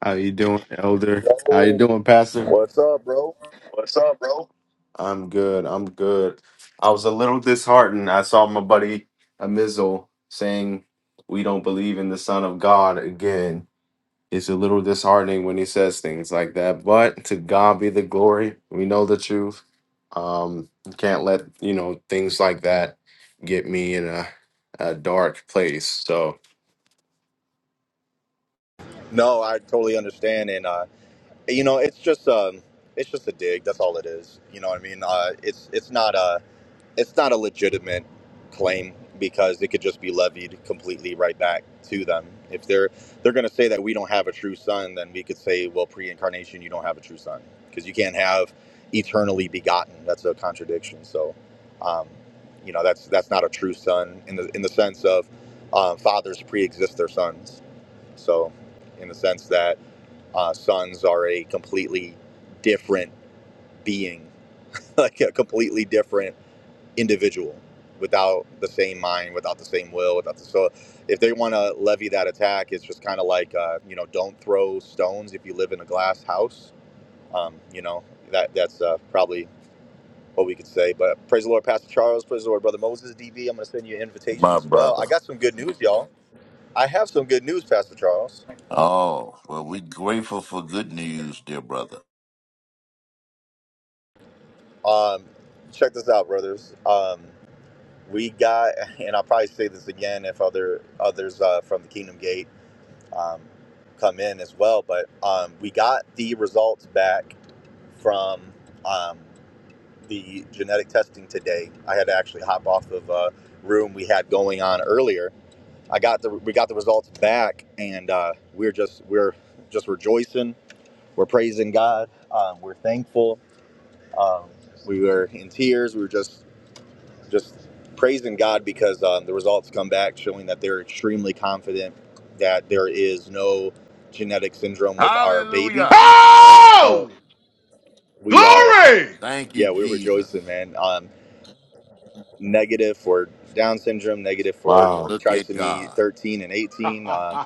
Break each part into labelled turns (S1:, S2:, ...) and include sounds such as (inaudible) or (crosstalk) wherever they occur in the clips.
S1: How you doing, Elder? How you
S2: Yo,
S1: doing, Pastor?
S2: what's up, bro?
S1: What's up, bro? I'm good. I'm good. I was a little disheartened. I saw my buddy Amizel saying we don't believe in the Son of God again. It's a little disheartening when he says things like that. But to God be the glory. We know the truth. Um, you can't let you know things like that get me in a, a dark place. So
S2: No, I totally understand, and uh, you know, it's just um, it's just a dig. That's all it is. You know what I mean? Uh, it's it's not uh, it's not a legitimate claim because it could just be levied completely right back to them. If they're they're going to say that we don't have a true son, then we could say, well, pre-incarnation, you don't have a true son because you can't have eternally begotten. That's a contradiction. So, um, you know, that's that's not a true son in the in the sense of uh, fathers pre-exist their sons. So, in the sense that uh, sons are a completely different being, (laughs) like a completely different individual without the same mind, without the same will, without the so if they want to levy that attack, it's just kind of like uh, you know, don't throw stones if you live in a glass house. Um, you know, that that's uh, probably what we could say. But praise the Lord, Pastor Charles. Praise the Lord, brother Moses. DB, I'm going to send you an invitation
S3: my
S2: as well. I
S3: brother.
S2: got some good news, y'all. I have some good news, Pastor Charles.
S3: Oh, well, we're grateful for good news, dear brother.
S2: Um, check this out, brothers. Um, we got, (laughs) and I'll probably say this again if other others uh, from the Kingdom Gate. um, come in as well. But um, we got the results back from um, the genetic testing today. I had to actually hop off of a room we had going on earlier. I got the we got the results back, and uh, we're just we're just rejoicing. We're praising God. Um, we're thankful. Um, we were in tears. We were just just praising God because um, the results come back showing that they're extremely confident that there is no genetic syndrome with our baby.
S3: Hallelujah.
S4: Oh!
S2: So we are,
S4: Glory!
S3: Thank you,
S2: yeah, we're
S3: Jesus.
S2: rejoicing, man. Um, negative for Down syndrome, negative for
S1: wow,
S3: Look at
S2: trisomy
S3: God.
S2: 13 and
S4: (laughs)
S2: 18. Uh,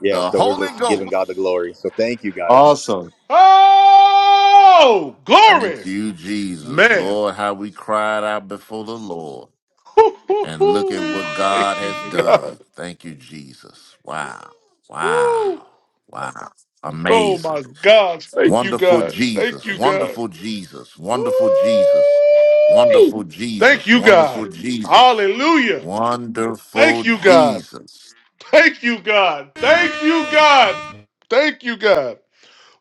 S2: yeah,
S3: The
S2: so we're
S3: Holy
S2: just giving
S3: Ghost.
S2: God the glory. So thank you guys.
S1: awesome.
S4: oh!
S3: Thank
S4: Glory!
S3: you, Jesus.
S4: Man.
S3: Lord, how we cried out before the Lord.
S4: (laughs) Hoo, hoo,
S3: And look at
S4: hoo.
S3: what God
S4: Thank you,
S3: has done.
S4: God.
S3: Thank you, Jesus. Wow.
S4: Woo.
S3: Wow. Wow.
S4: Oh,
S3: Amazing.
S4: my gosh. Thank you,
S3: Wonderful
S4: God. Thank
S3: Jesus,
S4: you, God.
S3: wonderful Jesus,
S4: Woo.
S3: wonderful Jesus, wonderful
S4: Thank
S3: Jesus,
S4: you,
S3: wonderful
S4: God.
S3: Jesus,
S4: Hallelujah.
S3: wonderful
S4: Thank you, God.
S3: Jesus,
S4: Thank you, God. Thank you, God. Thank you, God.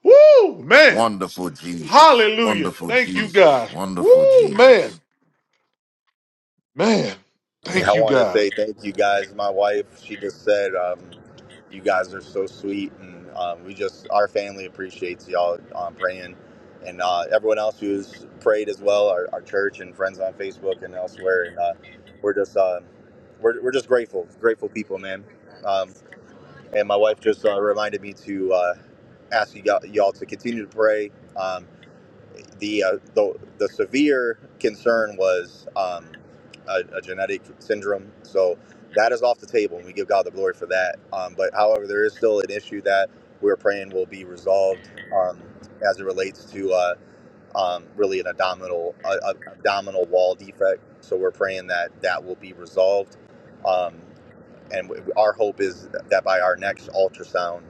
S4: Woo, man.
S3: wonderful Jesus,
S4: Hallelujah.
S3: wonderful
S4: Thank you,
S3: Jesus,
S4: God.
S3: wonderful
S4: Woo,
S3: Jesus.
S4: man. Man.
S2: I
S4: Thank you,
S2: want to
S4: God.
S2: say thank you guys. My wife, she just said, um, you guys are so sweet, and um, we just our family appreciates y'all um, praying, and uh, everyone else who's prayed as well, our, our church and friends on Facebook and elsewhere, and uh, we're just uh, we're, we're just grateful, grateful people, man. Um, and my wife just uh, reminded me to uh, ask you y'all y'all to continue to pray. Um, the uh, the the severe concern was um, a, a genetic syndrome. So that is off the table, and we give God the glory for that. Um, but however, there is still an issue that we're praying will be resolved um, as it relates to uh, um, really an abdominal a, a- abdominal wall defect. So we're praying that that will be resolved, um, and w- our hope is that by our next ultrasound.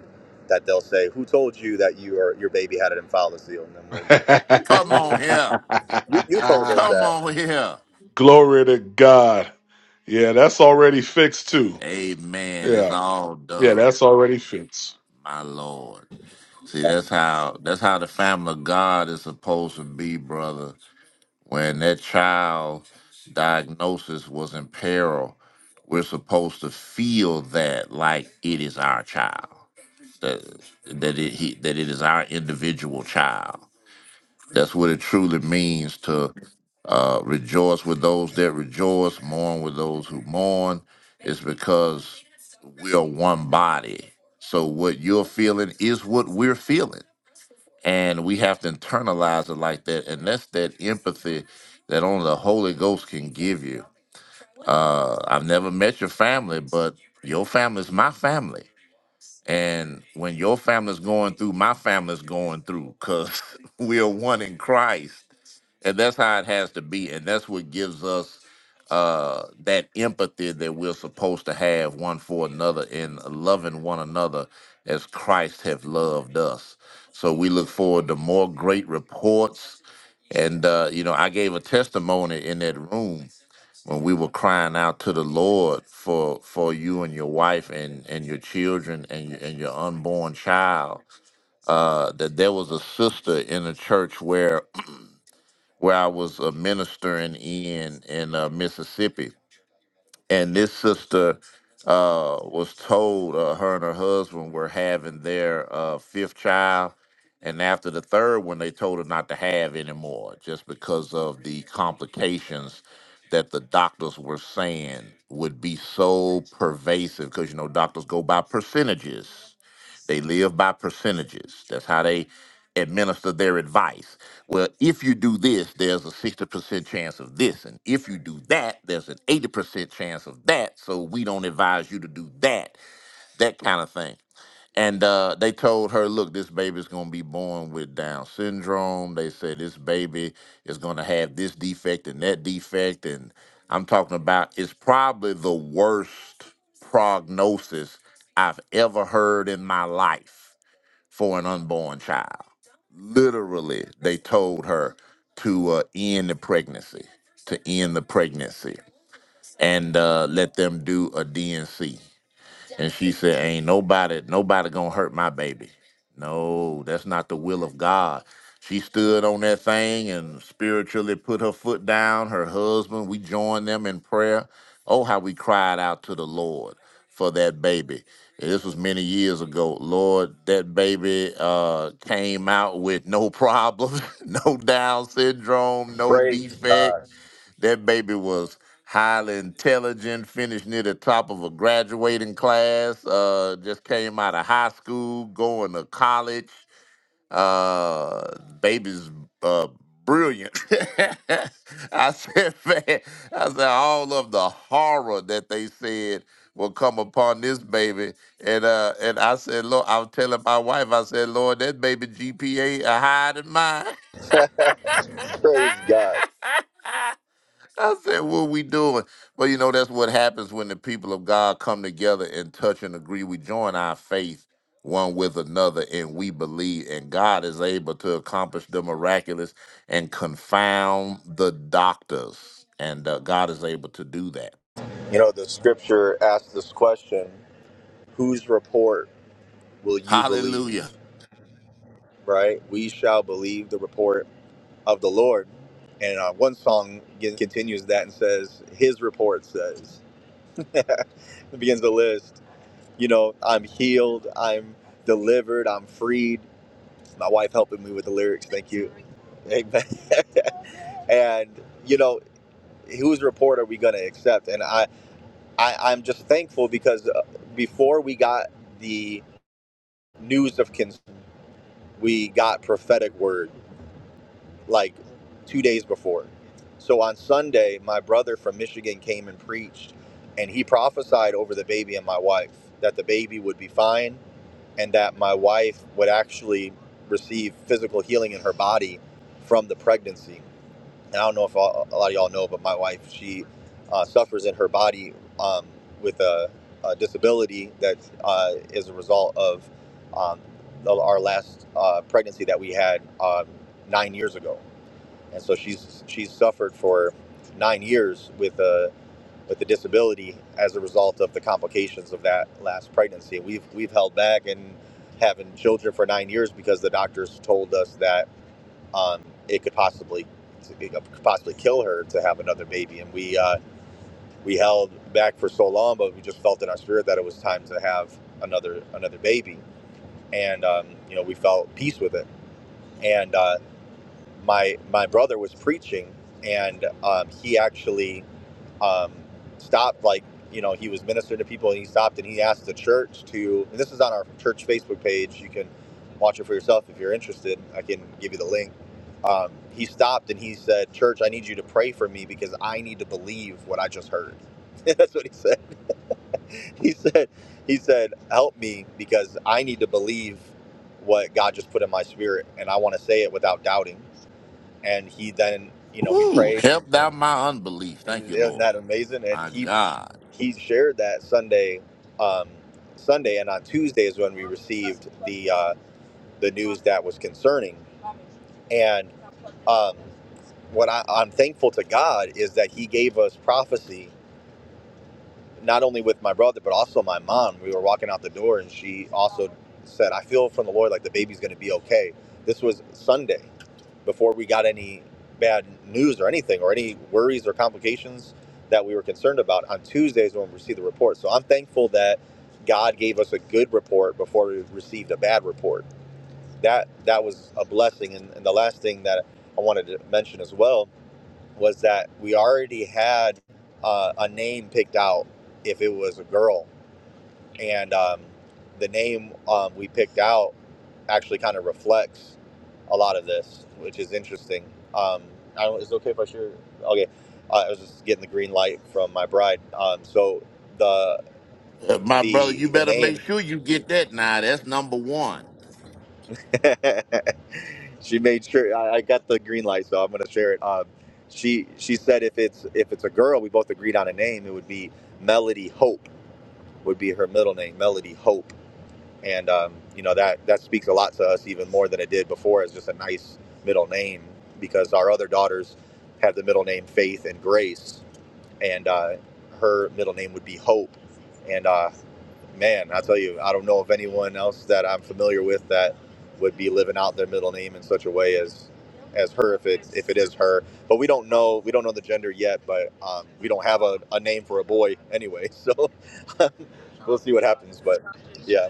S2: That they'll say, "Who told you that you or your baby had an in seal?" And then
S3: Come
S2: we'll,
S3: on here.
S2: you you told us
S4: (laughs)
S3: Come
S2: that.
S3: on here.
S4: Glory to God. Yeah, that's already fixed too.
S3: Amen. It's
S4: Yeah.
S3: all
S4: Yeah,
S3: done,
S4: that's already fixed.
S3: my Lord. See, that's how that's how the family of God is supposed to be, brother. when that child diagnosis was in peril, we're supposed to feel that like it is our child, that that it he, that it is our individual child. That's what it truly means to uh, rejoice with those that rejoice, mourn with those who mourn. It's because we are one body. So what you're feeling is what we're feeling. And we have to internalize it like that. And that's that empathy that only the Holy Ghost can give you. Uh, I've never met your family, but your family is my family. And when your family's going through, my family's going through, because (laughs) we are one in Christ. And that's how it has to be. And that's what gives us uh that empathy that we're supposed to have one for another in loving one another as Christ have loved us. So we look forward to more great reports. And uh, you know, I gave a testimony in that room when we were crying out to the Lord for for you and your wife and and your children and your, and your unborn child, uh, that there was a sister in a church where (clears throat) where I was uh, ministering in in uh, Mississippi, and this sister uh, was told uh, her and her husband were having their uh, fifth child, and after the third one, they told her not to have anymore, just because of the complications that the doctors were saying would be so pervasive. Because you know, doctors go by percentages they live by percentages. That's how they administer their advice. Well, if you do this, there's a 60% chance of this. And if you do that, there's an 80% chance of that. So we don't advise you to do that, that kind of thing. And uh, they told her, look, this baby's going to be born with Down syndrome. They said this baby is going to have this defect and that defect. And I'm talking about it's probably the worst prognosis I've ever heard in my life for an unborn child. Literally, they told her to uh, end the pregnancy, to end the pregnancy, and uh, let them do a D and C. And she said, Ain't nobody, nobody gonna hurt my baby. No, that's not the will of God. She stood on that thing and spiritually put her foot down. Her husband, we joined them in prayer. Oh, how we cried out to the Lord for that baby. And This was many years ago. Lord, that baby uh, came out with no problems, (laughs) no Down syndrome, no
S2: Praise
S3: defect
S2: God.
S3: that baby was highly intelligent, finished near the top of a graduating class, uh, just came out of high school, going to college. Uh, baby's uh, brilliant. (laughs) I said, man, I said, all of the horror that they said will come upon this baby. And uh, and I said, Lord, I was telling my wife, I said, Lord, that baby GPA higher than mine.
S2: (laughs) Praise God.
S3: I said, what we doing? But you know, that's what happens when the people of God come together and touch and agree. We join our faith one with another and we believe, and God is able to accomplish the miraculous and confound the doctors. And uh, God is able to do that.
S2: You know the scripture asks this question: Whose report will you believe?
S3: Hallelujah.
S2: Right? We shall believe the report of the Lord. And uh, one song again continues that and says, His report says. (laughs) it begins the list. You know, I'm healed. I'm delivered. I'm freed. My wife helping me with the lyrics. Thank you. Amen. (laughs) and you know whose report are we going to accept? And I, I, I'm just thankful because uh, before we got the news of cons, we got prophetic word like two days before. So on Sunday, my brother from Michigan came and preached, and he prophesied over the baby and my wife that the baby would be fine and that my wife would actually receive physical healing in her body from the pregnancy And I don't know if a lot of y'all know, but my wife, she uh, suffers in her body um, with a, a disability that uh, is a result of um, the, our last uh, pregnancy that we had um, nine years ago. And so she's she's suffered for nine years with a with the disability as a result of the complications of that last pregnancy. We've we've held back and having children for nine years because the doctors told us that um, it could possibly it could possibly kill her to have another baby. And we uh, we held back for so long, but we just felt in our spirit that it was time to have another another baby, and um, you know we felt peace with it. And uh, my my brother was preaching, and um, he actually um, stopped like you know he was ministering to people and he stopped and he asked the church to and this is on our church facebook page you can watch it for yourself if you're interested i can give you the link um, he stopped and he said church i need you to pray for me because i need to believe what i just heard (laughs) that's what he said he said he said help me because i need to believe what god just put in my spirit and i want to say it without doubting and he then you know we
S3: Woo!
S2: prayed
S3: Help thou my unbelief. Thank
S2: isn't
S3: you, Lord.
S2: that amazing? And
S3: My
S2: he
S3: God.
S2: he shared that Sunday, um, Sunday, and on Tuesday is when we received the uh, the news that was concerning. And um, what I, I'm thankful to God is that He gave us prophecy, not only with my brother but also my mom. We were walking out the door, and she also said, "I feel from the Lord like the baby's going to be okay." This was Sunday before we got any bad news or anything or any worries or complications that we were concerned about on Tuesdays when we received the report. So I'm thankful that God gave us a good report before we received a bad report. That that was a blessing. And, and the last thing that I wanted to mention as well was that we already had uh, a name picked out if it was a girl and um, the name um, we picked out actually kind of reflects a lot of this, which is interesting. Um, I don't, is it okay if I share? Okay, uh, I was just getting the green light from my bride. Um, so the
S3: Uh, my brother,
S2: the
S3: you
S2: the
S3: better make
S2: name,
S3: sure you get that now. That's number one.
S2: (laughs) she made sure I, I got the green light, so I'm going to share it. Um, she she said if it's if it's a girl, we both agreed on a name. It would be Melody Hope would be her middle name, Melody Hope and um, you know that that speaks a lot to us even more than it did before as just a nice middle name because our other daughters have the middle name Faith and Grace, and uh, her middle name would be Hope. And uh, man, I tell you, I don't know of anyone else that I'm familiar with that would be living out their middle name in such a way as as her if it if it is her. But we don't know we don't know the gender yet, but um, we don't have a, a name for a boy anyway, so (laughs) we'll see what happens. But yeah.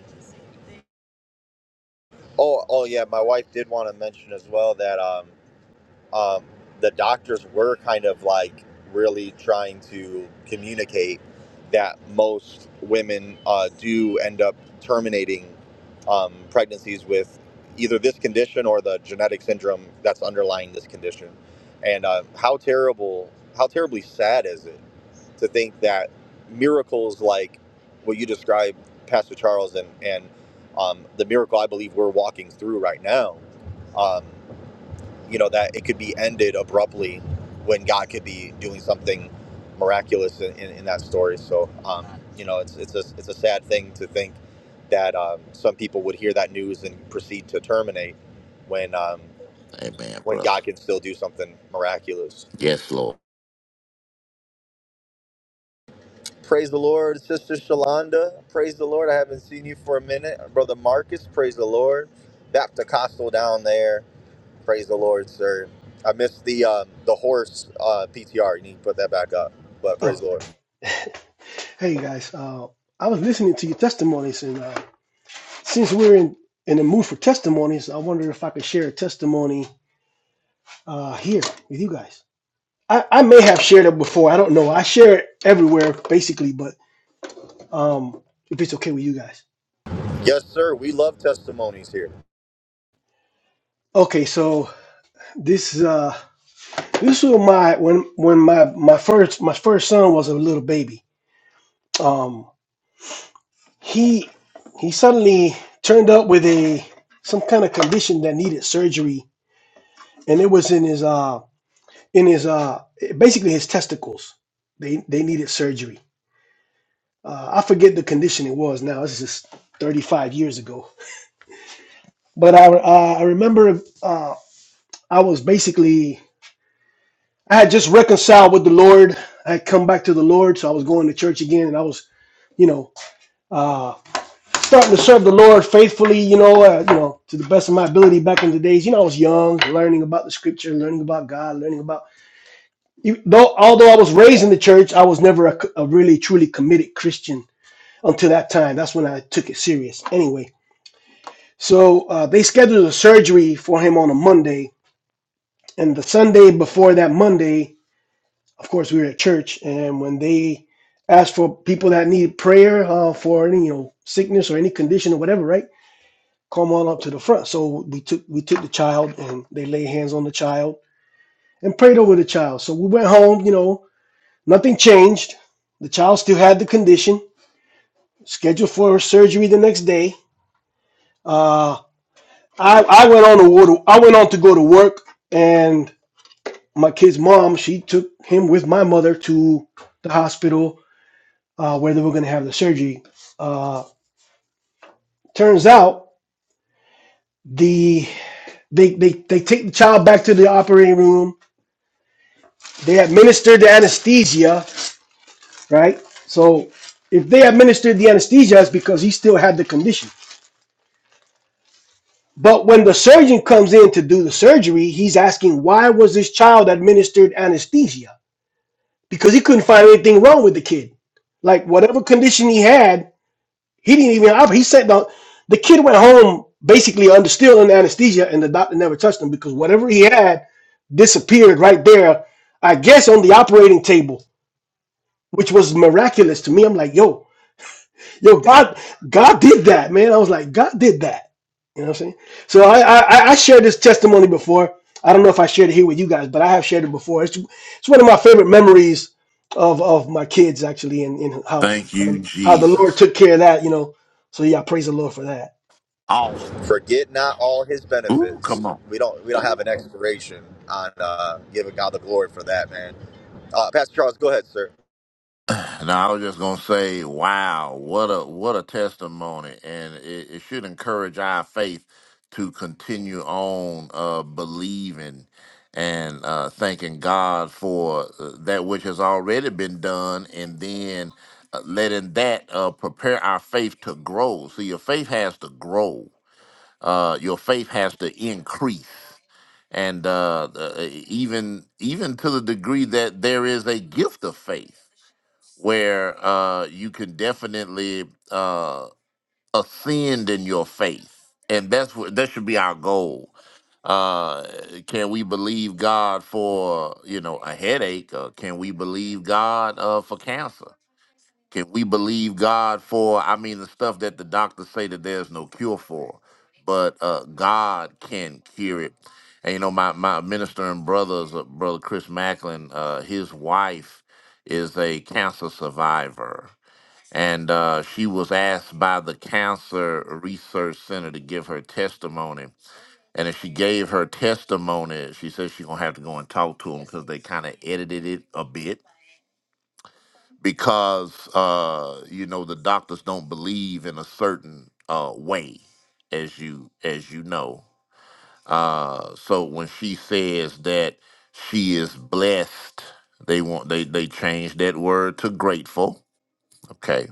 S2: Oh, oh yeah. My wife did want to mention as well that um, um, the doctors were kind of like really trying to communicate that most women uh, do end up terminating um, pregnancies with either this condition or the genetic syndrome that's underlying this condition. And uh, how terrible, how terribly sad is it to think that miracles like what you described, Pastor Charles, and and um, the miracle I believe we're walking through right now, um, you know, that it could be ended abruptly when God could be doing something miraculous in, in, in that story. So, um, you know, it's it's a it's a sad thing to think that um, some people would hear that news and proceed to terminate when um,
S3: Amen,
S2: when
S3: brother.
S2: God can still do something miraculous.
S3: Yes, Lord.
S2: Praise the Lord, Sister Shalonda. Praise the Lord. I haven't seen you for a minute. Brother Marcus, praise the Lord. Baptist Costal down there. Praise the Lord, sir. I missed the um, the horse uh, PTR. You need to put that back up. But praise
S5: Oh,
S2: the Lord.
S5: hey guys. Uh, I was listening to your testimonies, and uh, since we're in, in the mood for testimonies, I wonder if I could share a testimony uh, here with you guys. I, I may have shared it before. I don't know. I share it everywhere, basically, but um, if it's okay with you guys.
S2: Yes, sir. We love testimonies here.
S5: Okay, so this uh, this was my when when my my first my first son was a little baby. Um, he he suddenly turned up with a some kind of condition that needed surgery and it was in his uh in his uh basically his testicles. They they needed surgery. Uh, I forget the condition it was now. This is 35 years ago. But I uh, I remember uh, I was basically I had just reconciled with the Lord. I had come back to the Lord, so I was going to church again, and I was you know uh, starting to serve the Lord faithfully. You know uh, you know to the best of my ability back in the days. You know I was young, learning about the Scripture, learning about God, learning about You, though, although I was raised in the church, I was never a, a really truly committed Christian until that time. That's when I took it serious. Anyway, so uh, they scheduled a surgery for him on a Monday, and the Sunday before that Monday, of course, we were at church, and when they asked for people that needed prayer uh, for any you know sickness or any condition or whatever, right? Come on up to the front. So we took we took the child, and they laid hands on the child and prayed over the child. So we went home, you know, Nothing changed. The child still had the condition. Scheduled for surgery the next day. Uh, I I went on to go I went on to go to work, and my kid's mom she took him with my mother to the hospital uh, where they were going to have the surgery. Uh, turns out the they, they they take the child back to the operating room. They administered the anesthesia, right? So if they administered the anesthesia, it's because he still had the condition. But when the surgeon comes in to do the surgery, he's asking why was this child administered anesthesia? Because he couldn't find anything wrong with the kid. Like whatever condition he had, he didn't even. He said the the kid went home basically under still in anesthesia, and the doctor never touched him because whatever he had disappeared right there. I guess on the operating table, which was miraculous to me. I'm like, yo, Yo, God, God did that, man. I was like, God did that. You know what I'm saying? So I, I, I I shared this testimony before. I don't know if I shared it here with you guys, but I have shared it before. It's, it's one of my favorite memories of, of my kids actually, and, and how
S3: Thank
S5: how
S3: you,
S5: the, how the Lord
S3: Jesus.
S5: took care of that. You know, so yeah, praise the Lord for that.
S3: Awesome!
S2: Forget not all his
S3: Ooh, come
S2: benefits.
S3: on.
S2: We don't we don't have an expiration on uh, giving God the glory for that, man. Uh, Pastor Charles, go ahead, sir.
S3: (sighs) Now I was just gonna say, wow, what a what a testimony, and it, it should encourage our faith to continue on uh, believing and uh, thanking God for uh, that which has already been done, and then uh, letting that uh, prepare our faith to grow. So your faith has to grow. Uh, your faith has to increase. and uh, the- even even to the degree that there is a gift of faith where uh, you can definitely uh, ascend in your faith and that's what that should be our goal uh can we believe god for you know a headache or can we believe god uh for cancer can we believe God for? I mean, the stuff that the doctors say that there's no cure for, but uh, God can cure it. And you know, my my minister and brothers, uh, brother Chris Macklin, uh, his wife is a cancer survivor, and uh, she was asked by the Cancer Research Center to give her testimony. And if she gave her testimony, she said she's gonna have to go and talk to them because they kind of edited it a bit because uh, you know the doctors don't believe in a certain uh, way, as you as you know. Uh, so when she says that she is blessed, they want they they change that word to grateful. Okay,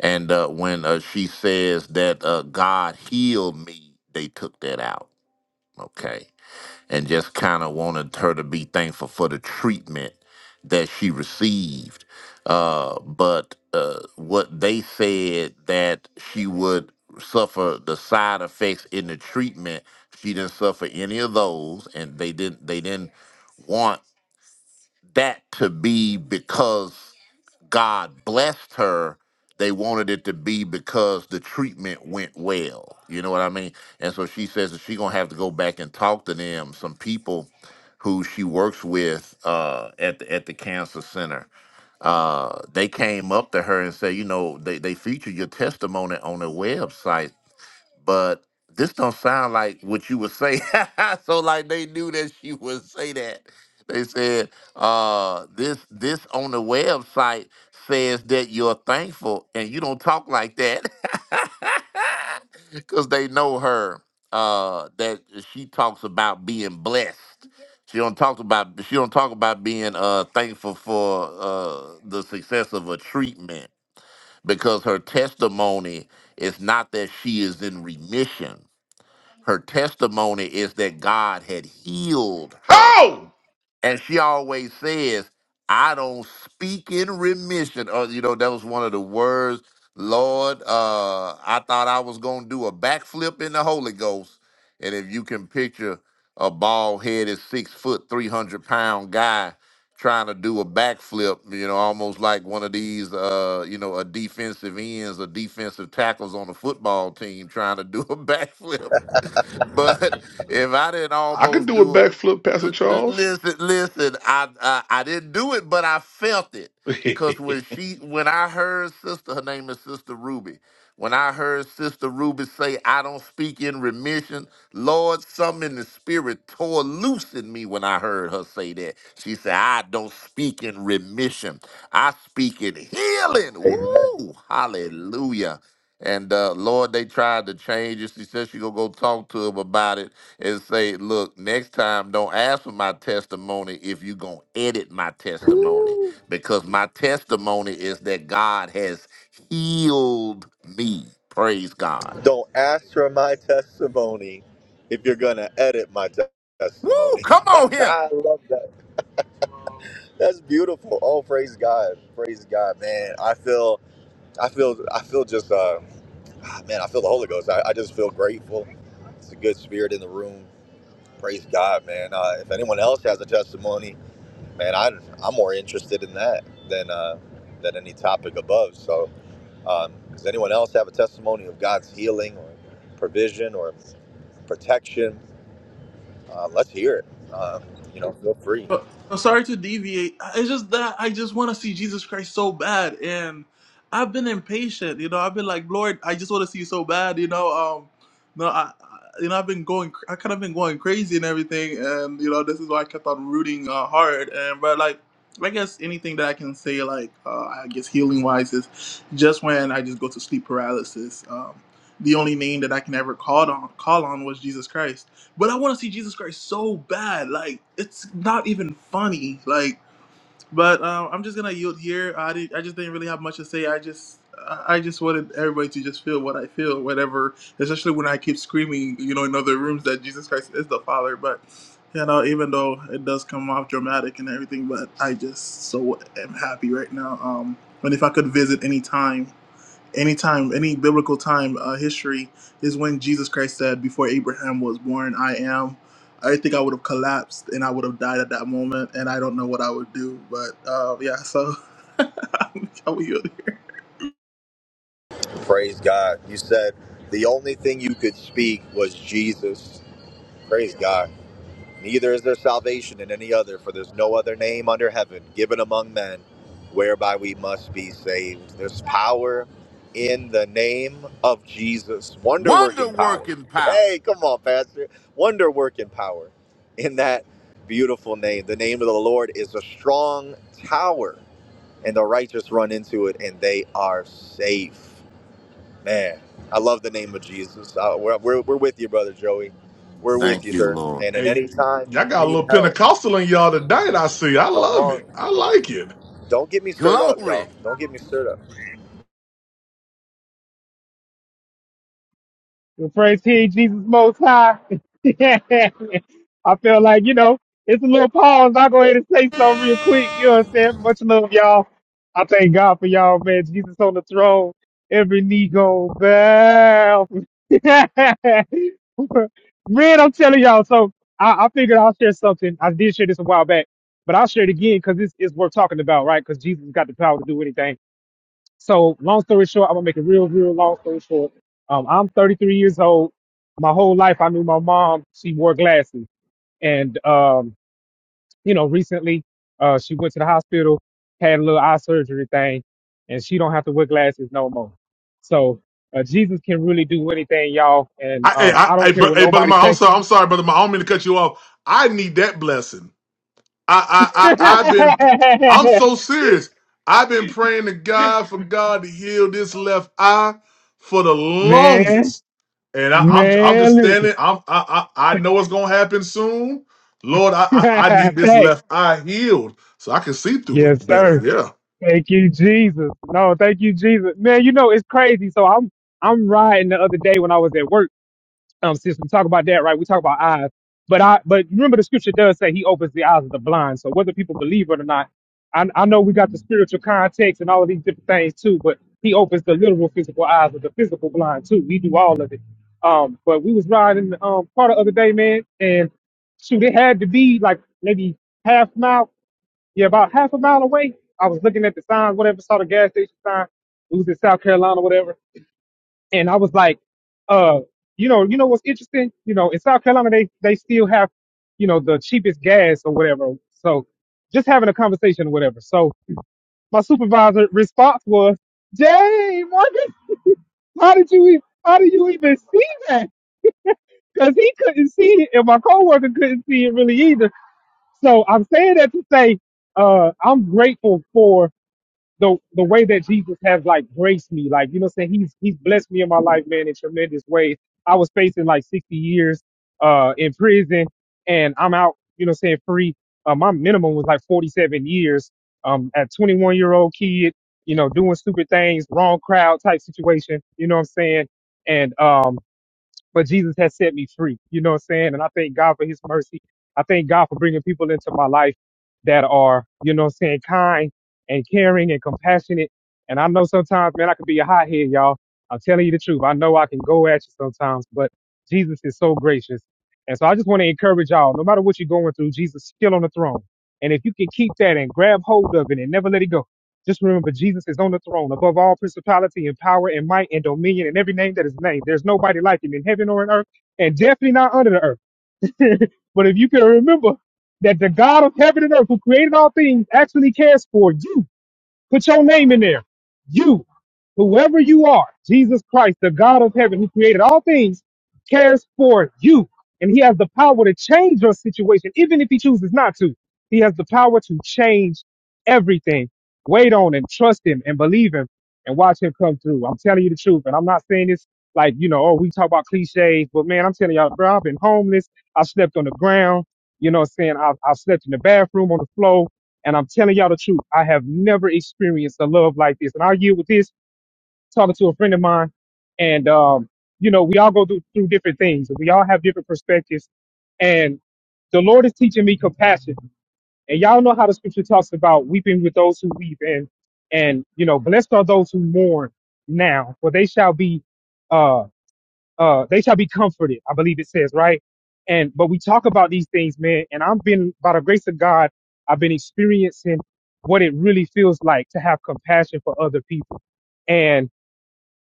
S3: and uh, when uh, she says that uh, God healed me, they took that out. Okay, and just kind of wanted her to be thankful for the treatment that she received. Uh, but uh, what they said that she would suffer the side effects in the treatment, she didn't suffer any of those, and they didn't they didn't want that to be because God blessed her. They wanted it to be because the treatment went well. You know what I mean? And so she says that she's gonna have to go back and talk to them, some people who she works with uh, at the at the cancer center. Uh, they came up to her and said, you know, they, they featured your testimony on their website but this don't sound like what you would say. (laughs) so like they knew that she would say that. They said, uh, this this on the website says that you're thankful and you don't talk like that. (laughs) Cause they know her. Uh that she talks about being blessed. She don't talk about she don't talk about being uh thankful for uh the success of a treatment because her testimony is not that she is in remission. Her testimony is that God had healed her.
S4: Oh!
S3: And she always says, I don't speak in remission. Or, you know, that was one of the words, Lord, uh, I thought I was going to do a backflip in the Holy Ghost. And if you can picture a bald headed, six foot, 300 pound guy trying to do a backflip, you know, almost like one of these, uh, you know, a defensive ends or defensive tackles on a football team trying to do a (laughs) backflip (laughs) but if I didn't
S4: I could
S3: almost
S4: do a
S3: do it,
S4: backflip, Pastor
S3: l- l-
S4: Charles.
S3: listen, listen, I, I I didn't do it, but I felt it.
S4: (laughs) hey,
S3: Cause when she, when I heard sister, her name is Sister Ruby. When I heard Sister Ruby say, "I don't speak in remission," Lord, something in the spirit tore loose in me when I heard her say that. She said, "I don't speak in remission. I speak in healing."
S2: Amen.
S3: Woo! Hallelujah. And uh, Lord, they tried to change it. She said she gonna go talk to him about it and say, "Look, next time, don't ask for my testimony if you gonna edit my testimony, because my testimony is that God has healed me. Praise God.
S2: Don't ask for my testimony if you're going to edit my te-
S3: Woo!
S2: testimony.
S3: Come
S2: (laughs)
S3: on here,
S2: I love that. That's beautiful. Oh, praise God. Praise God, man. I feel I feel I feel just uh ah, man, I feel the Holy Ghost. I, I just feel grateful. It's a good spirit in the room. Praise God, man. Uh, if anyone else has a testimony, man, I I'm more interested in that than uh than any topic above. So um, does anyone else have a testimony of God's healing or provision or protection? Uh, let's hear it. Um, you know, feel free.
S6: But I'm sorry to deviate. It's just that I just want to see Jesus Christ so bad, and I've been impatient. You know, I've been like, Lord, I just want to see you so bad. You know, um, no, I, I- you know, I've been going, cr- I kind of been going crazy and everything, and you know, this is why I kept on rooting uh, hard. And but like, I guess anything that I can say, like, uh, I guess healing wise is just when I just go to sleep paralysis. Um, the only name that I can ever call on, call on was Jesus Christ but I want to see Jesus Christ so bad. Like it's not even funny. Like, but um, I'm just gonna yield here. I did, I just didn't really have much to say. I just I I just wanted everybody to just feel what I feel, whatever. Especially when I keep screaming, you know, in other rooms that Jesus Christ is the Father. But you know, even though it does come off dramatic and everything, but I just so am happy right now. Um, and if I could visit any time. Any time, any biblical time, uh, history is when Jesus Christ said, "Before Abraham was born, I am." I think I would have collapsed and I would have died at that moment, and I don't know what I would do. But uh, yeah, so (laughs) how are you?
S2: Praise God. You said the only thing you could speak was Jesus. Praise God. Neither is there salvation in any other, for there's no other name under heaven given among men whereby we must be saved. There's power in the name of Jesus. Wonder
S3: wonder
S2: working power. (laughs)
S3: working power.
S2: Hey, come on, Pastor. Wonder working power in that beautiful name. The name of the Lord is a strong tower, and the righteous run into it and they are safe. Man, I love the name of Jesus. Uh we're, we're, we're with you, brother Joey. We're with
S3: Thank
S2: you,
S3: you,
S2: sir.
S3: Lord.
S2: And at
S4: y'all
S2: any time you
S4: got a
S2: need
S4: little
S2: help,
S4: Pentecostal in y'all tonight, I see. I
S2: come
S4: love
S2: on.
S4: it. I like it.
S2: Don't get me stirred up, y'all.
S3: Glory.
S2: Don't get me stirred up.
S7: Well, praise King Jesus Most High. (laughs) I feel like, you know, it's a little pause. I'll go ahead and say something real quick. You know what I'm saying? Much love, y'all. I thank God for y'all, man. Jesus on the throne. Every knee go bow. (laughs) man, I'm telling y'all. So I, I figured I'll share something. I did share this a while back, but I'll share it again because it's, it's worth talking about, right? Because Jesus got the power to do anything. So, long story short, I'm gonna make a real, real long story short. Um, I'm 33 years old. My whole life, I knew my mom. She wore glasses, and um, you know, recently, uh, she went to the hospital, had a little eye surgery thing, and she don't have to wear glasses no more. So, uh, Jesus can really do anything, y'all, and
S4: I, hey,
S7: um,
S4: I,
S7: I don't
S4: hey,
S7: care
S4: bro,
S7: what
S4: hey, brother
S7: nobody
S4: Mark, I'm
S7: say.
S4: sorry, I'm sorry, brother Mark. I don't mean to cut you off. I need that blessing. I, I, I, I've been, I'm
S7: (laughs)
S4: so serious. I've been praying to God for God to heal this left eye for the
S7: man,
S4: longest, and I, I'm, I'm
S7: man,
S4: just
S7: listen,
S4: standing. I'm, I, I, I know it's gonna happen soon. Lord, I, I, I
S7: (laughs)
S4: need this
S7: thanks,
S4: left eye healed so I can see through
S7: yes,
S4: it better.
S7: sir.
S4: Yeah,
S7: Thank you, Jesus. No, thank you, Jesus. Man, you know it's crazy. So I'm I'm riding the other day when I was at work. Um, since we talk about that, right? We talk about eyes, but I but remember the scripture does say He opens the eyes of the blind. So whether people believe it or not, I I know we got the spiritual context and all of these different things too, but He opens the literal physical eyes of the physical blind too. We do all of it. Um, but we was riding um part the other day, man, and shoot, it had to be like maybe half mile yeah, about half a mile away, I was looking at the signs, whatever, saw the gas station sign. It was in South Carolina, whatever. And I was like, uh, you know, you know what's interesting? You know, in South Carolina, they, they still have, you know, the cheapest gas or whatever. So just having a conversation or whatever. So my supervisor response was, Jay Morgan, how did you even, how do you even see that? Cause he couldn't see it and my coworker couldn't see it really either. So I'm saying that to say, uh, I'm grateful for the the way that Jesus has like graced me, like you know, what I'm saying he's he's blessed me in my life, man, in tremendous ways. I was facing like 60 years uh in prison, and I'm out, you know, what I'm saying free. Uh, my minimum was like 47 years. Um, at 21 year old kid, you know, doing stupid things, wrong crowd type situation. You know what I'm saying? And um, but Jesus has set me free. You know what I'm saying? And I thank God for his mercy. I thank God for bringing people into my life that are, you know what I'm saying, kind and caring and compassionate. And I know sometimes, man, I can be a hothead, y'all. I'm telling you the truth. I know I can go at you sometimes, but Jesus is so gracious. And so I just want to encourage y'all, no matter what you're going through, Jesus is still on the throne. And if you can keep that and grab hold of it and never let it go, just remember, Jesus is on the throne above all principality and power and might and dominion and every name that is named. There's nobody like him in heaven or in earth, and definitely not under the earth. (laughs) but if you can remember that the God of heaven and earth, who created all things, actually cares for you Put your name in there. You, whoever you are, Jesus Christ, the God of heaven who created all things, cares for you. And he has the power to change your situation, even if he chooses not to. He has the power to change everything. Wait on him, trust him, and believe him, and watch him come through. I'm telling you the truth. And I'm not saying this like, you know, oh, we talk about cliches, but man, I'm telling y'all, bro, I've been homeless. I slept on the ground. You know what I'm saying? I, I slept in the bathroom on the floor. And I'm telling y'all the truth, I have never experienced a love like this. And I yield with this, talking to a friend of mine, and um, you know, we all go through, through different things. We all have different perspectives. And the Lord is teaching me compassion. And y'all know how the scripture talks about weeping with those who weep and and you know, blessed are those who mourn now, for they shall be uh, uh, they shall be comforted. I believe it says, right? And, but we talk about these things, man. And I've been, by the grace of God, I've been experiencing what it really feels like to have compassion for other people. And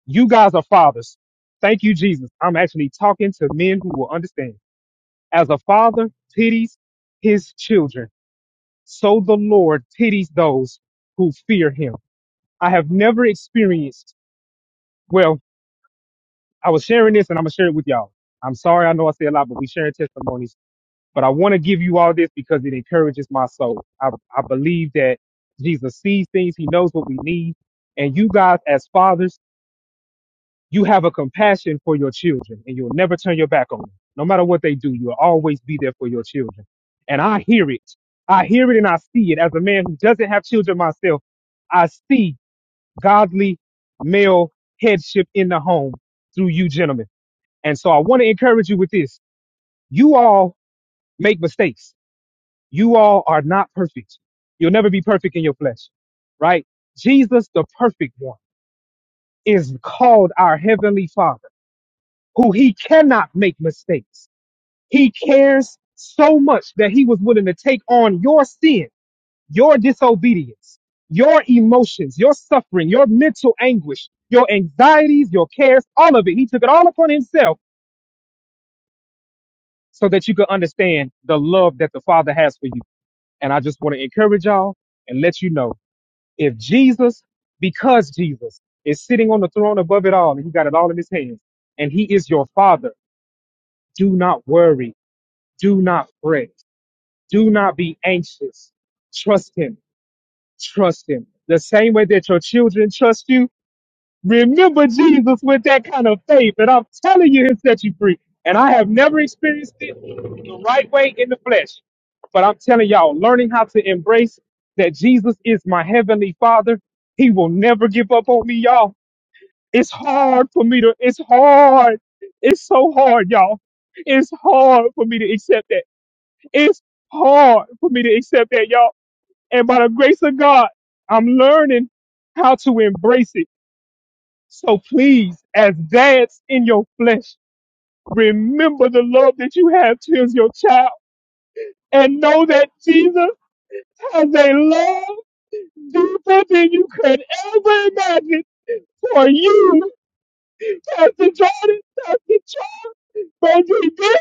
S7: you guys are fathers. Thank you, Jesus. I'm actually talking to men who will understand. As a father pities his children, so the Lord pities those who fear him. I have never experienced, well, I was sharing this and I'm going to share it with y'all. I'm sorry. I know I say a lot, but we sharing testimonies But I want to give you all this because it encourages my soul. I, I believe that Jesus sees things. He knows what we need. And you guys, as fathers, you have a compassion for your children and you'll never turn your back on them. No matter what they do, you'll always be there for your children. And I hear it. I hear it and I see it. As a man who doesn't have children myself, I see godly male headship in the home through you gentlemen. And so I want to encourage you with this. You all make mistakes You all are not perfect. You'll never be perfect in your flesh, right? Jesus, the perfect one, is called our heavenly father, who he cannot make mistakes. He cares so much that he was willing to take on your sin, your disobedience, your emotions, your suffering, your mental anguish, your anxieties, your cares, all of it. He took it all upon himself so that you could understand the love that the father has for you. And I just want to encourage y'all and let you know If Jesus, because Jesus is sitting on the throne above it all, and he got it all in his hands, and he is your father, do not worry, do not fret, do not be anxious. Trust him, trust him. The same way that your children trust you, Remember Jesus with that kind of faith, and I'm telling you, He'll set you free. And I have never experienced it the right way in the flesh, but I'm telling y'all, learning how to embrace that Jesus is my heavenly Father, He will never give up on me, y'all. It's hard for me to. It's hard. It's so hard, y'all. It's hard for me to accept that. It's hard for me to accept that, y'all. And by the grace of God, I'm learning how to embrace it so please, as dads in your flesh, remember the love that you have towards your child and know that Jesus has a love deeper than you could ever imagine for you. Pastor Jordan, Pastor Charles, Brother D,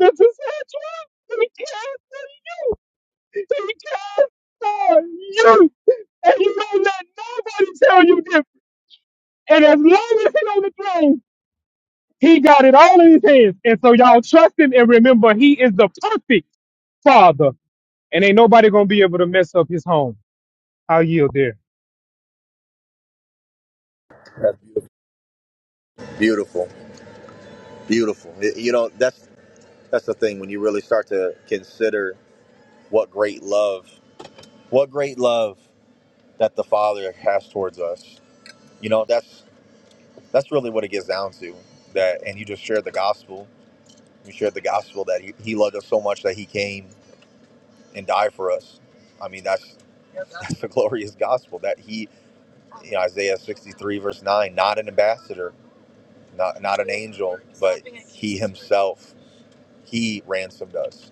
S7: Mr. Satchwell, he cares for you. He cares for you. And you don't let nobody tell you different. And as long as he's on the throne, He got it all in his hands. And so y'all trust him and remember he is the perfect father. And ain't nobody gonna be able to mess up his home. I'll yield there.
S2: That's beautiful, beautiful. beautiful. You know, that's that's the thing when you really start to consider what great love, what great love that the Father has towards us. You know, that's that's really what it gets down to. That, and you just shared the gospel. You shared the gospel that he, he loved us so much that he came. and die for us. I mean, that's (laughs) that's the glorious gospel that he, you know, Isaiah 63 verse 9, not an ambassador, not not an angel, but he himself, he ransomed us,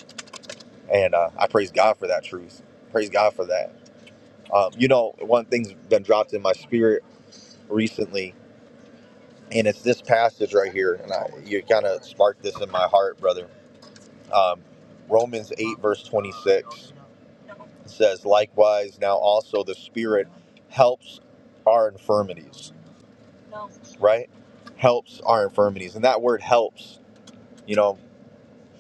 S2: and uh, I praise God for that truth. Praise God for that. Um, you know, one thing's been dropped in my spirit recently, and it's this passage right here, and I, you kind of sparked this in my heart, brother. Um, Romans 8 verse 26 It says, likewise, now also the Spirit helps our infirmities, right? Helps our infirmities. And that word helps, you know,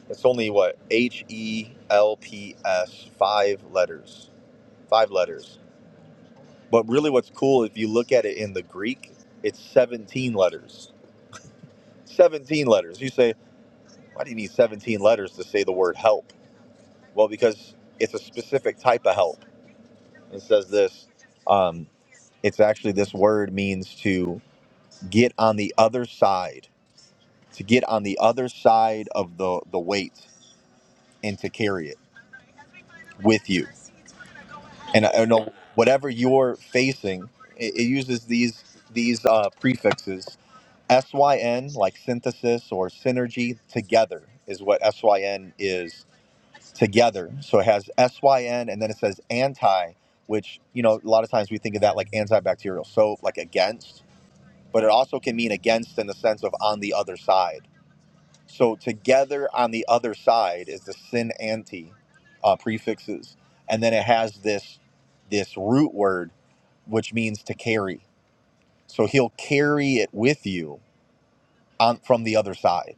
S2: it's only what? H E L P S, five letters. Five letters. But really, what's cool, if you look at it in the Greek, it's 17 letters. 17 letters. You say, why do you need 17 letters to say the word help? Well, because it's a specific type of help. It says this. Um, it's actually this word means to get on the other side, to get on the other side of the, the weight and to carry it with you. And I know whatever you're facing, it, it uses these these uh, prefixes syn like synthesis or synergy together is what syn is together. So it has syn and then it says anti, which you know a lot of times we think of that like antibacterial soap, like against, but it also can mean against in the sense of on the other side So together on the other side is the sin anti uh, prefixes, and then it has this this root word which means to carry. So he'll carry it with you on from the other side.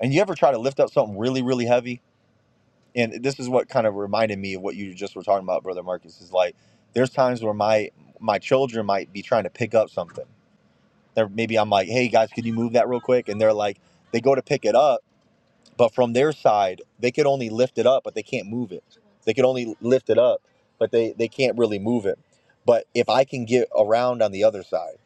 S2: And you ever try to lift up something really really heavy? And this is what kind of reminded me of what you just were talking about, brother Marcus. Is like there's times where my my children might be trying to pick up something. They're, maybe I'm like, hey guys, can you move that real quick? And they're like, they go to pick it up but from their side they could only lift it up but they can't move it they could only lift it up but they they can't really move it but if i can get around on the other side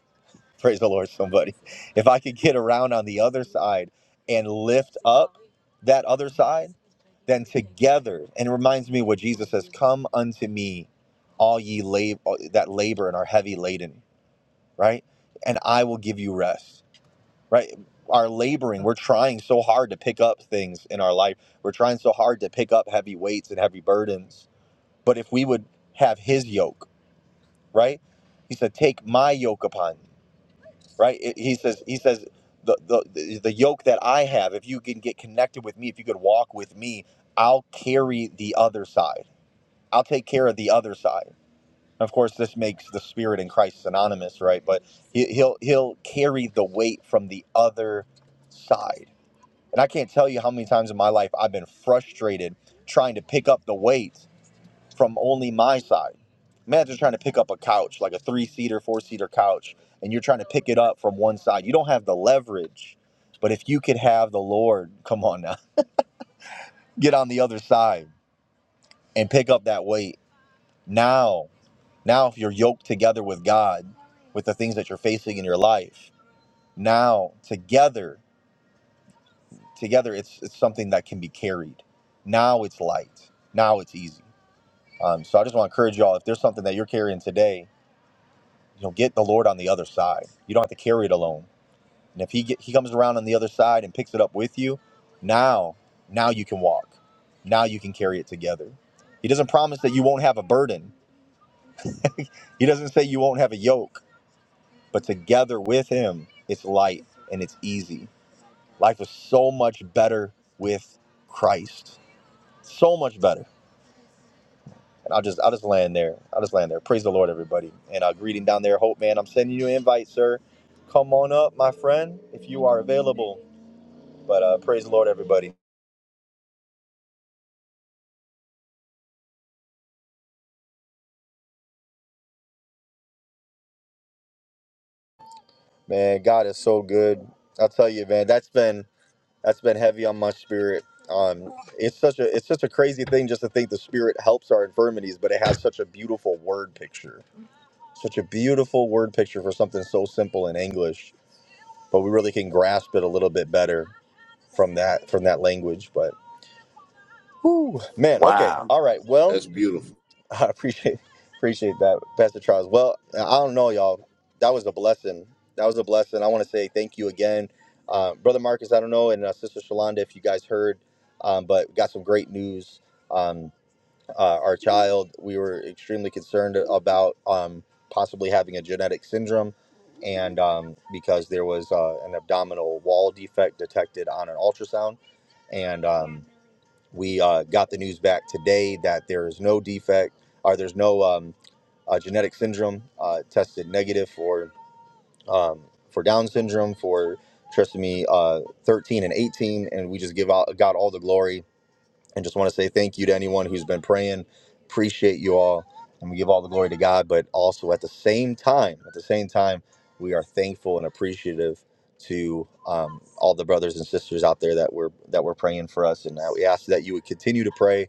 S2: (laughs) praise the lord somebody if i could get around on the other side and lift up that other side then together and it reminds me what jesus says come unto me all ye lab- that labor and are heavy laden right and i will give you rest right are laboring we're trying so hard to pick up things in our life we're trying so hard to pick up heavy weights and heavy burdens but if we would have his yoke right he said take my yoke upon you right It- he says he says the, the the yoke that i have if you can get connected with me if you could walk with me i'll carry the other side i'll take care of the other side of course this makes the spirit and christ synonymous right but he, he'll he'll carry the weight from the other side and I can't tell you how many times in my life I've been frustrated trying to pick up the weight from only my side. Imagine trying to pick up a couch, like a three seater, four seater couch, and you're trying to pick it up from one side. You don't have the leverage. But if you could have the Lord, (laughs) come on now, (laughs) get on the other side and pick up that weight now. Now, if you're yoked together with God, with the things that you're facing in your life, now together together it's it's something that can be carried now it's light now it's easy um, so i just want to encourage y'all if there's something that you're carrying today you know get the lord on the other side you don't have to carry it alone and if he get, he comes around on the other side and picks it up with you now now you can walk now you can carry it together he doesn't promise that you won't have a burden he doesn't say you won't have a yoke but together with him it's light and it's easy life is so much better with christ so much better And I'll just I'll just land there. I'll just land there. Praise the Lord, everybody. And uh, greeting down there, Hope man. I'm sending you an invite, sir. Come on up, my friend, if you are available. But uh, praise the Lord, everybody. Man, God is so good. I'll tell you, man. That's been that's been heavy on my spirit. Um, it's such a it's such a crazy thing just to think the Spirit helps our infirmities, but it has such a beautiful word picture, such a beautiful word picture for something so simple in English, but we really can grasp it a little bit better from that from that language. But Whew, man. Okay.
S3: Wow.
S2: All right. Well,
S3: That's beautiful.
S2: (laughs) I appreciate appreciate that, Pastor Charles. Well, I don't know, y'all. That was a blessing. That was a blessing. I want to say thank you again, uh, brother Marcus. I don't know, and uh, sister Shalonda, if you guys heard, um, but we got some great news. Um, uh, our child, we were extremely concerned about um, possibly having a genetic syndrome, and um, because there was uh, an abdominal wall defect detected on an ultrasound, and um, we uh, got the news back today that there is no defect or there's no um, uh, genetic syndrome uh, tested negative for um, for Down syndrome, for trisomy uh, 13 and 18. And we just give out, God all the glory and just want to say thank you to anyone who's been praying. Appreciate you all. And we give all the glory to God, but also at the same time, at the same time, we are thankful and appreciative to um, all the brothers and sisters out there that we're that we're praying for us, and that we ask that you would continue to pray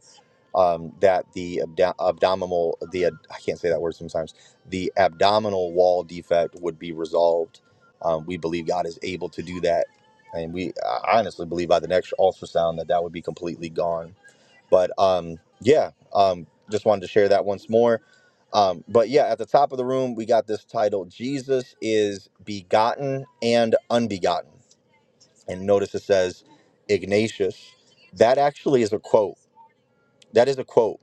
S2: um, that the abdo- abdominal the ad- I can't say that word sometimes the abdominal wall defect would be resolved. Um, we believe God is able to do that, and we I honestly believe by the next ultrasound that that would be completely gone. But um, yeah, um, just wanted to share that once more. Um, but yeah, at the top of the room, we got this title: Jesus is begotten and unbegotten. And notice it says Ignatius. That actually is a quote. That is a quote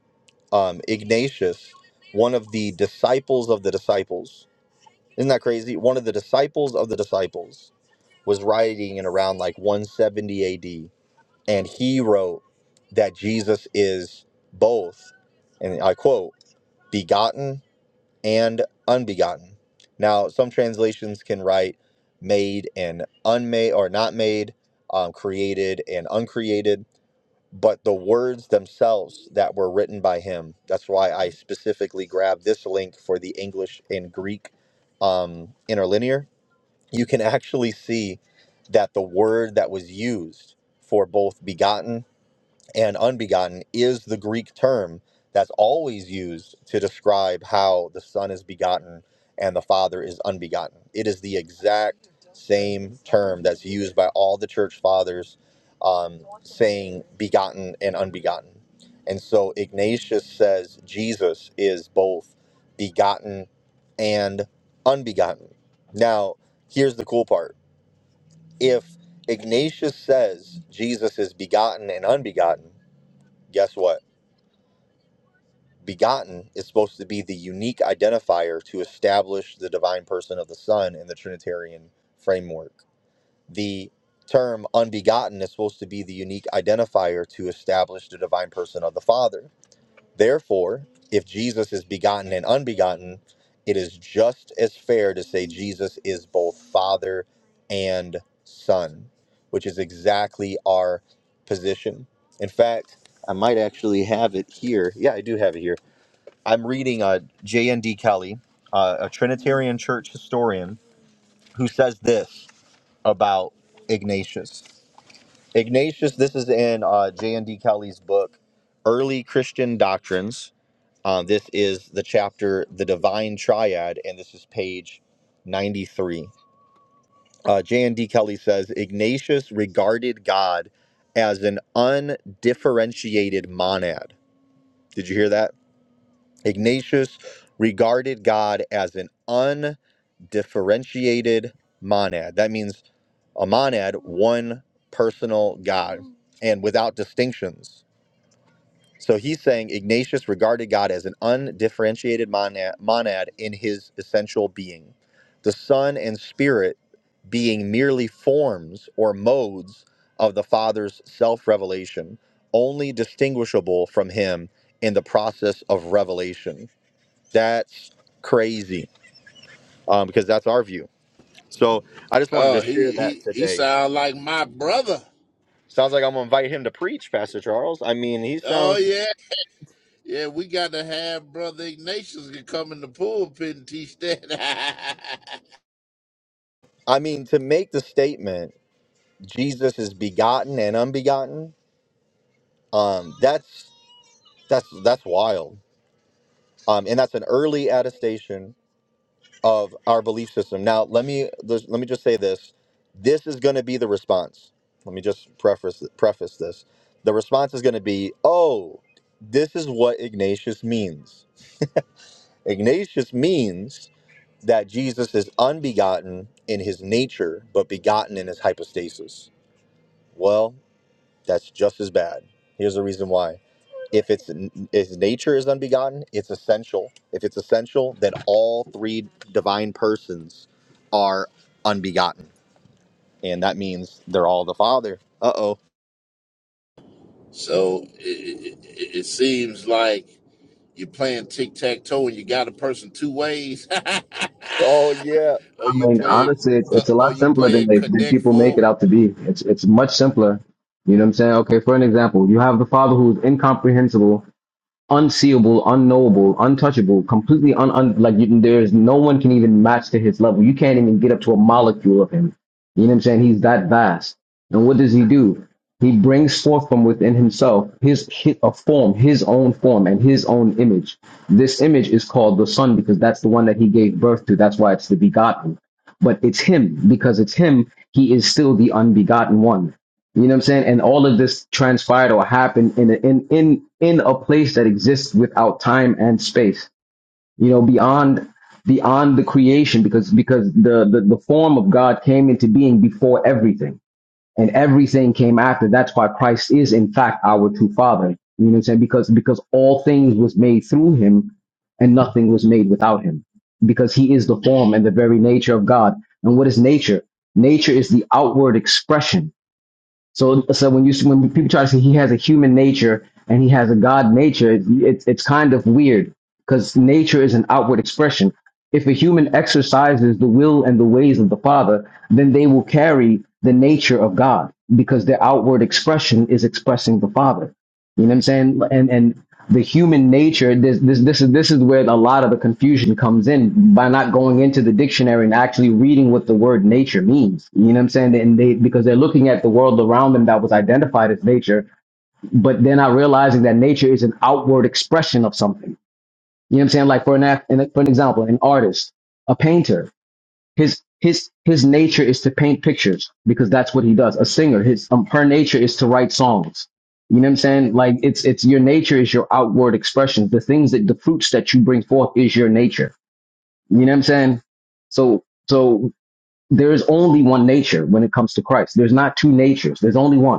S2: um, Ignatius, one of the disciples of the disciples. Isn't that crazy? One of the disciples of the disciples was writing in around like 170 AD, and he wrote that Jesus is both, and I quote, begotten and unbegotten. Now, some translations can write made and unmade, or not made, um, created and uncreated but the words themselves that were written by him. That's why I specifically grabbed this link for the English and Greek um, interlinear. You can actually see that the word that was used for both begotten and unbegotten is the Greek term that's always used to describe how the Son is begotten and the Father is unbegotten. It is the exact same term that's used by all the church fathers um, saying begotten and unbegotten. And so Ignatius says Jesus is both begotten and unbegotten. Now, here's the cool part. If Ignatius says Jesus is begotten and unbegotten, guess what? Begotten is supposed to be the unique identifier to establish the divine person of the Son in the Trinitarian framework. The term unbegotten is supposed to be the unique identifier to establish the divine person of the Father. Therefore, if Jesus is begotten and unbegotten, it is just as fair to say Jesus is both Father and Son, which is exactly our position. In fact, I might actually have it here. Yeah, I do have it here. I'm reading uh, J.N.D. Kelly, uh, a Trinitarian church historian, who says this about Ignatius. Ignatius, this is in uh, J.N.D. Kelly's book, Early Christian Doctrines uh, this is the chapter, The Divine Triad, and this is page 93. Uh, J and D. Kelly says Ignatius regarded God as an undifferentiated monad. Did you hear that? Ignatius regarded God as an undifferentiated monad. That means a monad, one personal God, and without distinctions. So he's saying Ignatius regarded God as an undifferentiated monad, monad in his essential being, the Son and Spirit being merely forms or modes of the Father's self revelation, only distinguishable from him in the process of revelation. That's crazy um, because that's our view. So I just wanted to
S3: Oh,
S2: share
S3: he
S2: that
S3: he he
S2: today.
S3: sound like my brother.
S2: Sounds like I'm going to invite him to preach, Pastor Charles. I mean, he sounds,
S3: Oh Yeah, we got to have Brother Ignatius can come in the pulpit and teach that.
S2: I mean, to make the statement Jesus is begotten and unbegotten. Um, that's that's that's wild, um, and that's an early attestation of our belief system. Now, let me let me just say this: this is going to be the response. Let me just preface preface this: the response is going to be, "Oh, this is what Ignatius means. Ignatius means that Jesus is unbegotten in his nature, but begotten in his hypostasis." Well. That's just as bad. Here's the reason why. If it's if nature is unbegotten, it's essential. If it's essential, then all three divine persons are unbegotten, and that means they're all the Father. Uh oh.
S3: (laughs) so it, it, it it seems like you're playing tic tac toe and you got a person two ways.
S2: Oh yeah,
S3: (laughs) or
S8: I
S3: you
S8: mean,
S3: playing,
S8: honestly, it's,
S3: uh,
S8: it's a
S3: or
S8: lot
S3: you
S8: simpler than
S3: playing
S8: they than
S3: connect
S8: people make it
S3: four.
S8: out to be. It's it's much simpler. You know what I'm saying? Okay, for an example, you have the father who's incomprehensible unseeable, unknowable, untouchable, completely un, un like you, there's no one can even match to his level. You can't even get up to a molecule of him. You know what I'm saying? He's that vast. And what does he do? He brings forth from within himself his, his a form, his own form, and his own image. This image is called the Son because that's the one that he gave birth to. That's why it's the begotten. But it's him because it's him. He is still the unbegotten one you know what I'm saying? And all of this transpired or happened in a, in in in a place that exists without time and space. You know, beyond beyond the creation, because because the the, the form of God came into being before everything, and everything came after. That's why Christ is in fact our true Father. You know what I'm saying? Because because all things was made through Him, and nothing was made without Him. Because He is the form and the very nature of God. And what is nature? Nature is the outward expression so, so when you when people try to say he has a human nature and he has a God nature, it's it's kind of weird because nature is an outward expression. If a human exercises the will and the ways of the Father, then they will carry the nature of God because their outward expression is expressing the Father. You know what I'm saying? And and the human nature, this this this is this is where a lot of the confusion comes in by not going into the dictionary and actually reading what the word nature means. You know what I'm saying? And they because they're looking at the world around them that was identified as nature, but they're not realizing that nature is an outward expression of something. You know what I'm saying? Like for an act, for an example, an artist, a painter his his his nature is to paint pictures because that's what he does. A singer, his um, her nature is to write songs. You know what I'm saying? Like it's it's your nature is your outward expression. The things that the fruits that you bring forth is your nature. You know what I'm saying? So so there is only one nature when it comes to Christ. There's not two natures. There's only one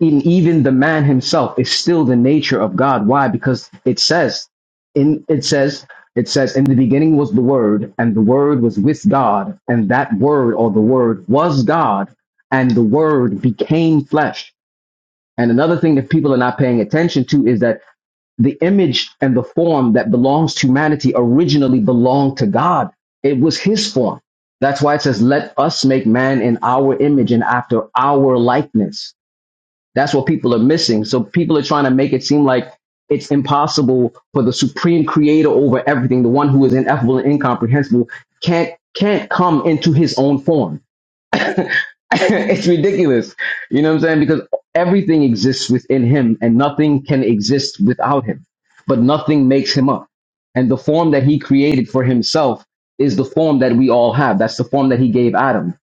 S8: in even the man himself is still the nature of God. Why? Because it says in it says it says in the beginning was the word and the word was with God and that word or the word was God and the word became flesh. And another thing that people are not paying attention to is that the image and the form that belongs to humanity originally belonged to God. It was his form. That's why it says, let us make man in our image and after our likeness that's what people are missing. So people are trying to make it seem like it's impossible for the supreme creator over everything, the one who is ineffable and incomprehensible, can't can't come into his own form. (laughs) it's ridiculous. You know what I'm saying? Because everything exists within him and nothing can exist without him. But nothing makes him up. And the form that he created for himself is the form that we all have. That's the form that he gave Adam.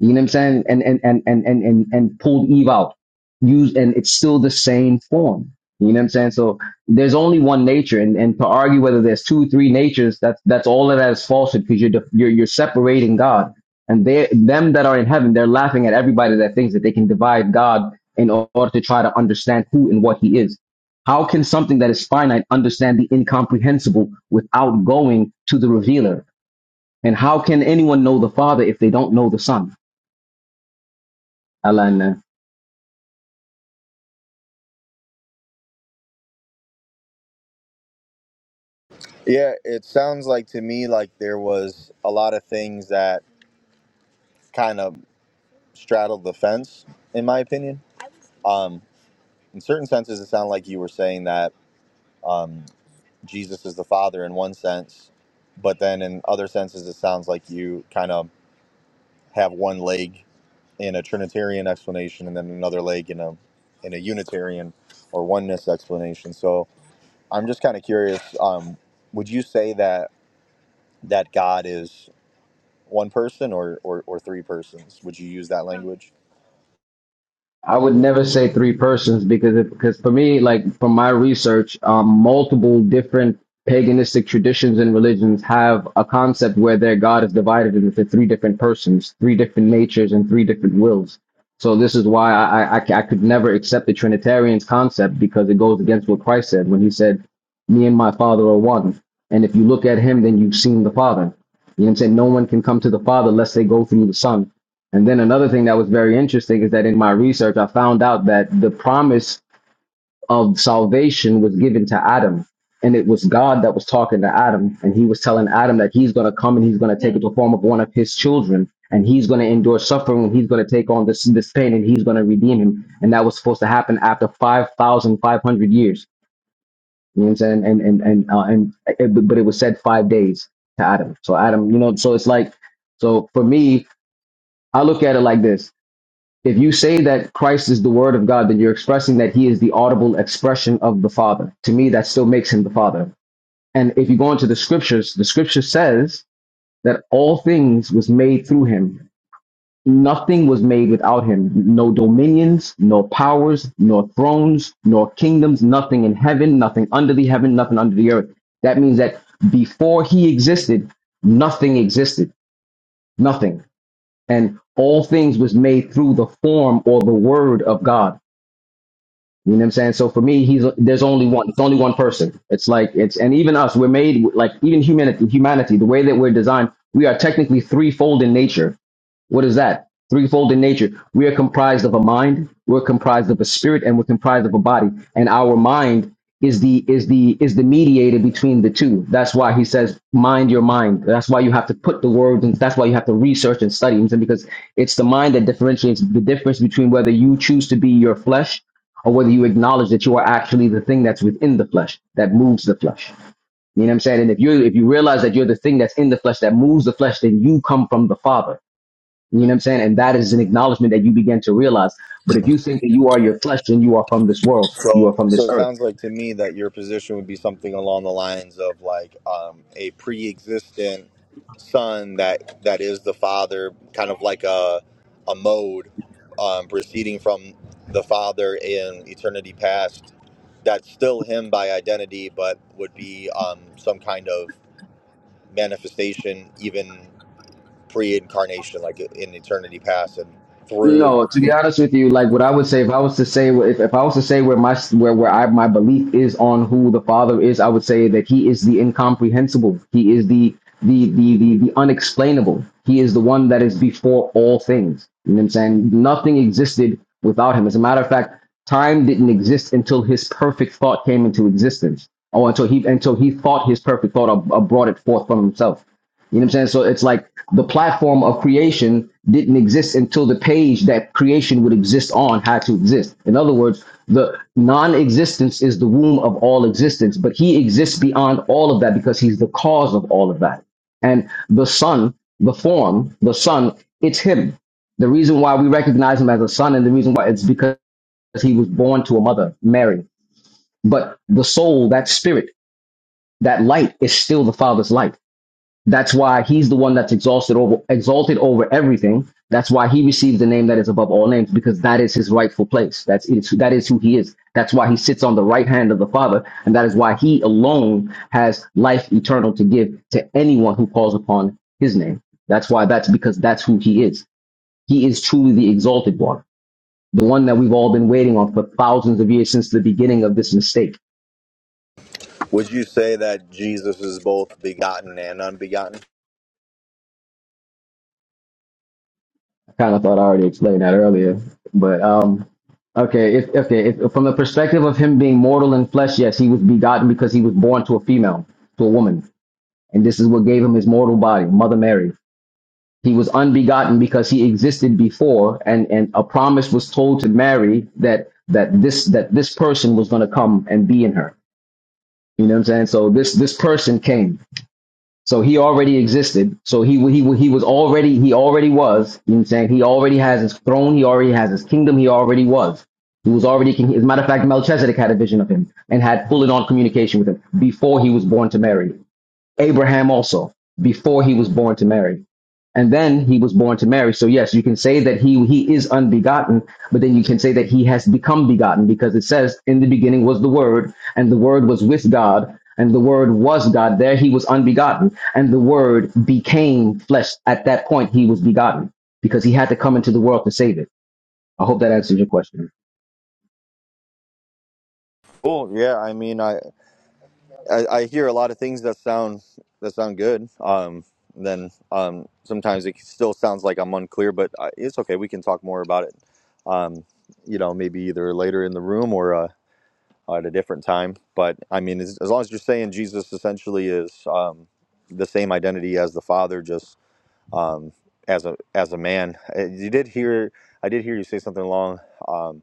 S8: You know what I'm saying? And and and and and and, and pulled Eve out. Use and it's still the same form. You know what I'm saying? So there's only one nature, and, and to argue whether there's two, three natures, that's that's all of that is falsehood because you're def- you're you're separating God, and they them that are in heaven, they're laughing at everybody that thinks that they can divide God in order to try to understand who and what He is. How can something that is finite understand the incomprehensible without going to the revealer? And how can anyone know the Father if they don't know the Son? I like that.
S2: yeah. It sounds like to me like there was a lot of things that kind of straddled the fence, in my opinion. Um, in certain senses, it sounded like you were saying that. Um, Jesus is the Father in one sense, but then in other senses, it sounds like you kind of have one leg in a Trinitarian explanation and then another leg in a in a Unitarian or oneness explanation. So I'm just kind of curious. Um, would you say that that God is one person or, or or three persons? Would you use that language?
S8: I would never say three persons because it, because for me, like from my research, um, multiple different paganistic traditions and religions have a concept where their God is divided into three different persons, three different natures, and three different wills. So this is why I, I, I c- I could never accept the Trinitarian's concept because it goes against what Christ said when he said, "Me and my Father are one." And if you look at him, then you've seen the Father. You know what I'm saying? No one can come to the Father unless they go through the Son. And then another thing that was very interesting is that in my research, I found out that the promise of salvation was given to Adam. And it was God that was talking to Adam. And he was telling Adam that he's going to come and he's going to take the form of one of his children. And he's going to endure suffering. And he's going to take on this, this pain and he's going to redeem him. And that was supposed to happen after 5,500 years. You know what I'm saying? And, and, and, uh, and, it, but it was said five days to Adam. So Adam, you know, so it's like, so for me, I look at it like this if you say that Christ is the Word of God, then you're expressing that He is the audible expression of the Father. To me, that still makes Him the Father. And if you go into the Scriptures, the Scripture says that all things was made through Him. Nothing was made without Him. No dominions, nor powers, nor thrones, nor kingdoms. Nothing in heaven, nothing under the heaven, nothing under the earth. That means that before He existed, nothing existed. Nothing. And all things was made through the form or the Word of God You know what I'm saying? So for me, he's there's only one. It's only one person. It's like it's and even us, we're made like even humanity. Humanity, the way that we're designed, we are technically threefold in nature. What is that? Threefold in nature. We are comprised of a mind, we're comprised of a spirit, and we're comprised of a body. And our mind is the is the is the mediator between the two. That's why he says, mind your mind. That's why you have to put the words and that's why you have to research and study. And because it's the mind that differentiates the difference between whether you choose to be your flesh or whether you acknowledge that you are actually the thing that's within the flesh, that moves the flesh. You know what I'm saying? And if you if you realize that you're the thing that's in the flesh that moves the flesh, then you come from the Father you know what I'm saying? And that is an acknowledgement that you begin to realize. But if you think that you are your flesh, then you are from this world. You are
S2: So,
S8: from
S2: so
S8: this
S2: it
S8: earth.
S2: sounds like to me that your position would be something along the lines of like um, a pre-existent son that that is the father, kind of like a a mode um, proceeding from the father in eternity past. That's still him by identity, but would be um, some kind of manifestation, even pre-incarnation, like in eternity past and through.
S8: No, to be honest with you, like what I would say, if I was to say, if, if I was to say where my where where I my belief is on who the Father is, I would say that He is the incomprehensible. He is the the the the, the unexplainable. He is the one that is before all things. You know what I'm saying? Nothing existed without Him. As a matter of fact, time didn't exist until His perfect thought came into existence, Oh, until He until He thought His perfect thought or, or brought it forth from Himself. You know what I'm saying? So it's like the platform of creation didn't exist until the page that creation would exist on had to exist. In other words, the non-existence is the womb of all existence, but he exists beyond all of that because he's the cause of all of that. And the son, the form, the son, it's him. The reason why we recognize him as a son and the reason why it's because he was born to a mother, Mary. But the soul, that spirit, that light is still the father's light that's why he's the one that's exalted over exalted over everything. That's why he received the name that is above all names, because that is his rightful place. That's it's, that is who he is. That's why he sits on the right hand of the Father, and that is why he alone has life eternal to give to anyone who calls upon his name. That's why that's because that's who he is. He is truly the exalted one, the one that we've all been waiting on for thousands of years since the beginning of this mistake.
S2: Would you say that Jesus is both begotten and unbegotten?
S8: Kind of thought I already explained that earlier, but um, okay. If okay, if, from the perspective of him being mortal in flesh, yes, he was begotten because he was born to a female, to a woman, and this is what gave him his mortal body, Mother Mary. He was unbegotten because he existed before, and and a promise was told to Mary that that this that this person was going to come and be in her. You know what I'm saying? So this this person came. So he already existed. So he he he was already he already was. You know what I'm saying? He already has his throne. He already has his kingdom. He already was. He was already king. As a matter of fact, Melchizedek had a vision of him and had full and on communication with him before he was born to Mary. Abraham also before he was born to Mary and then he was born to Mary. So yes, you can say that he he is unbegotten, but then you can say that he has become begotten because it says in the beginning was the word and the word was with God and the word was God. There he was unbegotten and the word became flesh. At that point he was begotten because he had to come into the world to save it. I hope that answers your question.
S2: Cool. Yeah, I mean, I, I I hear a lot of things that sound that sound good. Um, then um, sometimes it still sounds like I'm unclear, but I, it's okay. We can talk more about it. Um, you know, maybe either later in the room or uh, at a different time. But I mean, as, as long as you're saying Jesus essentially is um, the same identity as the Father, just um, as a as a man. Uh, You did hear I did hear you say something along. Um,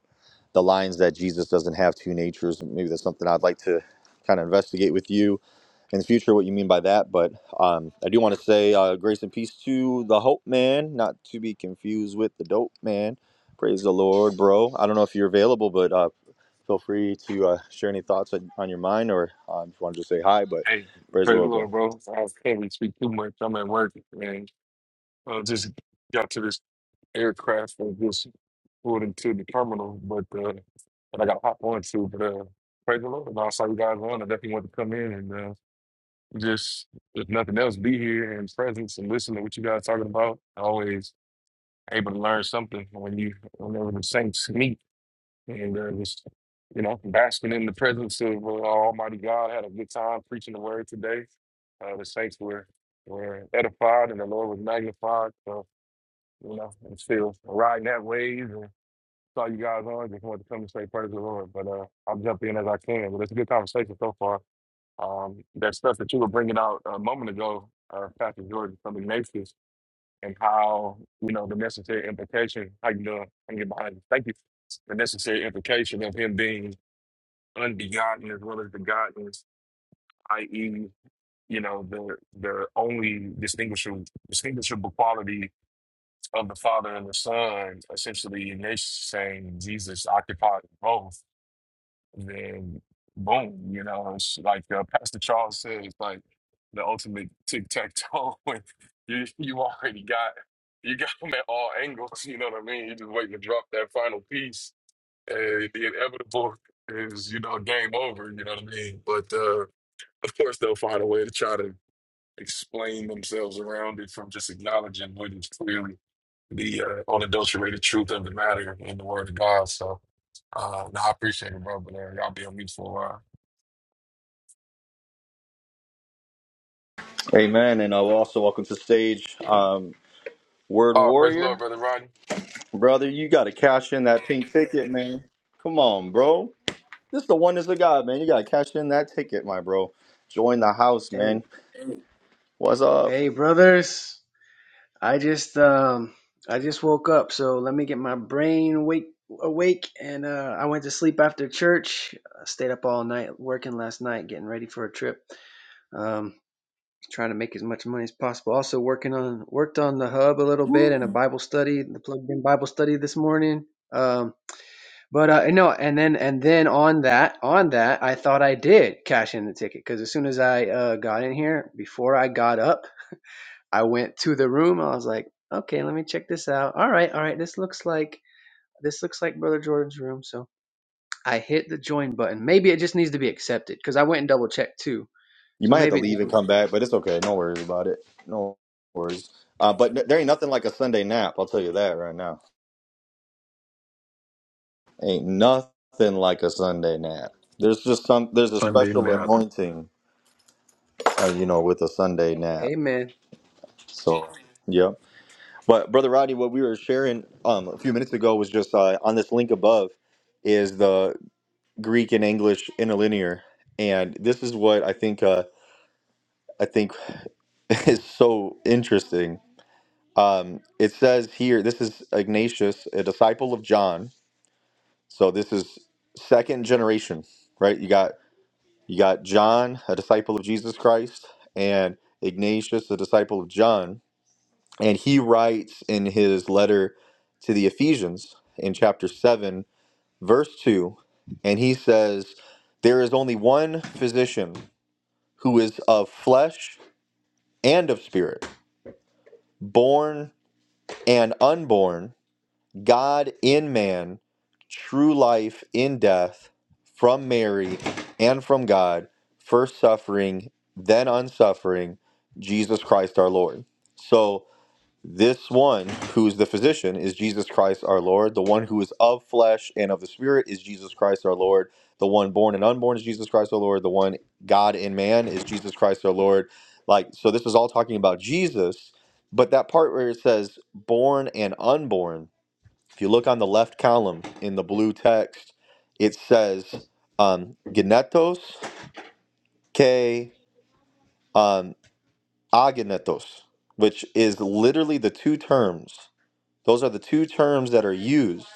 S2: the lines that Jesus doesn't have two natures. Maybe that's something I'd like to kind of investigate with you in the future, what you mean by that. But um, I do want to say uh, grace and peace to the Hope Man, not to be confused with the Dope Man. Praise the Lord, bro. I don't know if you're available, but uh, feel free to uh, share any thoughts on, on your mind or um, if you want to just say hi, but
S9: Hey,
S2: praise the
S9: praise the
S2: Lord, bro.
S9: Lord, bro. I can't really speak too much. I'm at work, man. I just got to this aircraft and just pulled into the terminal, but uh, that I got to hop onto. But uh, praise the Lord. And I saw you guys on. I definitely want to come in and uh, just, if nothing else, be here in presence and listen to what you guys talking about. Always able to learn something when you, whenever the saints meet and uh, just you know basking in the presence of uh, Almighty God. Had a good time preaching the word today. Uh, the saints were were edified and the Lord was magnified. So you know, I'm still riding that wave and saw you guys on. Just wanted to come and say praise the Lord. But uh, I'll jump in as I can. But it's a good conversation so far. Um, that stuff that you were bringing out a moment ago, uh, Pastor Jordan from Ignatius, and how you know the necessary implication. How you doing? I am getting behind you. Thank you. The necessary implication of him being unbegotten as well as begotten, i.e., you know, the the only distinguishable distinguishable quality of the Father and the Son, essentially, and they're saying Jesus occupied both, then boom, you know, it's like uh, Pastor Charles says, like the ultimate tic tac toe. (laughs) You you already got you got them at all angles. You know what I mean? You're just waiting to drop that final piece, and the inevitable is you know game over. You know what I mean? But uh, of course, they'll find a way to try to explain themselves around it from just acknowledging what is clearly the uh, unadulterated truth of the matter in the Word of God. So, uh, no, I appreciate it, bro. But uh, y'all be on mute for a while.
S2: Amen. And uh, also welcome to the stage um, Word
S9: Oh, praise the Lord,
S2: Warrior.
S9: brother Rodney.
S2: Brother, you got to cash in that pink ticket, man. Come on, bro. This is the oneness of God, man. You gotta cash in that ticket, my bro. Join the house,
S10: Hey,
S2: man. What's up?
S10: hey, brothers. I just um I just woke up, so let me get my brain awake awake and uh I went to sleep after church. I stayed up all night working last night getting ready for a trip. Um trying to make as much money as possible. Also working on worked on the hub a little bit and a Bible study, the plugged in Bible study this morning. Um. But uh, no, and then and then on that on that, I thought I did cash in the ticket because as soon as I uh, got in here, before I got up, I went to the room. I was like, okay, let me check this out. All right, all right, this looks like this looks like Brother Jordan's room. So I hit the join button. Maybe it just needs to be accepted because I went and double checked too.
S2: You
S10: So
S2: might have to
S10: maybe it
S2: leave and
S10: just,
S2: come back, but it's okay. No worries about it. No worries. Uh, but n- there ain't nothing like a Sunday nap. I'll tell you that right now. Ain't nothing like a Sunday nap. There's just some. There's a special anointing, uh, you know, with a Sunday nap.
S10: amen.
S2: So, yeah. But brother Rodney, what we were sharing um, a few minutes ago was just uh, on this link above is the Greek and English interlinear, and this is what I think. Uh, I think (laughs) is so interesting. Um, it says here, this is Ignatius, a disciple of John. So this is second generation, right? You got you got John, a disciple of Jesus Christ, and Ignatius, a disciple of John, and he writes in his letter to the Ephesians in chapter seven, verse two, and he says, "There is only one physician." who is of flesh and of spirit, born and unborn, God in man, true life in death, from Mary and from God, first suffering, then unsuffering, Jesus Christ our Lord. So, this one who is the physician is Jesus Christ our Lord. The one who is of flesh and of the Spirit is Jesus Christ our Lord. The one born and unborn is Jesus Christ our Lord. The one God and man is Jesus Christ our Lord. Like, so this is all talking about Jesus. But that part where it says born and unborn, if you look on the left column in the blue text, it says um, genetos ke um, agenetos, which is literally the two terms those are the two terms that are used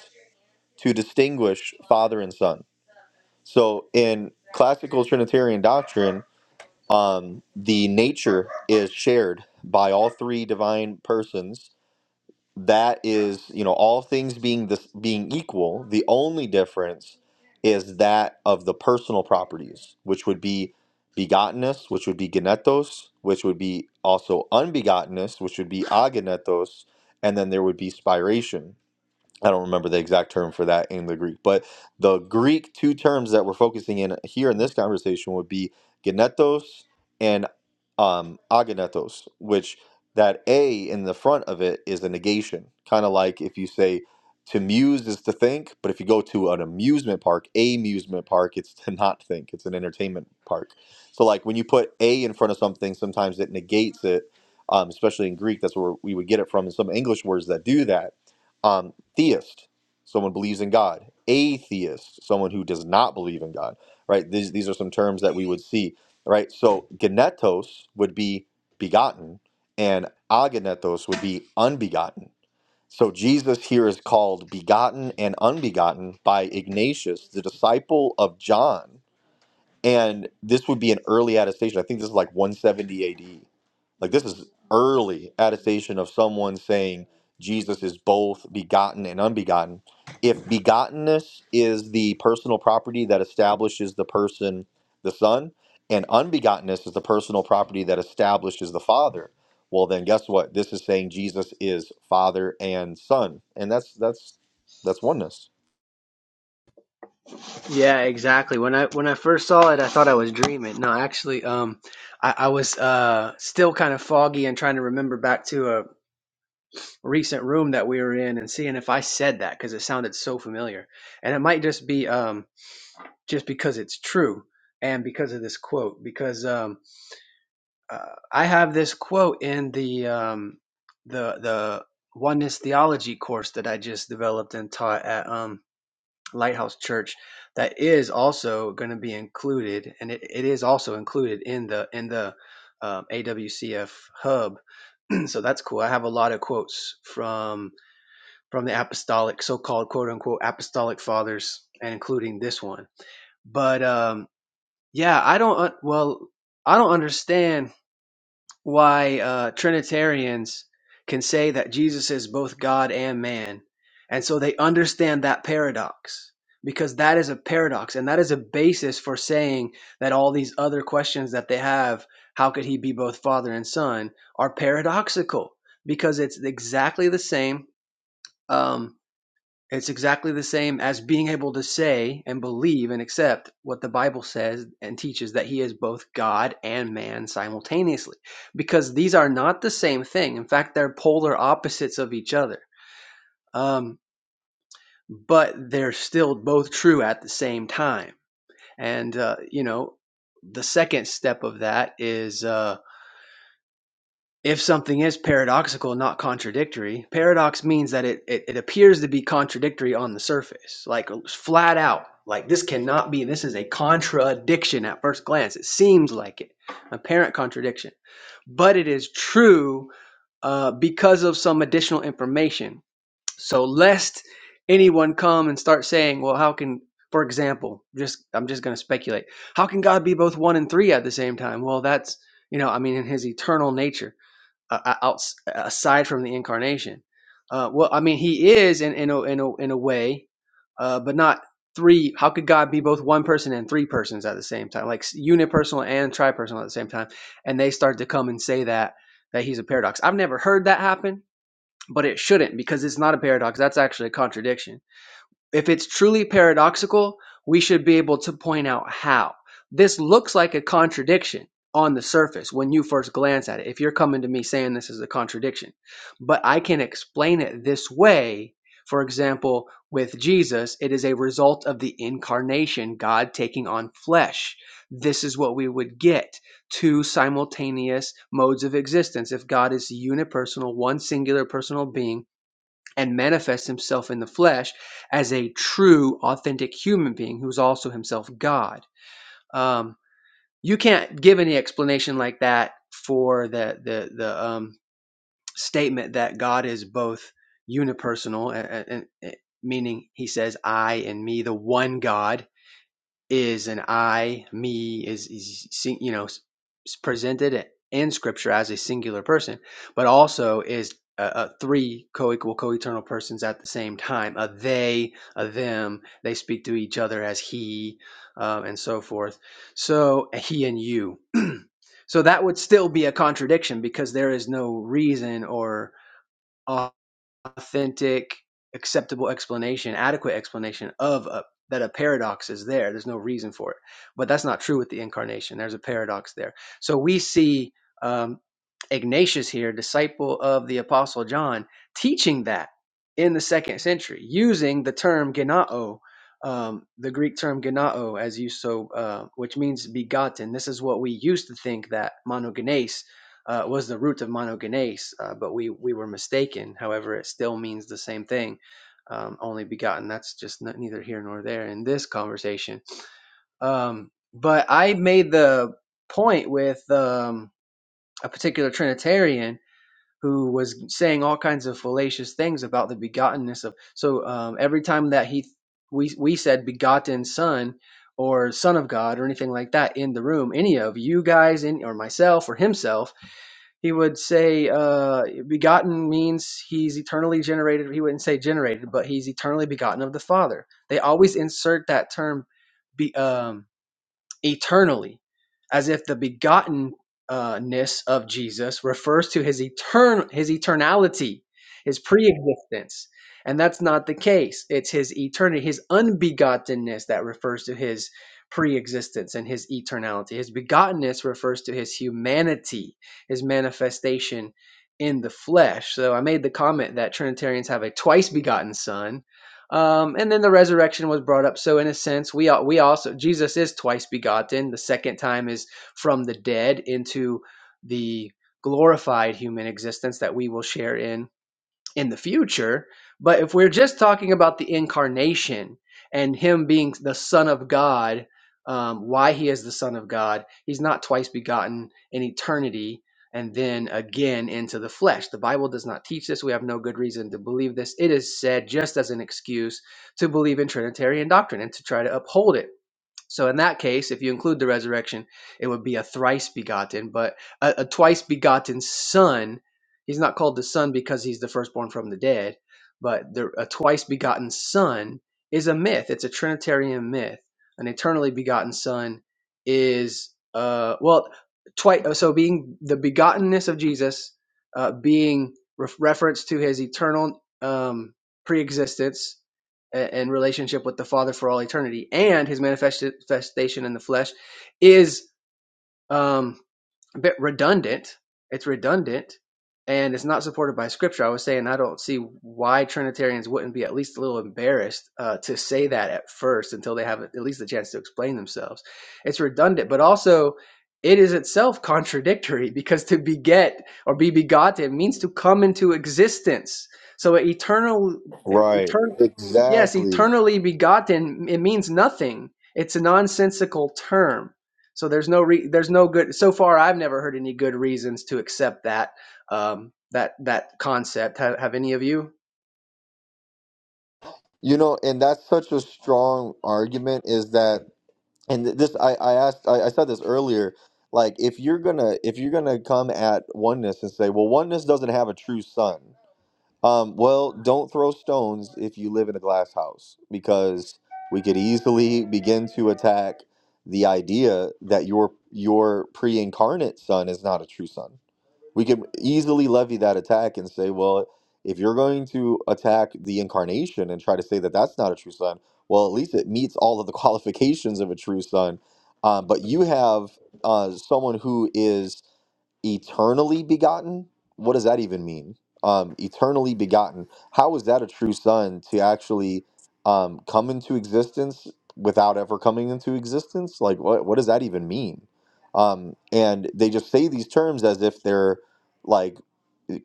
S2: to distinguish Father and Son. So in classical Trinitarian doctrine, um, the nature is shared by all three divine persons. That is, you know, all things being this being equal, the only difference is that of the personal properties, which would be begottenness, which would be genetos, which would be also unbegottenness, which would be agenetos, and then there would be spiration. I don't remember the exact term for that in the Greek, but the Greek two terms that we're focusing in here in this conversation would be genetos and um, agenetos, which that a in the front of it is a negation, kind of like if you say to muse is to think, but if you go to an amusement park, a amusement park, it's to not think, it's an entertainment park. So like when you put a in front of something, sometimes it negates it, um, especially in Greek. That's where we would get it from, and some English words that do that um, theist, someone believes in God. Atheist, someone who does not believe in God. Right? These these are some terms that we would see. Right? So genetos would be begotten, and agenetos would be unbegotten. So Jesus here is called begotten and unbegotten by Ignatius, the disciple of John and this would be an early attestation. I think this is like 170 AD. Like this is early attestation of someone saying Jesus is both begotten and unbegotten. If begottenness is the personal property that establishes the person, the Son, and unbegottenness is the personal property that establishes the Father, well then guess what? This is saying Jesus is Father and Son. And that's that's that's oneness.
S10: Yeah, exactly. When I when I first saw it, I thought I was dreaming. No, actually, um, I, I was uh still kind of foggy and trying to remember back to a. recent room that we were in and seeing if I said that because it sounded so familiar. And it might just be um, just because it's true and because of this quote. Because um, uh, I have this quote in the um, the the oneness theology course that I just developed and taught at um, Lighthouse Church. That is also going to be included, and it, it is also included in the in the um, AWCF hub. (clears throat) so that's cool. I have a lot of quotes from from the apostolic, so-called quote unquote apostolic fathers, and including this one. But um, yeah, I don't. uh, Well, I don't understand why uh, Trinitarians can say that Jesus is both God and man, and so they understand that paradox because that is a paradox, and that is a basis for saying that all these other questions that they have, how could he be both father and son, are paradoxical because it's exactly the same. Um, it's exactly the same as being able to say and believe and accept what the Bible says and teaches that he is both God and man simultaneously, because these are not the same thing. In fact, they're polar opposites of each other, um, but they're still both true at the same time. And, uh, you know, the second step of that is. Uh, if something is paradoxical, not contradictory, paradox means that it, it, it appears to be contradictory on the surface, like flat out. Like this cannot be, this is a contradiction at first glance. It seems like it, apparent contradiction. But it is true uh, because of some additional information. So, lest anyone come and start saying, well, how can, for example, just I'm just going to speculate, how can God be both one and three at the same time? Well, that's, you know, I mean, in his eternal nature uh, out, aside from the incarnation. Uh, well, I mean, he is in in a in a, in a way, uh, but not three. How could God be both one person and three persons at the same time, like s- unipersonal and tripersonal at the same time? And they start to come and say that that he's a paradox. I've never heard that happen, but it shouldn't because it's not a paradox. That's actually a contradiction. If it's truly paradoxical, we should be able to point out how. This looks like a contradiction on the surface when you first glance at it. If you're coming to me saying this is a contradiction, but I can explain it this way. For example, with Jesus, it is a result of the incarnation, God taking on flesh. This is what we would get two simultaneous modes of existence. If God is unipersonal, one singular personal being, and manifests himself in the flesh as a true, authentic human being who's also himself God. Um, you can't give any explanation like that for the the the um, statement that God is both unipersonal and, and, and eh, meaning He says I and me, the one God, is an I, me, is, is you know, presented in Scripture as a singular person, but also is uh, uh, three co-equal, co-eternal persons at the same time. A they, a them. They speak to each other as he, um, and so forth. So he and you. (clears throat) so that would still be a contradiction because there is no reason or authentic, acceptable explanation, adequate explanation of a, that a paradox is there. There's no reason for it. But that's not true with the incarnation. There's a paradox there. So we see um, Ignatius here, disciple of the Apostle John, teaching that in the second century using the term genao. Um, the Greek term genao, as you so, uh, which means begotten. This is what we used to think that monogenes uh, was the root of monogenes, uh, but we, we were mistaken. However, it still means the same thing, um, only begotten. That's just not, neither here nor there in this conversation. Um, but I made the point with um, a particular Trinitarian who was saying all kinds of fallacious things about the begottenness of. So um, every time that he we we said begotten son or son of God or anything like that in the room, any of you guys in or myself or himself he would say uh, begotten means he's eternally generated he wouldn't say generated but he's eternally begotten of the father they always insert that term be, um, eternally, as if the begottenness of Jesus refers to his etern his eternality, his preexistence. And that's not the case. It's his eternity, his unbegottenness that refers to his preexistence and his eternality. His begottenness refers to his humanity, his manifestation in the flesh. So I made the comment that Trinitarians have a twice begotten son um, and then the resurrection was brought up. So in a sense, we we also Jesus is twice begotten. The second time is from the dead into the glorified human existence that we will share in in the future. But if we're just talking about the incarnation and him being the Son of God, um, why he is the Son of God, he's not twice begotten in eternity and then again into the flesh. The Bible does not teach this. We have no good reason to believe this. It is said just as an excuse to believe in Trinitarian doctrine and to try to uphold it. So in that case, if you include the resurrection, it would be a thrice begotten, but a, a twice begotten son. He's not called the son because he's the firstborn from the dead, but the, a twice begotten son is a myth. It's a Trinitarian myth. An eternally begotten son is uh well twice. So being the begottenness of Jesus, uh, being ref reference to his eternal um, preexistence a- and relationship with the Father for all eternity, and his manifestation in the flesh is um, a bit redundant. It's redundant, and it's not supported by Scripture. I was saying I don't see why Trinitarians wouldn't be at least a little embarrassed uh, to say that at first until they have at least a chance to explain themselves. It's redundant, but also it is itself contradictory because to beget or be begotten means to come into existence. So eternal,
S2: Right.
S10: eternal. Yes,
S2: Exactly.
S10: eternally begotten, it means nothing. It's a nonsensical term. So there's no re- there's no good so far I've never heard any good reasons to accept that um that that concept. Have, have any of you?
S2: You know, and that's such a strong argument is that, and th- this I I asked I, I said this earlier. Like, if you're gonna if you're gonna come at oneness and say, well, oneness doesn't have a true son. Um, well, don't throw stones if you live in a glass house because we could easily begin to attack the idea that your your pre-incarnate son is not a true son we can easily levy that attack and say, well, if you're going to attack the incarnation and try to say that that's not a true son, well, at least it meets all of the (laughs) qualifications of a true son. Um, but you have uh, someone who is eternally begotten what does that even mean um eternally begotten how is that a true son to actually um come into existence without ever coming into existence like what what does that even mean um and they just say these terms as if they're like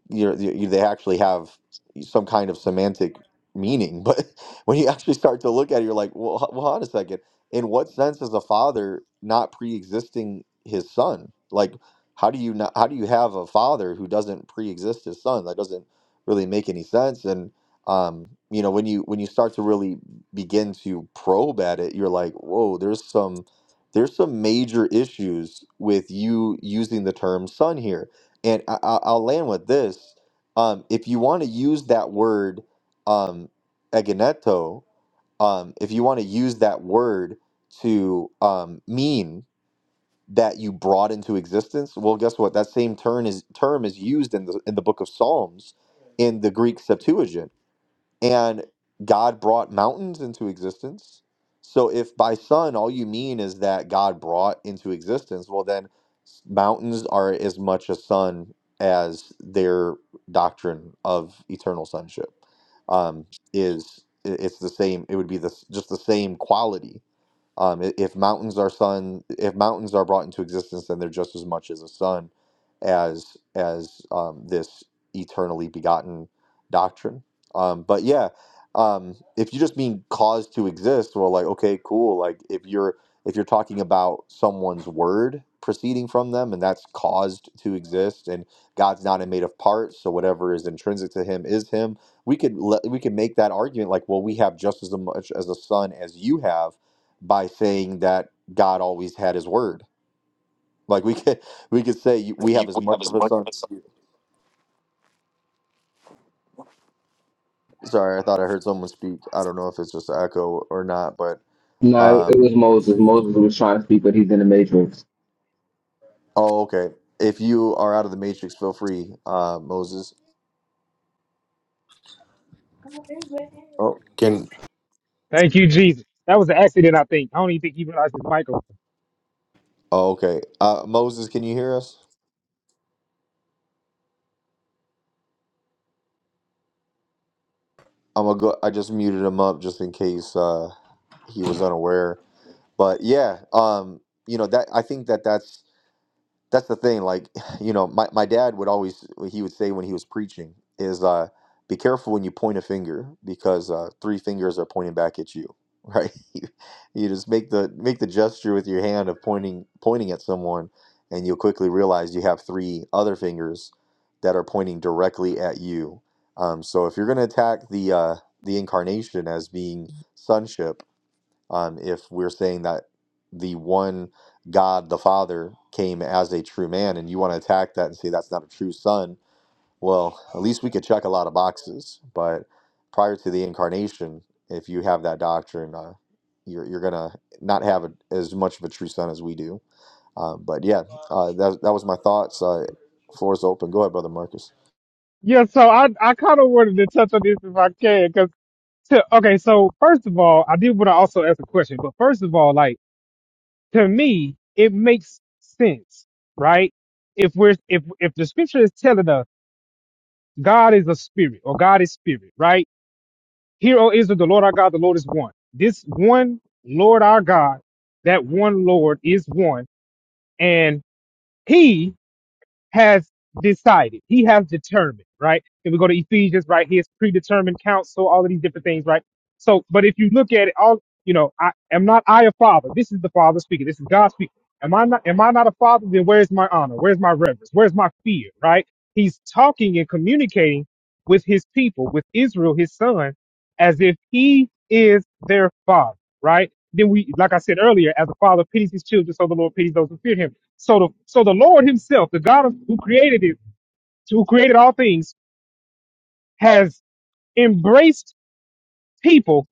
S2: you know y- they actually have some kind of semantic meaning (laughs) but when you actually start to look at it you're like well, h- well hold on a second in what sense is a father not pre-existing his son like how do you not? How do you have a father who doesn't pre-exist his son? That doesn't really make any sense. And um, you know, when you when you start to really begin to probe at it, you're like, whoa, there's some there's some major issues with you using the term son here. And I, I- I'll land with this: um, if you want to use that word um, egeneto, um, if you want to use that word to um, mean that you brought into existence well guess what that same term is term is used in the in the book of psalms in the greek septuagint and god brought mountains into existence so if by sun all you mean is that god brought into existence well then s- mountains are as much a sun as their doctrine of eternal sonship um, is i- it's the same it would be the s- just the same quality um, i- if mountains are sun, if mountains are brought into existence, then they're just as much as a sun as as um, this eternally begotten doctrine. Um, but yeah, um, if you just mean cause to exist, well, like okay, cool. Like if you're if you're talking about someone's word proceeding from them, and that's caused to exist, and God's not made of parts, so whatever is intrinsic to Him is Him. We could le- we could make that argument like, well, we have just as much as a sun as you have by saying that God always had his word. Like we (laughs) could we could say you- we
S1: Hey,
S2: have as
S1: We have
S2: much
S1: as
S2: of a
S1: much of
S2: son
S1: a
S2: as you. Sorry, I thought I heard someone speak. I don't know if it's just echo or not, but
S8: No, it
S2: um
S8: was Moses. Moses was trying to speak, but he's in the matrix.
S2: oh okay. If you are out of the matrix, feel free, uh Moses. Oh,
S7: Thank you, Jesus. That was an accident, I think. I don't even think he realized his Michael.
S2: oh okay. Uh Moses, can you hear us? I'm gonna go I just muted him up just in case uh he was unaware. But yeah, um you know that I think that that's that's the thing like (sighs) you know my, my dad would always he would say when he was preaching is uh be careful when you point a finger because uh three fingers are pointing back at you (laughs) right you, you just make the make the gesture with your hand of pointing pointing at someone and you'll quickly realize you have three other fingers that are pointing directly at you um so if you're going to attack the uh the incarnation as being sonship um, if we're saying that the one God, the Father, came as a true man, and you want to attack that and say that's not a true son, well, at least we could check a lot of boxes. But prior to the incarnation, if you have that doctrine, uh, you're you're gonna not have a, as much of a true son as we do. Um, but yeah, uh, that that was my thoughts. Uh, floor's open. Go ahead, brother Marcus.
S7: Yeah, so I I kind of wanted to touch on this if I can, cause to, okay, so first of all, I did want to also ask a question, but first of all, like to me, it makes sense, right? If we're if if the scripture is telling us God is a spirit or God is spirit, right? Hear, O Israel, the Lord our God, the Lord is one. This one Lord our God, that one Lord is one, and He has decided. He has determined, right? And we go to Ephesians, right? his predetermined counsel, all of these different things, right? So, but if you look at it, all you know, I am not I a father. This is the Father speaking. This is God speaking. Am I not? Am I not a father? Then where's my honor? Where's my reverence? Where's my fear? Right? He's talking and communicating with his people, with Israel, his son, as if he is their father. Right? Then we, like I said earlier, as the father pities his children, so the Lord pities those who fear him so the so the Lord Himself, the God of, who created it, who created all things, has embraced people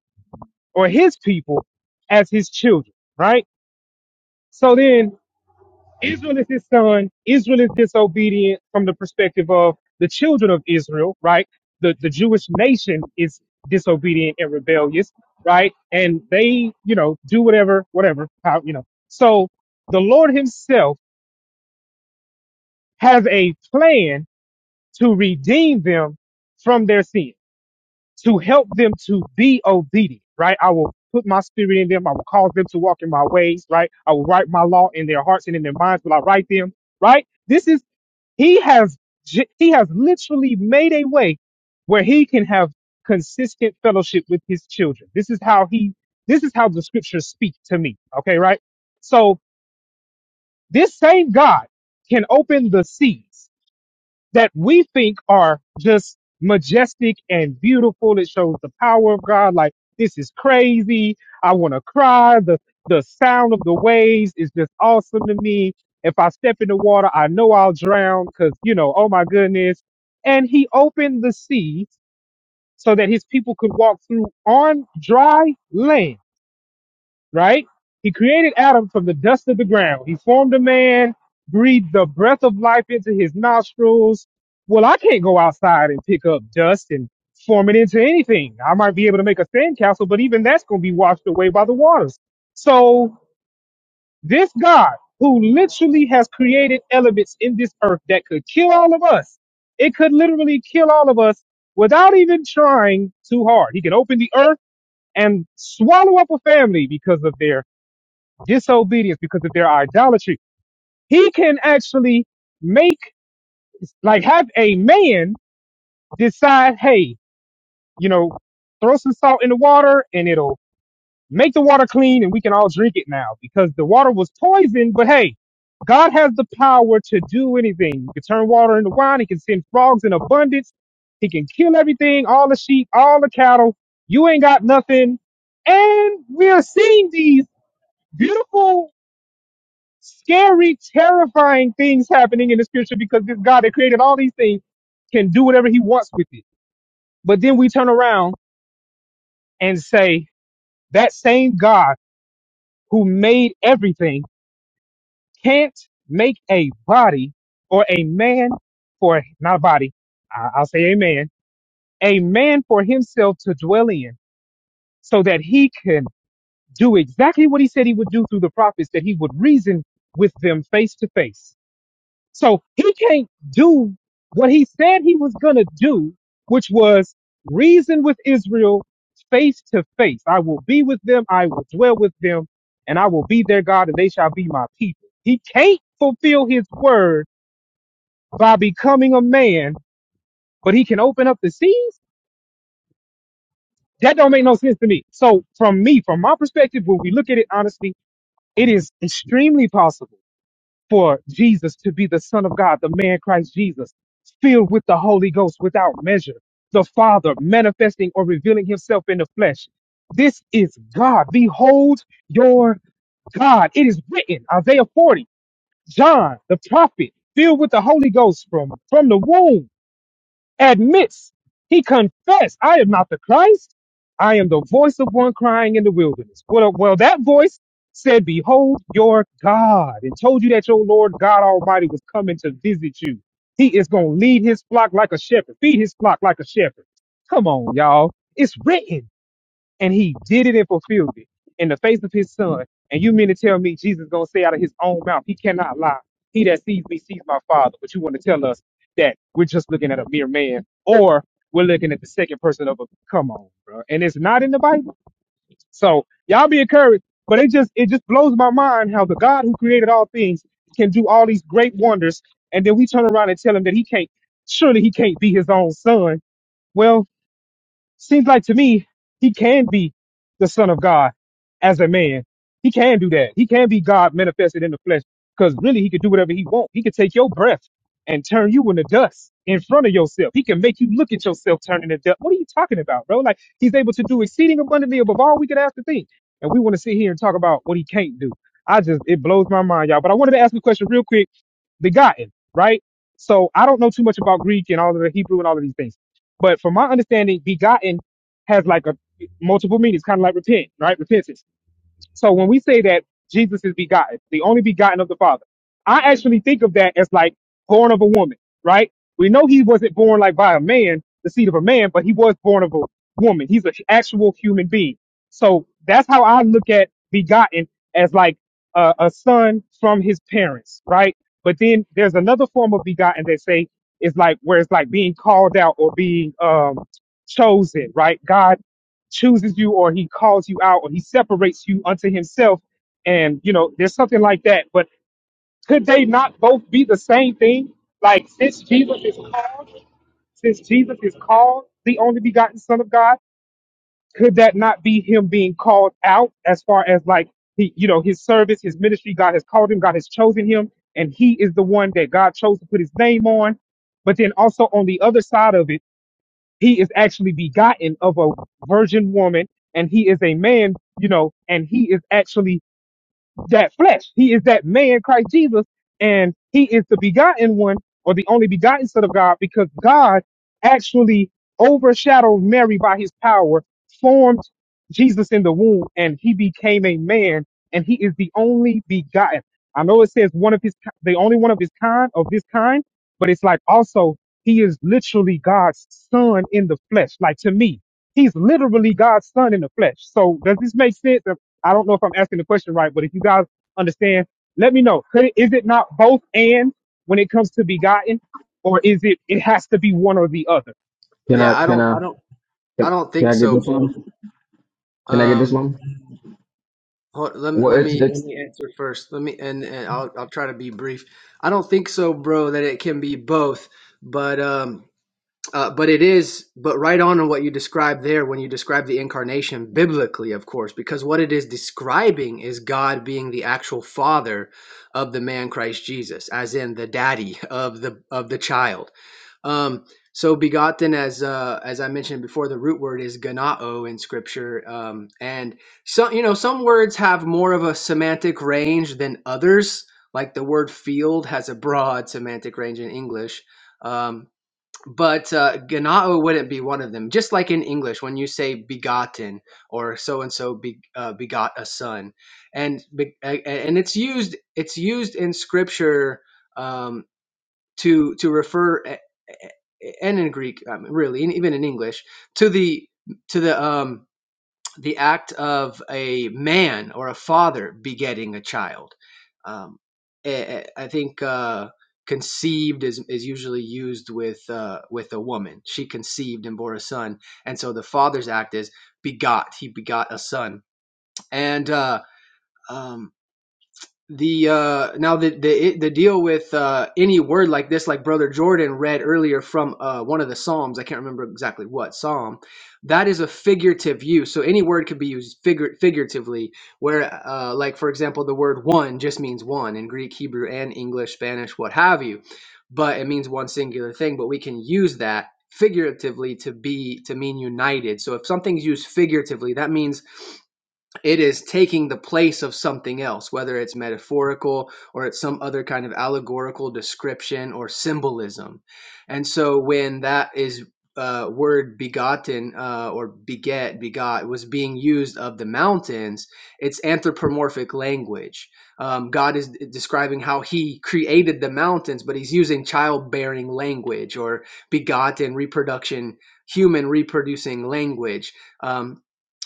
S7: or His people as His children, right? So then Israel is His son. Israel is disobedient from the perspective of the children of Israel, right? The the Jewish nation is disobedient and rebellious, right? And they, you know, do whatever, whatever, how, you know. So the Lord Himself has a plan to redeem them from their sin, to help them to be obedient, right? I will put my spirit in them. I will cause them to walk in my ways, right? I will write my law in their hearts and in their minds will I write them, right? This is, he has, j- he has literally made a way where he can have consistent fellowship with his children. This is how he, this is how the scriptures speak to me. Okay. Right. So this same God can open the seas that we think are just majestic and beautiful. It shows the power of God. Like this is crazy. I want to cry. The the sound of the waves is just awesome to me. If I step in the water, I know I'll drown because you know, oh my goodness. And he opened the sea so that his people could walk through on dry land right? He created Adam from the dust of the ground. He formed a man, breathed the breath of life into his nostrils. Well, I can't go outside and pick up dust and form it into anything. I might be able to make a sandcastle, but even that's going to be washed away by the waters. So this God who literally has created elements in this earth that could kill all of us, it could literally kill all of us without even trying too hard. He can open the earth and swallow up a family because of their disobedience because of their idolatry. He can actually make, like, have a man decide, hey, you know, throw some salt in the water and it'll make the water clean and we can all drink it now because the water was poisoned. But hey, God has the power to do anything. He can turn water into wine. He can send frogs in abundance. He can kill everything, all the sheep, all the cattle. You ain't got nothing. And we are seeing these beautiful Scary, terrifying things happening in the scripture because this God that created all these things can do whatever he wants with it. But then we turn around and say that same God who made everything can't make a body or a man for not a body. I- I'll say a man, a man for himself to dwell in so that he can do exactly what he said he would do through the prophets, that he would reason with them face to face. So he can't do what he said he was going to do, which was reason with Israel face to face. I will be with them, I will dwell with them, and I will be their God, and they shall be my people. He can't fulfill his word by becoming a man, but he can open up the seas. That don't make no sense to me. So from me, from my perspective, when we look at it honestly, it is extremely possible for Jesus to be the Son of God, the man Christ Jesus, filled with the Holy Ghost without measure, the Father manifesting or revealing himself in the flesh. This is God. Behold your God. It is written, Isaiah 40, John, the prophet, filled with the Holy Ghost from, from the womb admits, he confessed, I am not the Christ. I am the voice of one crying in the wilderness. Well, uh, well, that voice said, Behold your God, and told you that your Lord God Almighty was coming to visit you. He is going to lead his flock like a shepherd, feed his flock like a shepherd. Come on, y'all. It's written and he did it and fulfilled it in the face of his son. And you mean to tell me Jesus gonna say out of his own mouth, he cannot lie. He that sees me sees my father. But you want to tell us that we're just looking at a mere man, or we're looking at the second person of a come on, bro. And it's not in the Bible. So y'all be encouraged. But it just it just blows my mind how the God who created all things can do all these great wonders, and then we turn around and tell him that he can't surely he can't be his own son. Well, Seems like to me he can be the Son of God as a man. He can do that. He can be God manifested in the flesh because really he could do whatever he wants. He could take your breath and turn you into dust in front of yourself. He can make you look at yourself turning into dust. What are you talking about, bro? Like he's able to do exceeding abundantly above all we could ask to think. And we want to sit here and talk about what he can't do. I just it blows my mind, y'all. But I wanted to ask a question real quick begotten, right? So I don't know too much about Greek and all of the Hebrew and all of these things. But from my understanding, begotten has like a multiple meanings, kind of like repent, right? Repentance. So when we say that Jesus is begotten, the only begotten of the Father, I actually think of that as like born of a woman, right? We know he wasn't born like by a man, the seed of a man, but he was born of a woman. He's an actual human being. So that's how I look at begotten as like a, a son from his parents, right? But then there's another form of begotten that say is like where it's like being called out or being um chosen, right? God chooses you or he calls you out or he separates you unto himself and you know there's something like that but could they not both be the same thing like since jesus is called since jesus is called the only begotten son of god could that not be him being called out as far as like he you know his service his ministry god has called him god has chosen him and he is the one that god chose to put his name on but then also on the other side of it he is actually begotten of a virgin woman and he is a man you know and he is actually that flesh. He is that man, Christ Jesus, and he is the begotten one or the only begotten son of God because God actually overshadowed Mary by his power, formed Jesus in the womb, and he became a man, and he is the only begotten. I know it says one of his, ki- the only one of his kind, of this kind, but it's like also he is literally God's son in the flesh. Like to me, he's literally God's son in the flesh. So does this make sense? I don't know if I'm asking the question right, but if you guys understand, let me know. Could it, is it not both and when it comes to begotten, or is it it has to be one or the other?
S8: Can
S10: Yeah,
S8: I
S10: I
S8: can
S10: don't,
S8: I
S10: I don't, I don't
S8: can
S10: think
S8: I get
S10: so,
S8: this
S10: bro.
S8: one? Can I get this
S10: Um,
S8: one?
S10: hold, let me,
S8: Well,
S10: let
S8: it's
S10: me,
S8: it's
S10: let me answer first. Let me, and, and I'll, I'll try to be brief. I don't think so, bro, that it can be both. But um, Uh, but it is, but right on on what you described there when you describe the incarnation biblically, of course, because what it is describing is God being the actual father of the man Christ Jesus, as in the daddy of the of the child. Um, so begotten, as uh, as I mentioned before, the root word is ganao in Scripture, um, and some you know some words have more of a semantic range than others. Like the word field has a broad semantic range in English. Um, but uh, ganao wouldn't be one of them. Just like in English, when you say begotten or so and so be, uh, begot a son, and be- a- and it's used it's used in scripture um, to to refer a- a- and in Greek, um, really, and even in English, to the to the um, the act of a man or a father begetting a child. Um, eh, eh, I think uh, conceived is, is usually used with uh, with a woman. She conceived and bore a son, and so the father's act is begot. He begot a son, and uh, um, the uh now the the the deal with uh any word like this like brother jordan read earlier from uh one of the psalms i can't remember exactly what psalm that is a figurative use so any word could be used figur- figuratively where uh like for example the word one just means one in greek hebrew and english spanish what have you but it means one singular thing but we can use that figuratively to be to mean united so if something's used figuratively that means it is taking the place of something else, whether it's metaphorical or it's some other kind of allegorical description or symbolism. And so when that is uh, word begotten uh, or beget, begot was being used of the mountains, it's anthropomorphic language. Um, God is describing how he created the mountains, but he's using childbearing language or begotten reproduction, human reproducing language. Um,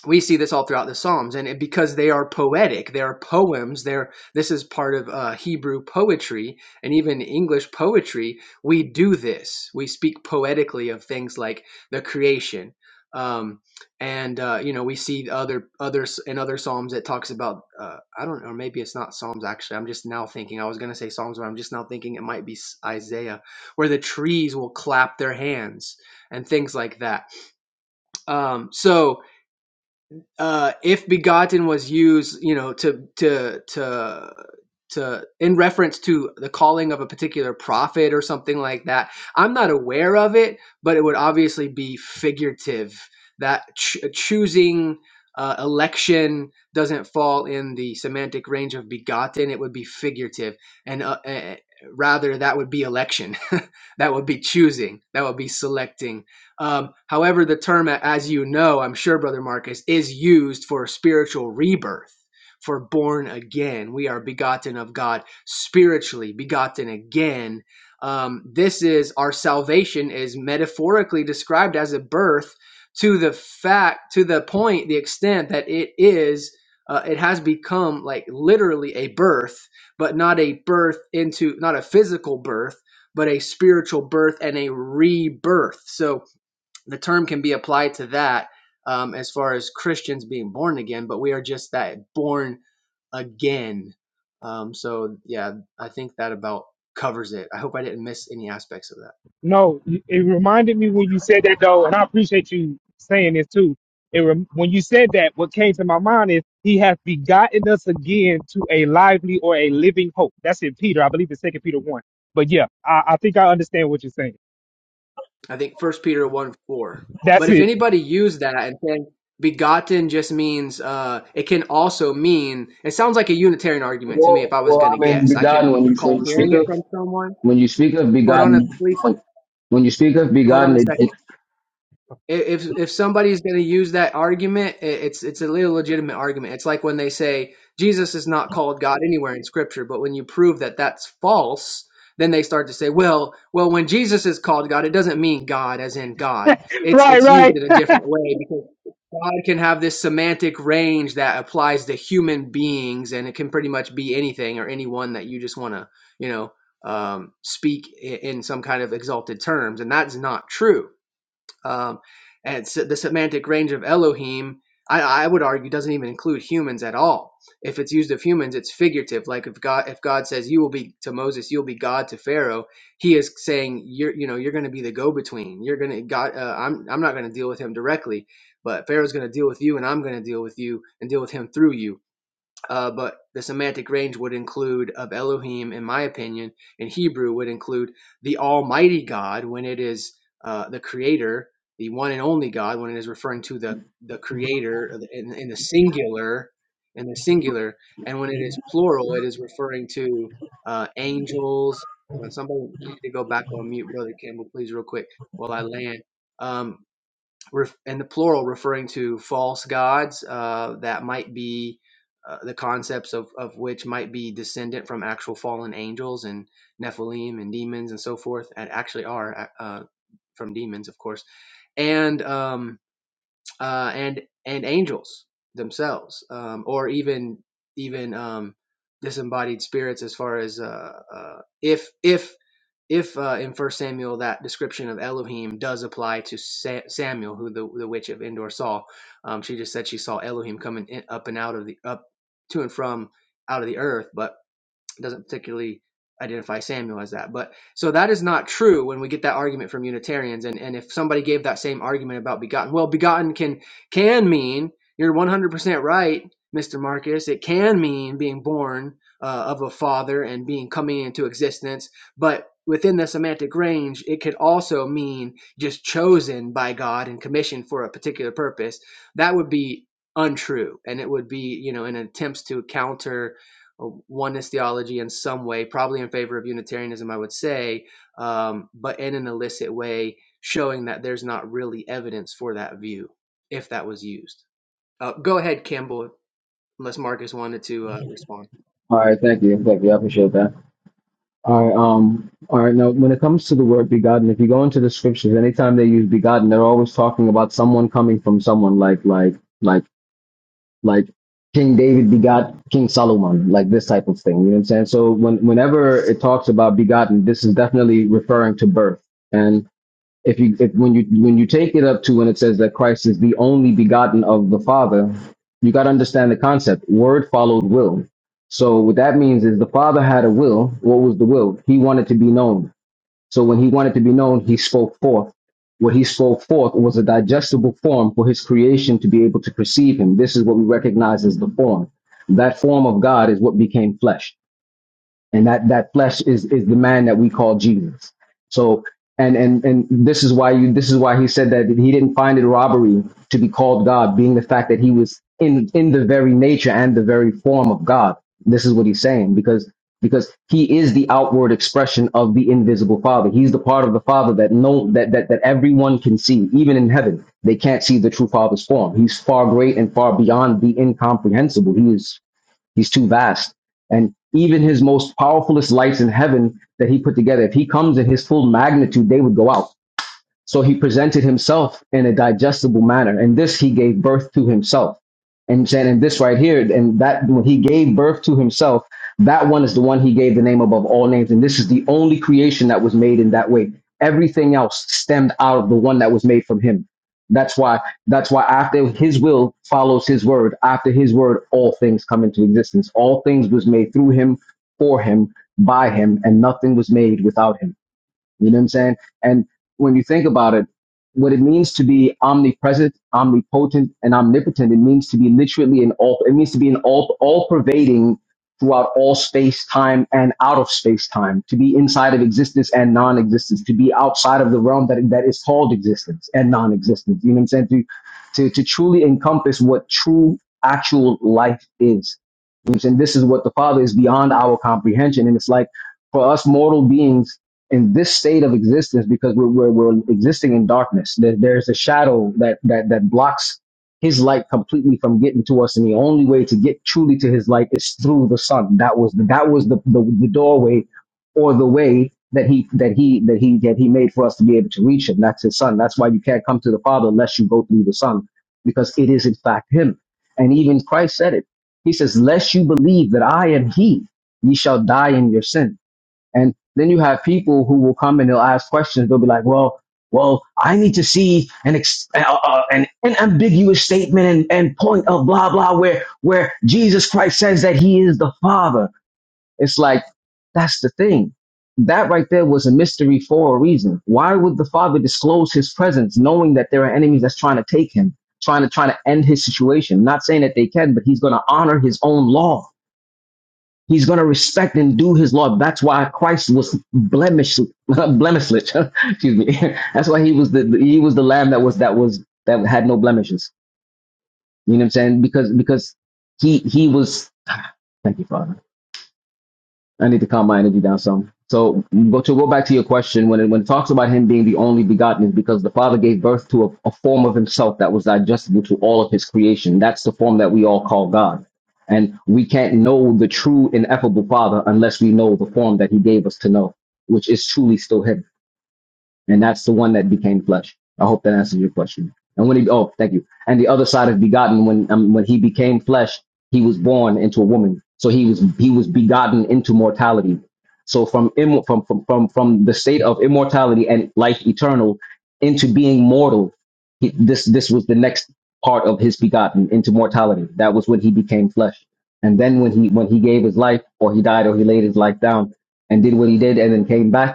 S10: we see this all throughout the psalms and it, because they are poetic they are poems they're this is part of uh, hebrew poetry and even english poetry we do this we speak poetically of things like the creation um, and uh, you know we see other others in other psalms it talks about uh, i don't know or maybe it's not psalms actually i'm just now thinking i was going to say psalms but i'm just now thinking it might be isaiah where the trees will clap their hands and things like that um, so uh, if begotten was used, you know, to to to to in reference to the calling of a particular prophet or something like that. I'm not aware of it, but it would obviously be figurative. That ch- choosing uh, election doesn't fall in the semantic range of begotten. It would be figurative, and uh, uh, rather that would be election. (laughs) that would be choosing. That would be selecting um, however, the term, as you know, I'm sure, Brother Marcus, is used for spiritual rebirth, for born again. We are begotten of God spiritually, begotten again. Um, this is our salvation is metaphorically described as a birth to the fact, to the point, the extent that it is, uh, it has become like literally a birth, but not a birth into, not a physical birth, but a spiritual birth and a rebirth. So, the term can be applied to that um, as far as Christians being born again, but we are just that born again. Um, so yeah, I think that about covers it. I hope I didn't miss any aspects of that.
S7: No, it reminded me when you said that though, and I appreciate you saying this too. It rem- when you said that, what came to my mind is he has begotten us again to a lively or a living hope. That's in Peter, I believe it's Second Peter one. But yeah, I, I think I understand what you're saying.
S10: I think First Peter one four. But
S7: That's
S10: if
S7: it. (laughs)
S10: anybody used that and said begotten just means, uh, it can also mean. It sounds like a Unitarian argument to me. If
S8: Well,
S10: I was
S8: well, I
S10: gonna
S8: mean,
S10: guess, I can't
S8: begotten. When you when
S10: recall
S8: you speak
S10: hearing it
S8: of
S10: from someone.
S8: when you speak of
S10: Hold on, a
S8: begotten,
S10: please.
S8: when, when you speak of
S10: Hold on
S8: begotten,
S10: a
S8: it, it,
S10: second. if if somebody's going to use that argument, i- it's it's a little legitimate argument. It's like when they say Jesus is not called God anywhere in Scripture, but when you prove that that's false, then they start to say, well, well, when Jesus is called God, it doesn't mean God as in God. It's
S7: Right,
S10: it's used
S7: right.
S10: in a different way because God can have this semantic range that applies to human beings, and it can pretty much be anything or anyone that you just want to, you know, um, speak i- in some kind of exalted terms, and that's not true um, and se- the semantic range of Elohim, I, I would argue, doesn't even include humans at all. If it's used of humans, it's figurative. Like if God, if God says you will be to Moses, you'll be God to Pharaoh, He is saying you're, you know, you're going to be the go-between. You're going to God. Uh, I'm, I'm not going to deal with him directly, but Pharaoh's going to deal with you, and I'm going to deal with you and deal with him through you uh, but the semantic range would include of Elohim, in my opinion, in Hebrew would include the Almighty God when it is uh, the Creator, the one and only God when it is referring to the the Creator in, in the singular, in the singular, and when it is plural, it is referring to uh, angels. Uh, somebody you to go back on mute, brother Campbell, please, real quick, while I land. Um, ref- in the plural referring to false gods uh, that might be uh, the concepts of, of which might be descendant from actual fallen angels and Nephilim and demons and so forth, and actually are uh, uh, from demons, of course, and um, uh, and and angels themselves, um, or even even um, disembodied spirits, as far as uh, uh, if if if uh, in First Samuel that description of Elohim does apply to Sa- Samuel, who the, the witch of Endor saw, um, she just said she saw Elohim coming in, up and out of the up to and from out of the earth, but doesn't particularly identify Samuel as that. But so that is not true when we get that argument from Unitarians. And and if somebody gave that same argument about begotten, well, begotten can can mean you're 100% right, Mr. Marcus. It can mean being born uh, of a father and being coming into existence, but within the semantic range, it could also mean just chosen by God and commissioned for a particular purpose. That would be untrue and it would be you know in attempts to counter oneness theology in some way, probably in favor of Unitarianism, I would say, um, but in an illicit way, showing that there's not really evidence for that view if that was used. Uh, go ahead, Campbell, unless Marcus wanted to uh, respond.
S8: all right. Thank you, thank you. I appreciate that. All right. Um. All right. Now, when it comes to the word begotten, if you go into the scriptures, anytime they use begotten, they're always talking about someone coming from someone, like like like like King David begot King Solomon, like this type of thing. You know what I'm saying? So when whenever it talks about begotten, this is definitely referring to birth. if you if when you when you take it up to when it says that Christ is the only begotten of the Father, you got to understand the concept. Word followed will. So what that means is the Father had a will. What was the will? He wanted to be known. So when he wanted to be known, he spoke forth. What he spoke forth was a digestible form for his creation to be able to perceive him. This is what we recognize as the form. That form of God is what became flesh and that that flesh is is the man that we call Jesus. So and and and this is why you this is why he said that he didn't find it robbery to be called God, being the fact that he was in in the very nature and the very form of God. This is what he's saying because because he is the outward expression of the invisible Father. He's the part of the Father that no that that that everyone can see, even in heaven. They can't see the true Father's form. He's far great and far beyond the incomprehensible. He is He's too vast. And even his most powerfulest lights in heaven that he put together, if he comes in his full magnitude, they would go out. So he presented himself in a digestible manner. And this he gave birth to himself. And said, and this right here, and that when he gave birth to himself, that one is the one he gave the name above all names. And this is the only creation that was made in that way. Everything else stemmed out of the one that was made from him. That's why, that's why after his will follows his word, after his word, all things come into existence. All things was made through him, for him, by him, and nothing was made without him. You know what I'm saying? And when you think about it, what it means to be omnipresent, omnipotent, and omnipotent, it means to be literally in all, it means to be in all, all pervading throughout all space, time, and out of space, time, to be inside of existence and non-existence, to be outside of the realm that, that is called existence and non-existence. You know what I'm saying? To, to, to truly encompass what true actual life is. You know what I'm saying? This is what the Father is beyond our comprehension. And it's like, for us mortal beings in this state of existence because we're, we're, we're existing in darkness there, there's a shadow that, that that blocks his light completely from getting to us and the only way to get truly to his light is through the sun that was the, that was the, the the doorway or the way that he that he that he that he made for us to be able to reach him that's his son that's why you can't come to the father unless you go through the son because it is in fact him and even christ said it he says lest you believe that i am he ye shall die in your sin and then you have people who will come and they'll ask questions. They'll be like, well, well, I need to see an ex- uh, uh, an, an ambiguous statement and, and point of blah blah where where Jesus Christ says that He is the Father. It's like that's the thing. That right there was a mystery for a reason. Why would the Father disclose His presence, knowing that there are enemies that's trying to take Him, trying to trying to end His situation? Not saying that they can, but He's going to honor His own law He's going to respect and do his law. That's why Christ was blemish, (laughs) blemishless. (laughs) Excuse me. (laughs) That's why he was the he was the lamb that was that was that had no blemishes. You know what I'm saying? Because because he he was. Thank you, Father I need to calm my energy down some. So, but to go back to your question, when it, when it talks about him being the only begotten, is because the Father gave birth to a, a form of himself that was digestible to all of his creation. That's the form that we all call God. And we can't know the true ineffable Father unless we know the form that he gave us to know, which is truly still him and that's the one that became flesh. I hope that answers your question. And when he, oh, thank you. And the other side of begotten, when um, when he became flesh, he was born into a woman. So he was he was begotten into mortality. So from Im- from, from from from the state of immortality and life eternal into being mortal, he, this this was the next part of his begotten into mortality. That was when he became flesh. And then when he when he gave his life, or he died, or he laid his life down and did what he did, and then came back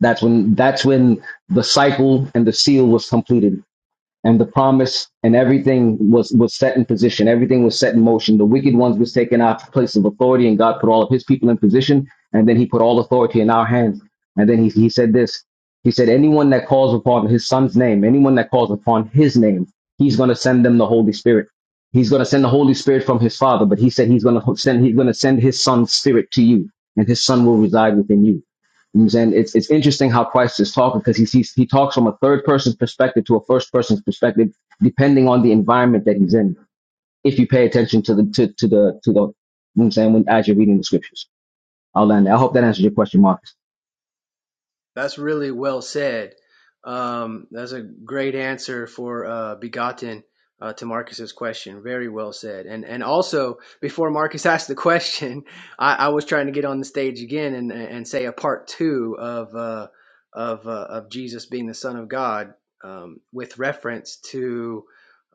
S8: that's when that's when the cycle and the seal was completed, and the promise and everything was was set in position. Everything was set in motion. The wicked ones was taken out of place of authority, and God put all of His people in position, and then He put all authority in our hands. And then He He said this. He said, "Anyone that calls upon His Son's name, anyone that calls upon His name, He's going to send them the Holy Spirit." He's going to send the Holy Spirit from his Father, but he said he's going to send he's going to send his Son's Spirit to you, and his Son will reside within you. And it's it's interesting how Christ is talking because he he's he talks from a third person's perspective to a first person's perspective, depending on the environment that he's in. If you pay attention to the to, to the to the, you know what I'm saying when as you're reading the scriptures, I'll land. there. I hope that answers your question, Marcus.
S10: That's really well said. Um, that's a great answer for uh, begotten uh, to Marcus's question. Very well said. And and also before Marcus (laughs) asked the question, (laughs) I, I was trying to get on the stage again and and say a part two of uh, of uh, of Jesus being the Son of God um, with reference to.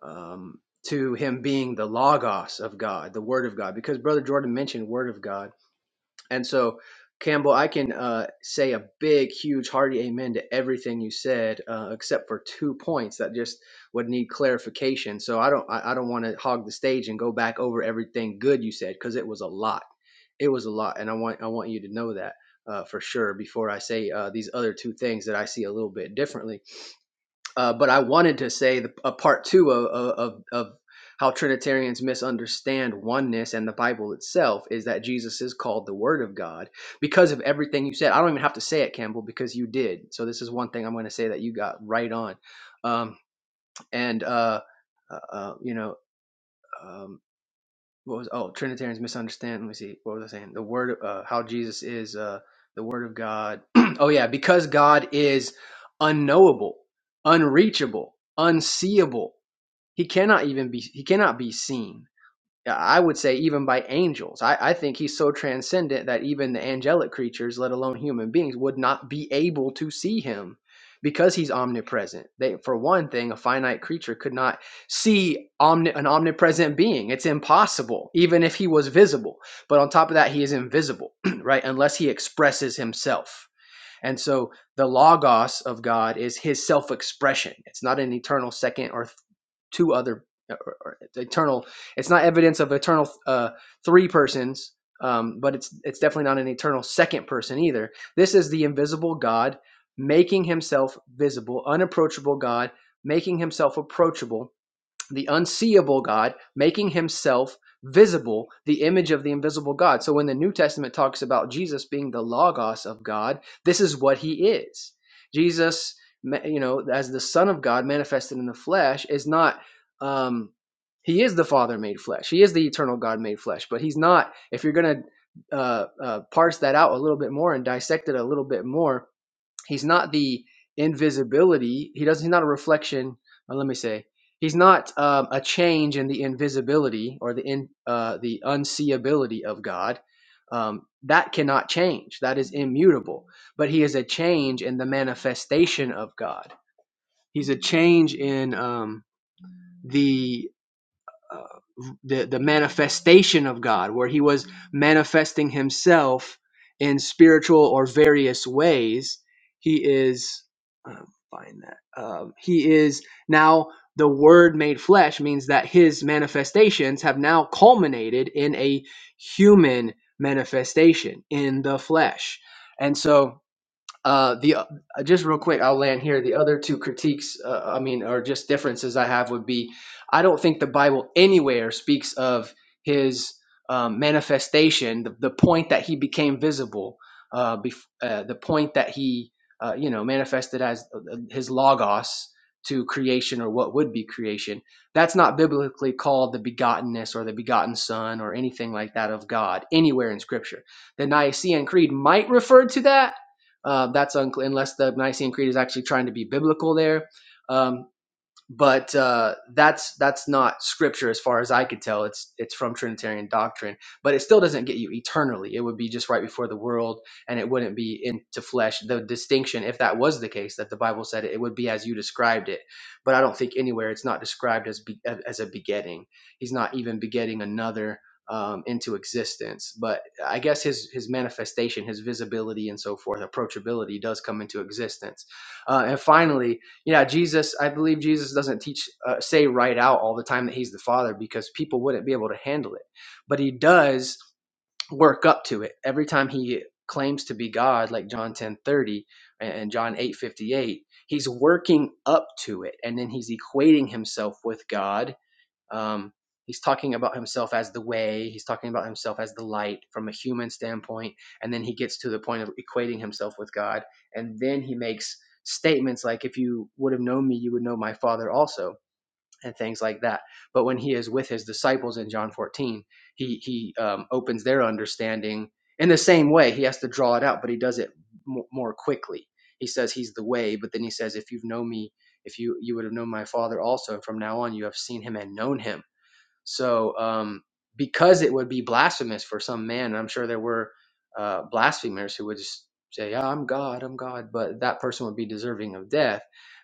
S10: Um, to him being the logos of God, the Word of God, because Brother Jordan mentioned Word of God, and so, Campbell, I can uh, say a big, huge, hearty amen to everything you said, uh, except for two points that just would need clarification. So I don't, I, I don't want to hog the stage and go back over everything good you said because it was a lot. It was a lot, and I want, I want you to know that uh, for sure before I say uh, these other two things that I see a little bit differently. Uh, but I wanted to say the, a part two of, of, of how Trinitarians misunderstand oneness and the Bible itself is that Jesus is called the Word of God because of everything you said. I don't even have to say it, Campbell, because you did. So this is one thing I'm going to say that you got right on. Um, and, uh, uh, uh, you know, um, what was oh Trinitarians misunderstand. Let me see. What was I saying? The word uh, how Jesus is uh, the word of God. (clears throat) oh yeah, because God is unknowable, unreachable, unseeable. He cannot even be he cannot be seen I would say even by angels. I, I think he's so transcendent that even the angelic creatures, let alone human beings, would not be able to see him because he's omnipresent. They, for one thing, a finite creature could not see omni- an omnipresent being. It's impossible, even if he was visible. But on top of that, he is invisible, (clears throat) right? Unless he expresses himself. And so the logos of God is his self expression. It's not an eternal second or two other uh, or, or eternal. It's not evidence of eternal uh, three persons, um, but it's it's definitely not an eternal second person either. This is the invisible God making himself visible, unapproachable God making himself approachable the unseeable God, making himself visible, the image of the invisible God. So when the New Testament talks about Jesus being the logos of God, this is what he is. Jesus, you know, as the Son of God manifested in the flesh, is not. Um, he is the Father made flesh. He is the eternal God made flesh. But he's not. If you're gonna uh, uh, parse that out a little bit more and dissect it a little bit more, He's not the invisibility. He doesn't. He's not a reflection. uh, let me say. He's not um, a change in the invisibility or the in uh, the unseeability of God. Um, that cannot change. That is immutable. But he is a change in the manifestation of God. He's a change in um, the uh, the the manifestation of God, where he was manifesting himself in spiritual or various ways. He is uh, find that um, he is now the Word made flesh means that his manifestations have now culminated in a human manifestation in the flesh, and so. Uh, the uh, just real quick, I'll land here. The other two critiques, uh, uh, I mean, or just differences I have would be, I don't think the Bible anywhere speaks of his um, manifestation, the, the point that he became visible, uh, bef- uh, the point that he, uh, you know, manifested as uh, uh, his logos to creation or what would be creation. That's not biblically called the begottenness or the begotten Son or anything like that of God anywhere in Scripture. The Nicene Creed might refer to that uh, that's unclear unless the Nicene Creed is actually trying to be biblical there. Um, but uh, that's that's not scripture as far as I could tell. It's it's from Trinitarian doctrine, but it still doesn't get you eternally. It would be just right before the world, and it wouldn't be into flesh. The distinction, if that was the case, that the Bible said it, it would be as you described it. But I don't think anywhere it's not described as be, as a begetting. He's not even begetting another um, into existence. But I guess his his manifestation, his visibility, and so forth, approachability does come into existence. Uh, and finally, yeah, Jesus, I believe Jesus doesn't teach, uh, say right out all the time that he's the Father because people wouldn't be able to handle it. But he does work up to it every time he claims to be God, like John ten thirty and John eight fifty eight. He's working up to it, and then he's equating himself with God um, he's talking about himself as the way, he's talking about himself as the light from a human standpoint, and then he gets to the point of equating himself with God. And then he makes statements like, If you would have known me, you would know my Father also. And things like that, but when he is with his disciples in John 14, he he um, opens their understanding in the same way. He has to draw it out, but he does it mo- more quickly. He says he's the way, but then he says, "If you've known me, if you you would have known my father also and from now on you have seen him and known him so um, because it would be blasphemous for some man, and I'm sure there were uh, blasphemers who would just say, "Yeah, "I'm God, I'm God," but that person would be deserving of death.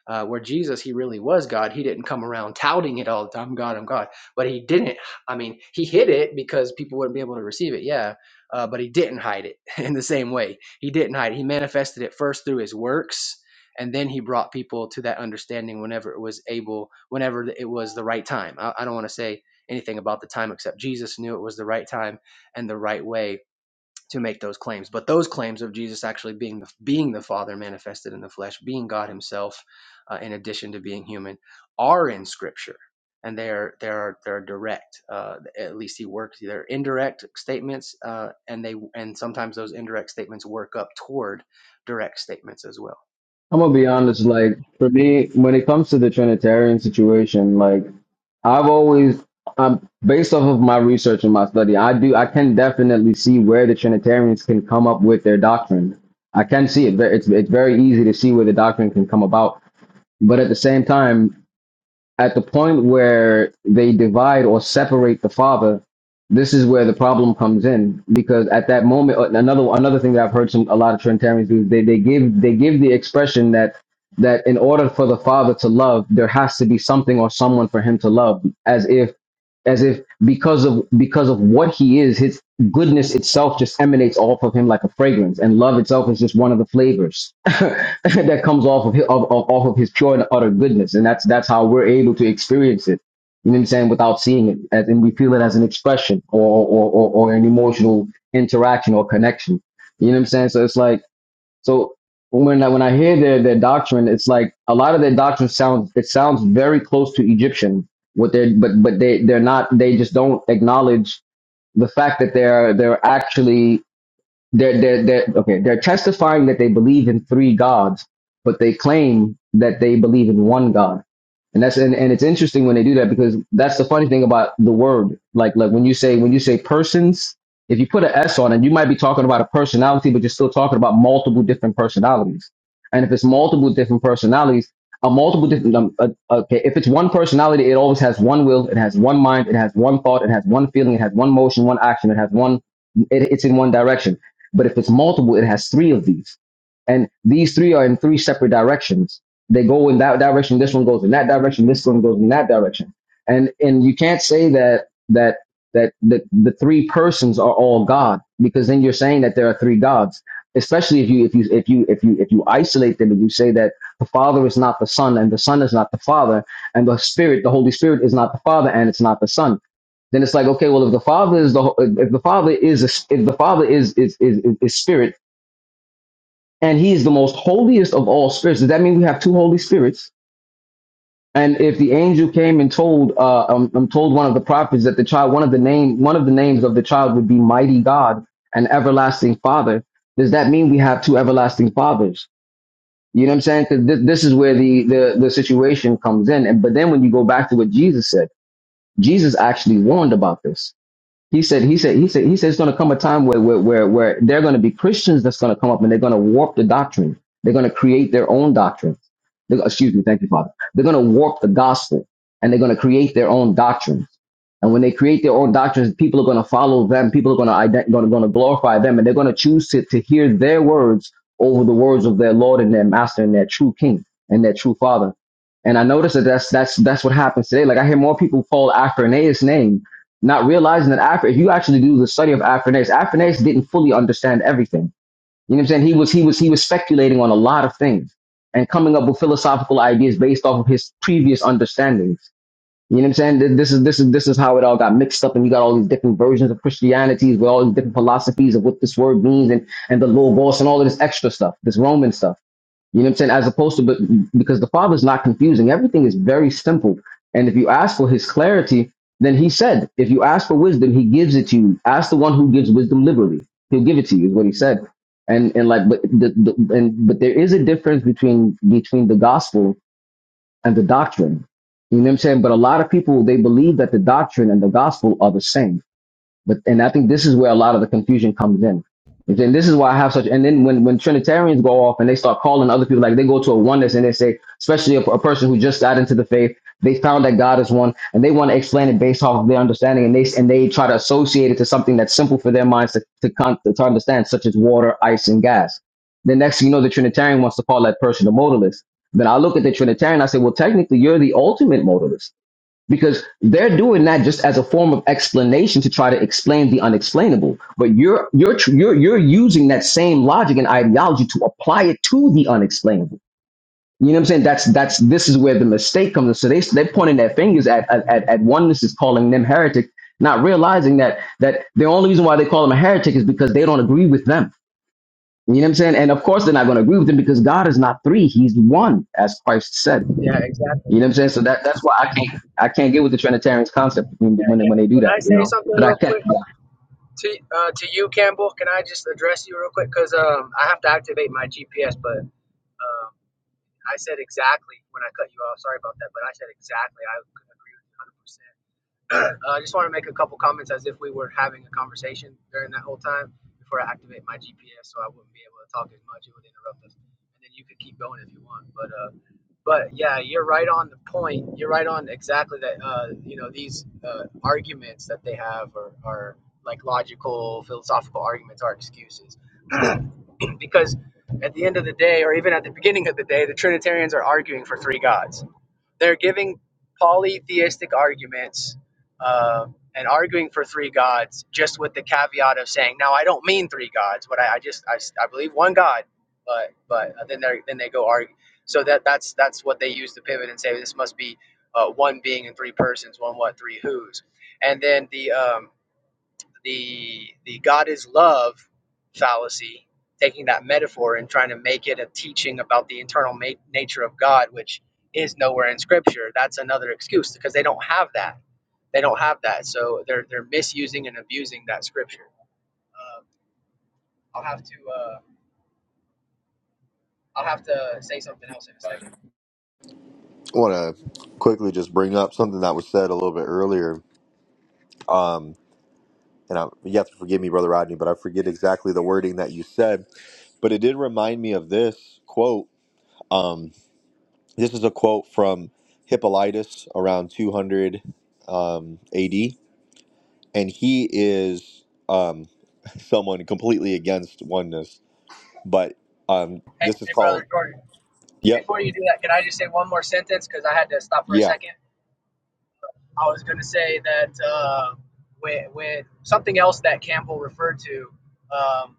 S10: Uh, where Jesus, he really was God. He didn't come around touting it all the time, "I'm God, I'm God," but he didn't. I mean, he hid it because people wouldn't be able to receive it. Yeah, uh, but he didn't hide it (laughs) in the same way. He didn't hide. It. He manifested it first through his works. And then he brought people to that understanding whenever it was able, whenever it was the right time. I, I don't want to say anything about the time except Jesus knew it was the right time and the right way to make those claims. But those claims of Jesus actually being the, being the Father manifested in the flesh, being God Himself, uh, in addition to being human, are in Scripture. And they are they are they are direct. Uh, at least he works. They're indirect statements, uh, and they and sometimes those indirect statements work up toward direct statements as well.
S8: I'm gonna be honest, like for me, when it comes to the Trinitarian situation, like I've always, um, based off of my research and my study, I do, I can definitely see where the Trinitarians can come up with their doctrine. I can see it. It's it's very easy to see where the doctrine can come about. But at the same time, at the point where they divide or separate the Father, this is where the problem comes in because at that moment, uh, another another thing that I've heard some a lot of Trinitarians do is they they give they give the expression that that in order for the Father to love, there has to be something or someone for Him to love, as if as if because of because of what he is, his goodness itself just emanates off of him like a fragrance, and love itself is just one of the flavors (laughs) that comes off of, his, of, of off of his pure and utter goodness, and that's that's how we're able to experience it. You know what I'm saying? Without seeing it, as, and we feel it as an expression or or, or or an emotional interaction or connection. You know what I'm saying? So it's like so when I, when I hear their their doctrine, it's like a lot of their doctrine sounds it sounds very close to Egyptian. What they but but they they're not they just don't acknowledge the fact that they're they're actually they're they're, they're okay they're testifying that they believe in three gods but they claim that they believe in one god and that's and, and it's interesting when they do that because that's the funny thing about the word like like when you say when you say persons if you put an s on it you might be talking about a personality but you're still talking about multiple different personalities and if it's multiple different personalities a multiple different um, uh, okay if it's one personality it always has one will it has one mind it has one thought it has one feeling it has one motion one action it has one it, it's in one direction but if it's multiple, it has three of these. And these three are in three separate directions. They go in that direction, this one goes in that direction, this one goes in that direction. And and you can't say that that that the, the three persons are all God, because then you're saying that there are three gods. Especially if you if you if you if you if you isolate them and you say that the Father is not the Son and the Son is not the Father and the Spirit, the Holy Spirit is not the Father and it's not the Son then it's like okay well if the father is the if the father is a, if the father is is, is is spirit and he is the most holiest of all spirits does that mean we have two holy spirits and if the angel came and told uh um, um, told one of the prophets that the child one of the name one of the names of the child would be mighty god and everlasting father does that mean we have two everlasting fathers you know what i'm saying saying? Because thi- this is where the, the the situation comes in and but then when you go back to what jesus said jesus actually warned about this He said, he said, he said, he said, it's going to come a time where, where, where, where they're going to be Christians that's going to come up and they're going to warp the doctrine. They're going to create their own doctrine. They're- excuse me. Thank you, Father. They're going to warp the gospel and they're going to create their own doctrines. And when they create their own doctrines, people are going to follow them. People are going to ident- going to, going to glorify them and they're going to choose to, to hear their words over the words of their Lord and their master and their true king and their true father. And I noticed that that's, that's, that's what happens today. Like I hear more people fall after Ananias name not realizing that Afro, if you actually do the study of Afronace, Afronace didn't fully understand everything. You know what I'm saying? He was he was he was speculating on a lot of things and coming up with philosophical ideas based off of his previous understandings. You know what I'm saying? Th- This is this is this is how it all got mixed up, and you got all these different versions of Christianities with all these different philosophies of what this word means and and the logos and all of this extra stuff, this Roman stuff. You know what I'm saying? As opposed to, but because the Father's not confusing, everything is very simple. And if you ask for His clarity, then He said, if you ask for wisdom, He gives it to you. Ask the one who gives wisdom liberally; He'll give it to you. Is what He said. And and like, but the, the and but there is a difference between between the gospel and the doctrine. You know what I'm saying? But a lot of people they believe that the doctrine and the gospel are the same but and I think this is where a lot of the confusion comes in. And this is why I have such. And then when when Trinitarians go off and they start calling other people, like they go to a oneness and they say, especially a, a person who just got into the faith, they found that God is one, and they want to explain it based off of their understanding, and they and they try to associate it to something that's simple for their minds to to, con- to understand, such as water, ice, and gas. The next, thing you know, the Trinitarian wants to call that person a modalist. Then I look at the Trinitarian, I say, well, technically, you're the ultimate modalist because they're doing that just as a form of explanation to try to explain the unexplainable but you're you're tr- you're you're using that same logic and ideology to apply it to the unexplainable you know what i'm saying that's that's this is where the mistake comes in so they they're pointing their fingers at at, at at oneness is calling them heretic not realizing that that the only reason why they call them a heretic is because they don't agree with them you know what i'm saying and of course they're not going to agree with them because god is not three he's one as christ said
S10: Yeah, exactly.
S8: you know what I'm saying? So that that's why I can't I can't get with the Trinitarians concept when when they,
S10: Can,
S8: when they do
S10: can I
S8: that. You
S10: say
S8: know,
S10: something
S8: but I
S10: real quick?
S8: can't.
S10: To, uh, to you, Campbell, can I just address you real quick? Because um, I have to activate my GPS, but um, I said exactly when I cut you off. Sorry about that, but I said exactly. I could agree with you 100%. (clears throat) Uh, I just want to make a couple comments as if we were having a conversation during that whole time before I activate my GPS so I wouldn't be able to talk as much. It would interrupt us. And then you could keep going if you want. But uh, but yeah, you're right on the point. You're right on exactly that. Uh, you know, these uh, arguments that they have are, are like logical, philosophical arguments, are excuses. (clears throat) because at the end of the day, or even at the beginning of the day, the Trinitarians are arguing for three gods they're giving polytheistic arguments um, and arguing for three gods, just with the caveat of saying, "Now, I don't mean three gods, but I, I just I, s- I believe one God." But but uh, then they then they go argue. So that that's that's what they use to pivot and say this must be uh, one being and three persons, one what three who's, and then the um, the the God is love fallacy, taking that metaphor and trying to make it a teaching about the internal ma- nature of God, which is nowhere in Scripture. That's another excuse because they don't have that. They don't have that, so they're they're misusing and abusing that Scripture. Um, I'll have to uh, I'll have to say something else in a second.
S2: I want to quickly just bring up something that was said a little bit earlier. Um, and I, you have to forgive me, Brother Rodney, but I forget exactly the wording that you said. But it did remind me of this quote. Um, this is a quote from Hippolytus around 200 um, AD, and he is um, (laughs) someone completely against oneness. But um,
S10: Hey,
S2: this is
S10: hey
S2: called,
S10: brother Jordan,
S2: yep,
S10: before you do that, can I just say one more sentence because I had to stop for a
S2: yeah.
S10: second? I was going to say that uh, when, when something else that Campbell referred to, um,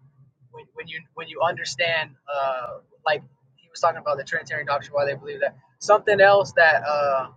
S10: when, when you when you understand, uh, like he was talking about the Trinitarian doctrine, why they believe that. Something else that uh,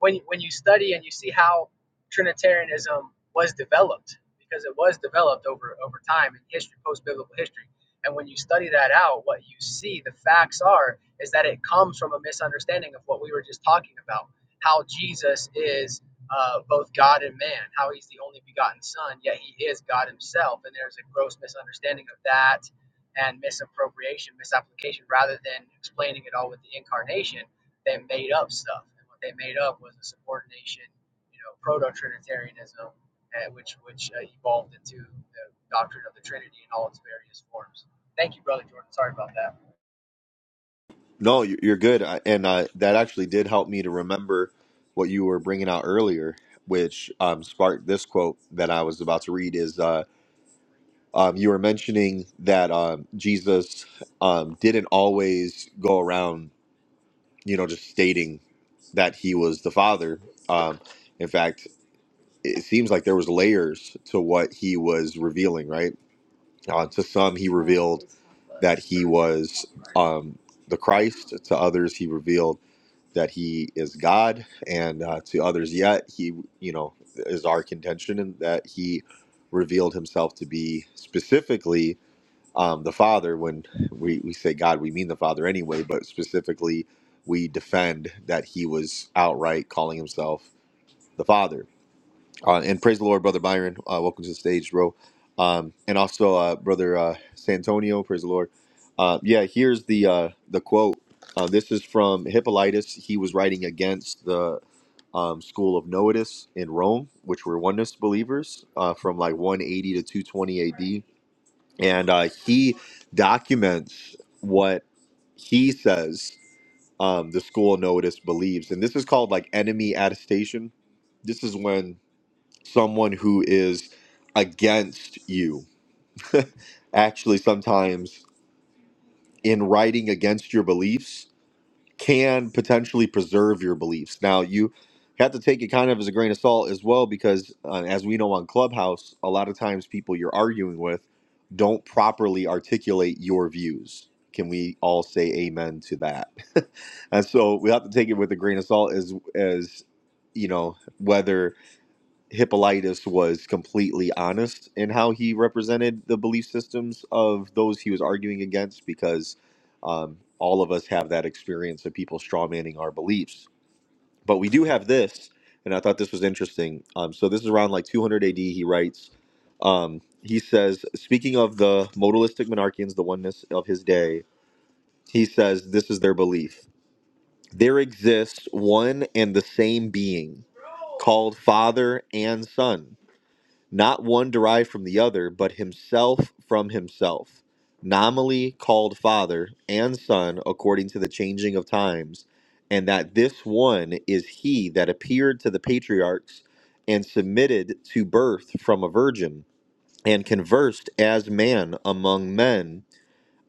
S10: when when you study and you see how Trinitarianism was developed, because it was developed over over time in history, post biblical history, and when you study that out, what you see, the facts are, is that it comes from a misunderstanding of what we were just talking about, how Jesus is uh, both God and man, how he's the only begotten Son, yet he is God himself. And there's a gross misunderstanding of that and misappropriation, misapplication, rather than explaining it all with the incarnation, they made up stuff. And what they made up was a subordination, you know, proto Trinitarianism, uh, which, which uh, evolved into the doctrine of the Trinity in all its various forms. Thank you, Brother Jordan. Sorry about that.
S2: No, you- you're good. I- And uh, that actually did help me to remember what you were bringing out earlier, which um, sparked this quote that I was about to read is. uh, Um, you were mentioning that um, Jesus um, didn't always go around, you know, just stating that he was the Father. Um, in fact, it seems like there was layers to what he was revealing, right? Uh, to some, he revealed that he was um, the Christ. To others, he revealed that he is God, and uh, to others yet, he, you know, is our contention, and that he revealed himself to be specifically um, the Father, when we, we say God, we mean the Father anyway, but specifically, we defend that he was outright calling himself the Father. Uh, and praise the Lord, Brother Byron. Uh, welcome to the stage, bro. Um, and also, uh, Brother uh, Santonio, praise the Lord. Uh, yeah, here's the uh, the quote. Uh, this is from Hippolytus. He was writing against the um, school of Noetus in Rome, which were oneness believers uh, from like 180 to 220 AD and uh, he documents what he says um, the school notice believes, and this is called like enemy attestation. This is when someone who is against you (laughs) actually sometimes in writing against your beliefs can potentially preserve your beliefs. Now, you have to take it kind of as a grain of salt as well, because uh, as we know on Clubhouse, a lot of times people you're arguing with don't properly articulate your views. Can we all say amen to that? (laughs) and so we have to take it with a grain of salt as as you know whether Hippolytus was completely honest in how he represented the belief systems of those he was arguing against because um, all of us have that experience of people strawmanning our beliefs. But we do have this, and I thought this was interesting. Um, so this is around like 200 AD, he writes. Um, he says, speaking of the modalistic monarchians, the oneness of his day, he says, this is their belief. There exists one and the same being called Father and Son not one derived from the other, but himself from himself, nominally called Father and Son according to the changing of times, and that this one is he that appeared to the patriarchs and submitted to birth from a virgin, and conversed as man among men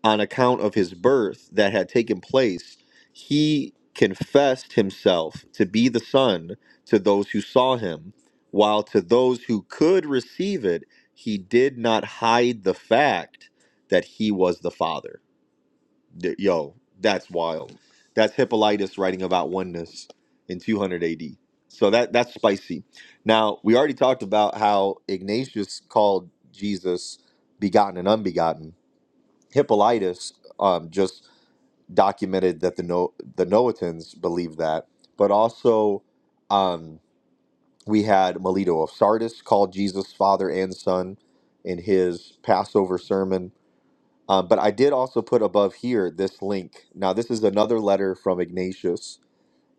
S2: on account of his birth that had taken place, he confessed himself to be the Son to those who saw him, while to those who could receive it, he did not hide the fact that he was the Father. D- Yo, that's wild. That's Hippolytus writing about oneness in 200 AD. So that that's spicy. Now we already talked about how Ignatius called Jesus begotten and unbegotten Hippolytus um, just documented that the no- the Noetans believed that, but also um, we had Melito of Sardis called Jesus Father and Son in his Passover sermon. Um, but I did also put above here this link. Now this is another letter from Ignatius,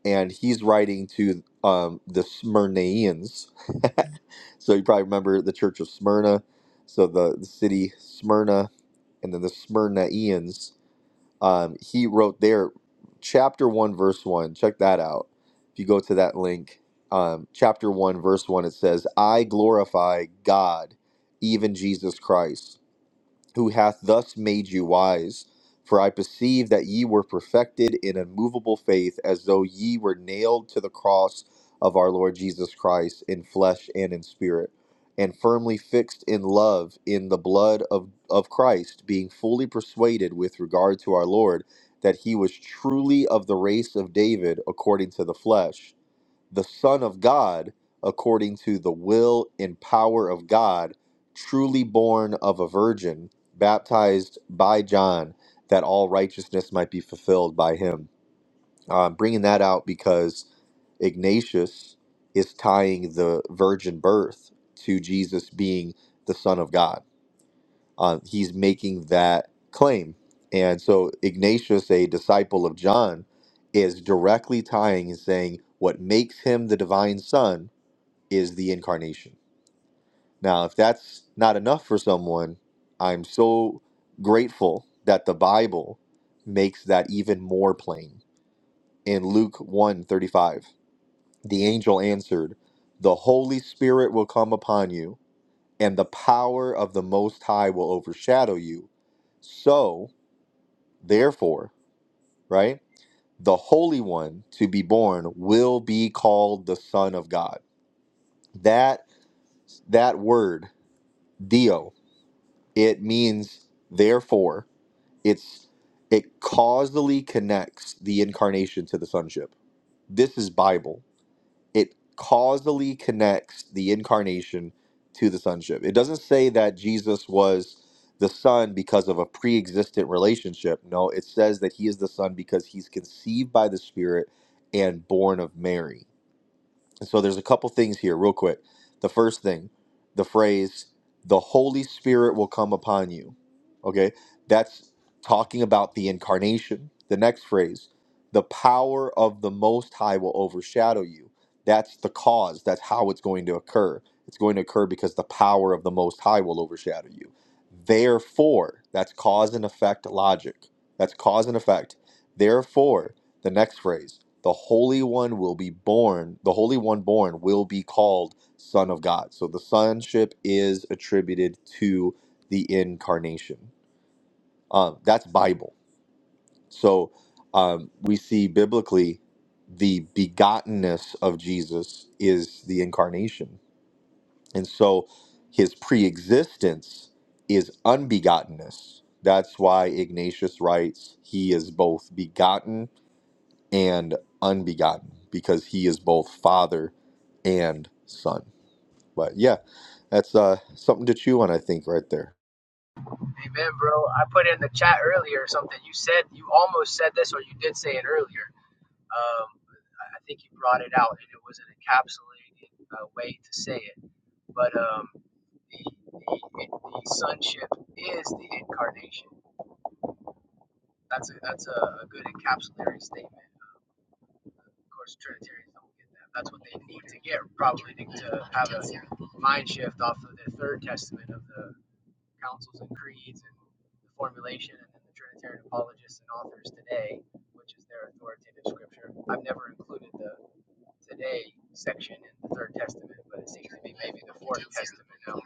S2: and he's writing to um, the Smyrnaeans. (laughs) so you probably remember the Church of Smyrna, so the, the city Smyrna, and then the Smyrnaeans um, he wrote there, chapter 1, verse 1. Check that out. If you go to that link, um, chapter 1, verse 1, it says, I glorify God, even Jesus Christ who hath thus made you wise. For I perceive that ye were perfected in unmovable faith, as though ye were nailed to the cross of our Lord Jesus Christ in flesh and in spirit, and firmly fixed in love in the blood of, of Christ, being fully persuaded with regard to our Lord that he was truly of the race of David according to the flesh the Son of God according to the will and power of God, truly born of a virgin, baptized by John, that all righteousness might be fulfilled by him. I'm bringing that out because Ignatius is tying the virgin birth to Jesus being the Son of God. Um, he's making that claim. And so Ignatius, a disciple of John, is directly tying and saying what makes him the divine son is the incarnation. Now, if that's not enough for someone, I'm so grateful that the Bible makes that even more plain. In Luke one thirty-five, the angel answered, The Holy Spirit will come upon you, and the power of the Most High will overshadow you. So, therefore, right, the Holy One to be born will be called the Son of God. That that word, Dio." It means therefore. It's it causally connects the incarnation to the sonship. This is Bible. It causally connects the incarnation to the sonship. It doesn't say that Jesus was the son because of a pre-existent relationship. No, it says that he is the son because he's conceived by the spirit and born of Mary. And so there's a couple things here, real quick. The first thing, the phrase, the Holy Spirit will come upon you. Okay. That's talking about the incarnation. The next phrase, the power of the Most High will overshadow you. That's the cause. That's how it's going to occur. It's going to occur because the power of the Most High will overshadow you. Therefore, that's cause and effect logic. That's cause and effect. Therefore, the next phrase, the Holy One will be born, the Holy One born will be called Son of God. So the sonship is attributed to the incarnation. Um, that's Bible. So um, we see biblically the begottenness of Jesus is the incarnation. And so his preexistence is unbegottenness. That's why Ignatius writes, He is both begotten and unbegotten because he is both father and son. But yeah, that's uh, something to chew on, I think, right there.
S10: Amen, bro. I put in the chat earlier something. You said, you almost said this, or you did say it earlier Um, I think he brought it out, and it was an encapsulated uh, way to say it. But um, the, the, the sonship is the incarnation. That's a that's a, a good encapsulatory statement. Um, Of course, Trinitarians don't get that. That's what they need to get, probably to, to have a mind shift off of the Third Testament of the councils and creeds and the formulation, and then the Trinitarian apologists and authors today, which is their authoritative scripture. I've never included the today section in the Third Testament, but it seems to be maybe the Fourth Testament now (laughs)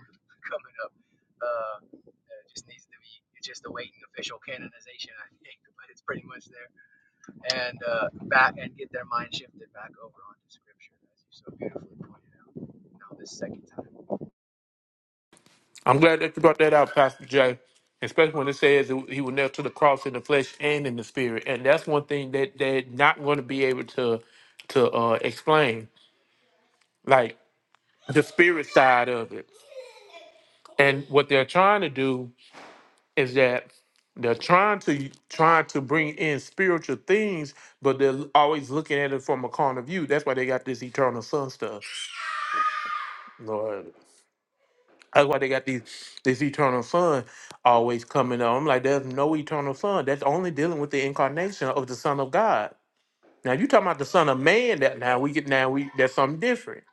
S10: coming up. Uh, it just needs to be it's just awaiting official canonization, I think, (laughs) but it's pretty much there. And uh, back and get their mind shifted back over onto Scripture, as you so beautifully pointed out. Now this second time.
S11: I'm glad that you brought that out, Pastor Jay. Especially when it says that he was nailed to the cross in the flesh and in the spirit, and that's one thing that they're not going to be able to to uh, explain, like the spirit side of it. And what they're trying to do is that they're trying to trying to bring in spiritual things, but they're always looking at it from a corner view. That's why they got this eternal son stuff. Lord. That's why they got these this eternal sun always coming up. I'm like, there's no eternal sun. That's only dealing with the incarnation of the Son of God. Now you talking about the Son of Man that now we get now we that's something different.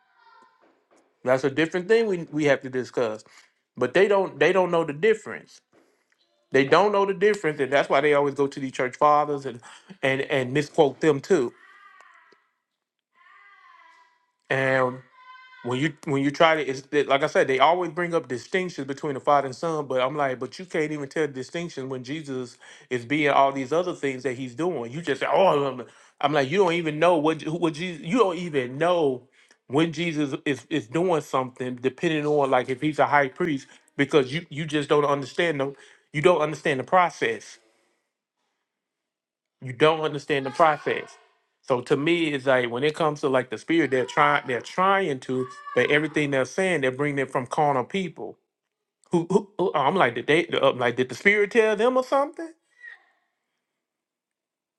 S11: That's a different thing we we have to discuss. But they don't they don't know the difference. They don't know the difference, and that's why they always go to the church fathers and and and misquote them too. when you when you try to it's it, like I said, they always bring up distinctions between the father and son, but I'm like, but you can't even tell the distinction when Jesus is being all these other things that he's doing. You just say, oh, I'm, I'm like, you don't even know what Je- what Jesus, you don't even know when Jesus is is doing something, depending on like if he's a high priest, because you you just don't understand them, you don't understand the process. You don't understand the process. So to me, it's like when it comes to like the spirit, they're trying, they're trying to, but everything they're saying, they're bringing it from carnal people. Who, who, who oh, I'm like, did they? I'm like, did the spirit tell them or something?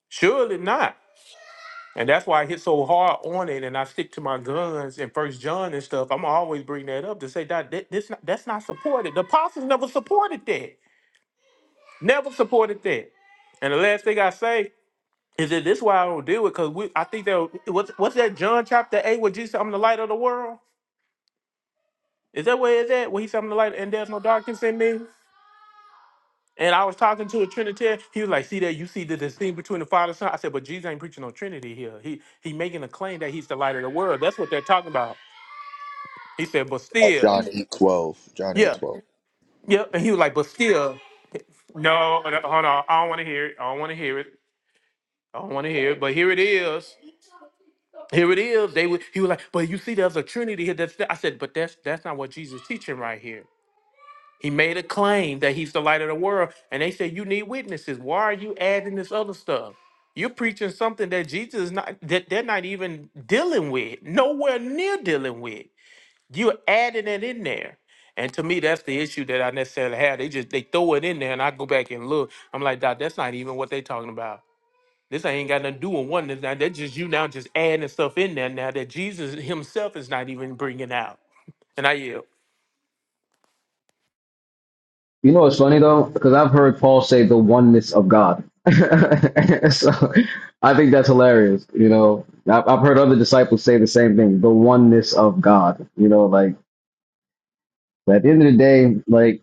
S11: Surely not. And that's why I hit so hard on it, and I stick to my guns and First John and stuff. I'm always bring that up to say that that- this not- that's not supported. The apostles never supported that. Never supported that. And the last thing I say Is it this why I don't deal with? Cause we, I think that what's what's that John chapter eight where Jesus said, "I'm the light of the world." Is that where it's at? Where he said, "I'm the light, and there's no darkness in me." And I was talking to a Trinitarian. He was like, "See that? You see the distinction between the Father and Son?" I said, "But Jesus ain't preaching no Trinity here. He he making a claim that he's the light of the world. That's what they're talking about." He said, "But
S2: Uh,
S11: still,
S2: John eight twelve. John eight
S11: yeah,
S2: twelve.
S11: yeah." And he was like, "But still, no, no, hold on. I don't want to hear it. I don't want to hear it. I don't want to hear it. But here it is." Here it is. They would he was like, but you see, there's a Trinity here. That's I said, but that's that's not what Jesus is teaching right here. He made a claim that he's the light of the world, and they said you need witnesses. Why are you adding this other stuff? You're preaching something that Jesus is not that they're not even dealing with, nowhere near dealing with. You're adding it in there. And to me, that's the issue that I necessarily have. They just they throw it in there and I go back and look. I'm like, Doc, that's not even what they're talking about. This ain't got nothing to do with oneness. Now that's just you now just adding stuff in there now that Jesus himself is not even bringing out. And I yield.
S8: You know what's funny though, because I've heard Paul say the oneness of God. (laughs) so I think that's hilarious. You know, I've, I've heard other disciples say the same thing, the oneness of God. You know, like at the end of the day, like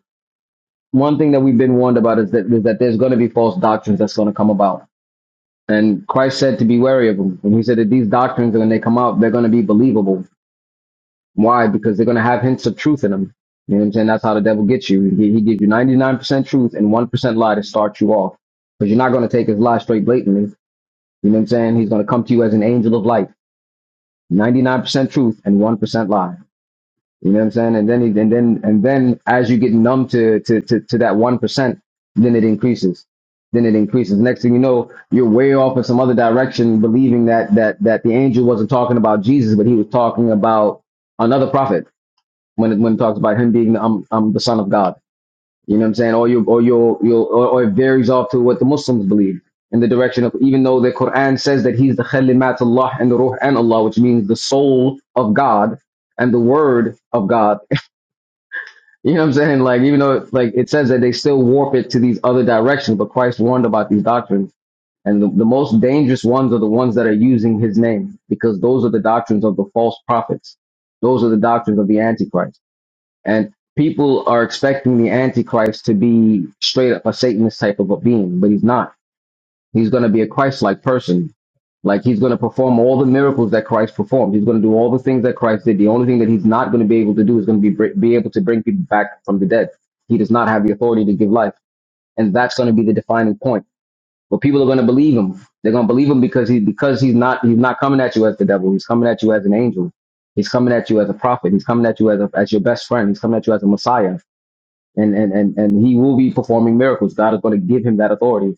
S8: one thing that we've been warned about is that is that there's going to be false doctrines that's going to come about. And Christ said to be wary of them. And he said that these doctrines, when they come out, they're going to be believable Why? Because they're going to have hints of truth in them. You know what I'm saying? That's how the devil gets you. He, he gives you 99% truth and 1% lie to start you off. Because you're not going to take his lie straight blatantly. You know what I'm saying? He's going to come to you as an angel of light. 99% truth and 1% lie. You know what I'm saying? And then, he, and then, and then as you get numb to, to, to, to that 1%, then it increases. Then it increases. Next thing you know, you're way off in some other direction, believing that, that, that the angel wasn't talking about Jesus, but he was talking about another prophet when it, when it talks about him being the, um, um, the son of God. You know what I'm saying? Or you or you you or, or it varies off to what the Muslims believe in the direction of even though the Quran says that he's the khalimat Allah and the ruh and Allah, which means the soul of God and the word of God. (laughs) you know what I'm saying? Like even though like it says that they still warp it to these other directions, but Christ warned about these doctrines. And the, the most dangerous ones are the ones that are using his name, because those are the doctrines of the false prophets. Those are the doctrines of the Antichrist and people are expecting the Antichrist to be straight up a Satanist type of a being, but he's not. He's going to be a Christ like person. Like he's going to perform all the miracles that Christ performed. He's going to do all the things that Christ did. The only thing that he's not going to be able to do is going to be br- be able to bring people back from the dead. He does not have the authority to give life, and that's going to be the defining point. But people are going to believe him. They're going to believe him because he because he's not he's not coming at you as the devil. He's coming at you as an angel. He's coming at you as a prophet. He's coming at you as a, as your best friend. He's coming at you as a Messiah and and and and he will be performing miracles. God is going to give him that authority.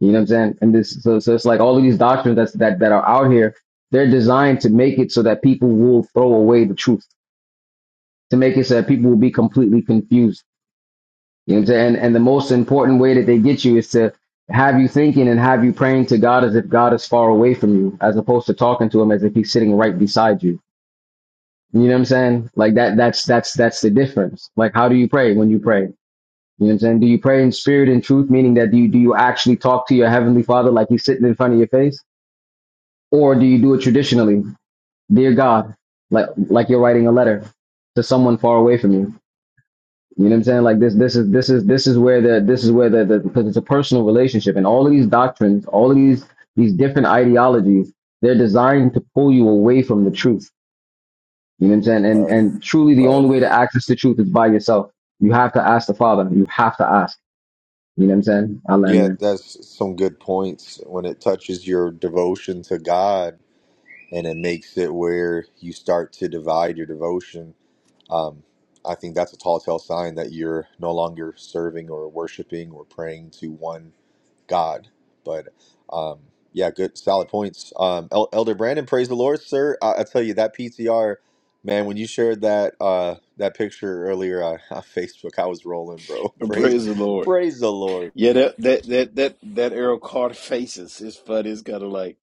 S8: You know what I'm saying? And this, so, so it's like all of these doctrines that's, that that are out here, they're designed to make it so that people will throw away the truth, to make it so that people will be completely confused. You know what I'm saying? And, and the most important way that they get you is to have you thinking and have you praying to God as if God is far away from you, as opposed to talking to Him as if He's sitting right beside you. You know what I'm saying? Like that. That's that's that's the difference. Like, how do you pray when you pray? You know what I'm saying? Do you pray in spirit and truth, meaning that do you, do you actually talk to your heavenly father like he's sitting in front of your face? Or do you do it traditionally? Dear God, like, like you're writing a letter to someone far away from you. You know what I'm saying? Like this, this is, this is, this is where the, this is where the, the, because it's a personal relationship and all of these doctrines, all of these, these different ideologies, they're designed to pull you away from the truth. You know what I'm saying? And,
S2: Right,
S8: and truly the
S2: right.
S8: only way to access the truth is by yourself. You have to ask the father. You have to ask. You know what I'm saying? I land
S2: Yeah,
S8: there.
S2: that's some good points. When it touches your devotion to God and it makes it where you start to divide your devotion Um, I think that's a tall tale sign that you're no longer serving or worshiping or praying to one God. But um, yeah, good, solid points. Um, El- Elder Brandon, praise the Lord, sir. I, I tell you that PTR, man. When you shared that uh, that picture earlier on, (laughs) on Facebook, I was rolling, bro. (laughs) Praise,
S12: Praise the Lord.
S2: praise the Lord.
S12: Yeah, that that that that that Errol Carter faces his fun is kind of like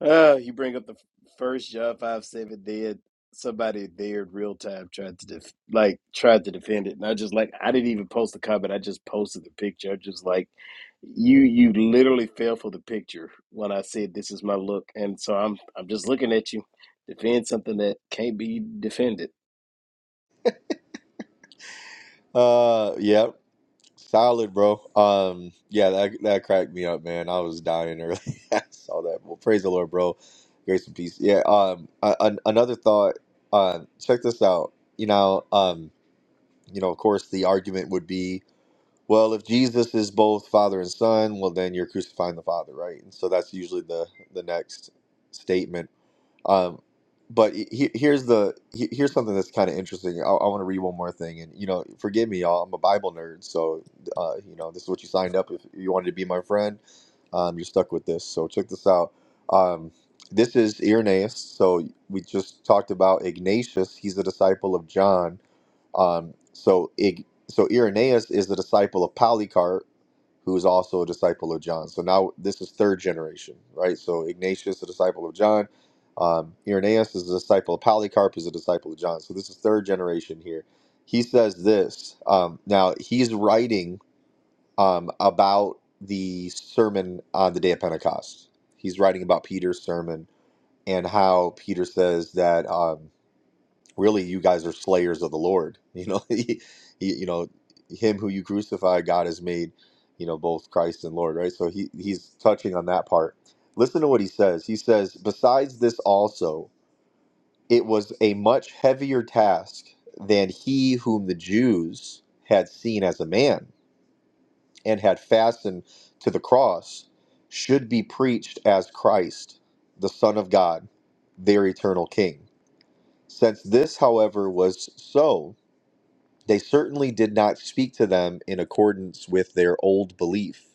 S12: ah, you bring up the first John five seven dead somebody there in real time tried to def- like tried to defend it, and I just like I didn't even post the comment. I just posted the picture. I just like you you literally fell for the picture when I said this is my look, and so I'm I'm just looking at you defend something that can't be defended.
S2: Uh, yeah. Solid, bro. Um, yeah, that that cracked me up, man. I was dying early. (laughs) I saw that. Well, praise the Lord, bro. Grace and peace. Yeah. Um, a- an- another thought. Uh, check this out. You know, um, you know, of course, the argument would be, well, if Jesus is both Father and Son, well, then you're crucifying the Father, right? And so that's usually the the next statement um, but he, here's the he, here's something that's kind of interesting. I, I want to read one more thing, and you know, forgive me, y'all. I'm a Bible nerd, so uh, you know, this is what you signed up if you wanted to be my friend. Um, you're stuck with this. So check this out. Um, this is Irenaeus. So we just talked about Ignatius. He's a disciple of John um, so Ig- so Irenaeus is the disciple of Polycarp, who is also a disciple of John. So now this is third generation, right? So Ignatius, a disciple of John. Um, Irenaeus is a disciple of Polycarp, is a disciple of John. So this is third generation here. He says this. Um, now he's writing um, about the sermon on the day of Pentecost. He's writing about Peter's sermon and how Peter says that. Um, really you guys are slayers of the lord you know (laughs) he, he you know him who you crucified god has made you know both christ and lord right so he he's touching on that part listen to what he says he says besides this also it was a much heavier task than he whom the jews had seen as a man and had fastened to the cross should be preached as christ the son of god their eternal king since this however was so they certainly did not speak to them in accordance with their old belief.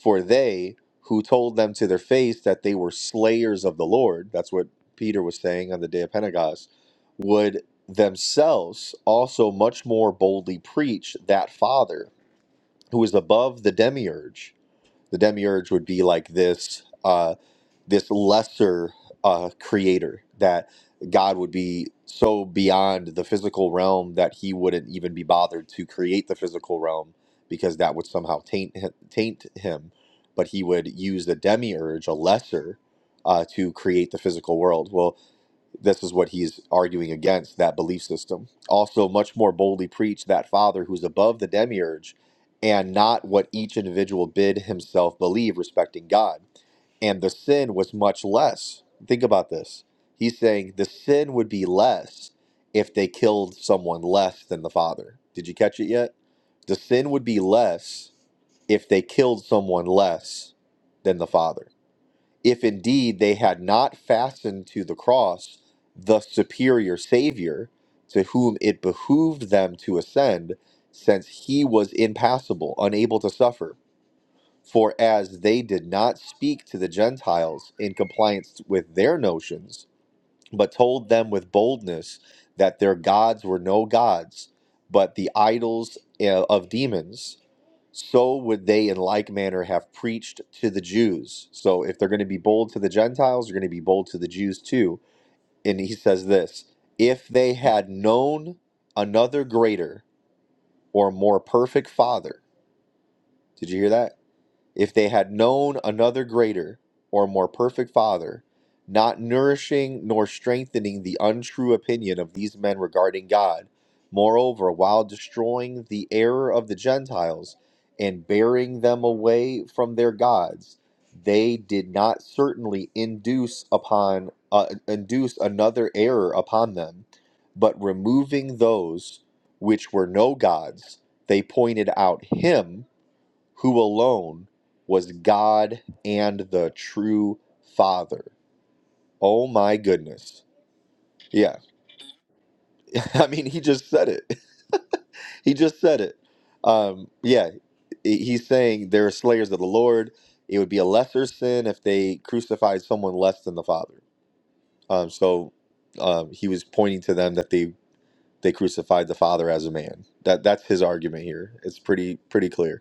S2: For they, who told them to their face that they were slayers of the Lord, that's what Peter was saying on the day of Pentecost, would themselves also much more boldly preach that Father who is above the demiurge. The demiurge would be like this. uh, this lesser uh, creator that God would be so beyond the physical realm that he wouldn't even be bothered to create the physical realm because that would somehow taint him, taint him. But he would use the demiurge, a lesser, uh, to create the physical world. Well, this is what he's arguing against that belief system. Also, much more boldly preached that Father who's above the demiurge and not what each individual bid himself believe respecting God and the sin was much less. Think about this. He's saying the sin would be less if they killed someone less than the father. Did you catch it yet? The sin would be less if they killed someone less than the father. If indeed they had not fastened to the cross the superior Savior to whom it behooved them to ascend, since he was impassible, unable to suffer. For as they did not speak to the Gentiles in compliance with their notions, but told them with boldness that their gods were no gods, but the idols uh, of demons, so would they in like manner have preached to the Jews. So if they're going to be bold to the Gentiles, they're going to be bold to the Jews too. And he says this if they had known another greater or more perfect father, did you hear that? If they had known another greater or more perfect father, not nourishing nor strengthening the untrue opinion of these men regarding God, moreover, while destroying the error of the Gentiles and bearing them away from their gods, they did not certainly induce upon uh, induce another error upon them, but removing those which were no gods, they pointed out him who alone was God and the true Father. Oh my goodness. Yeah. (laughs) I mean, he just said it. (laughs) he just said it. Um, yeah. he- He's saying they're slayers of the Lord. It would be a lesser sin if they crucified someone less than the Father. Um, so um, he was pointing to them that they they crucified the Father as a man. That that's his argument here. It's pretty pretty clear.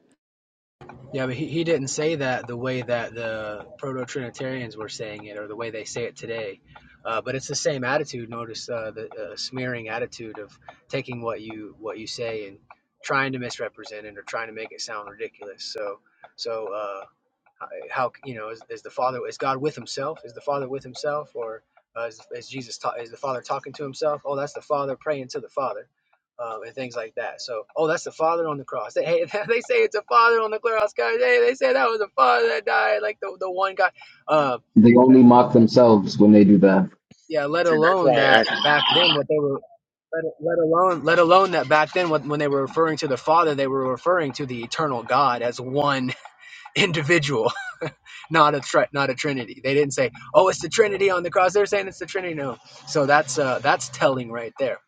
S10: Yeah, but he, he didn't say that the way that the proto Trinitarians were saying it or the way they say it today. Uh, but it's the same attitude. Notice uh, the uh, smearing attitude of taking what you what you say and trying to misrepresent it or trying to make it sound ridiculous. So so uh, uh, how, you know is, is the father is god with himself is the father with himself or uh, is, is jesus ta- is the father talking to himself oh that's the father praying to the father um, and things like that so oh that's the father on the cross they, hey, (laughs) they say it's a father on the cross guys hey they say that was a father that died like the, the one guy uh,
S8: They only mock themselves when they do that.
S10: yeah let
S13: But see, that's
S10: alone
S13: why I
S10: that
S13: asked.
S10: back then what they were let, let alone let alone that back then when, when they were referring to the father they were referring to the eternal god as one (laughs) individual not a tri- not a trinity. They didn't say, "Oh, it's the Trinity on the cross." They're saying it's the Trinity. No, so that's uh, that's telling right there.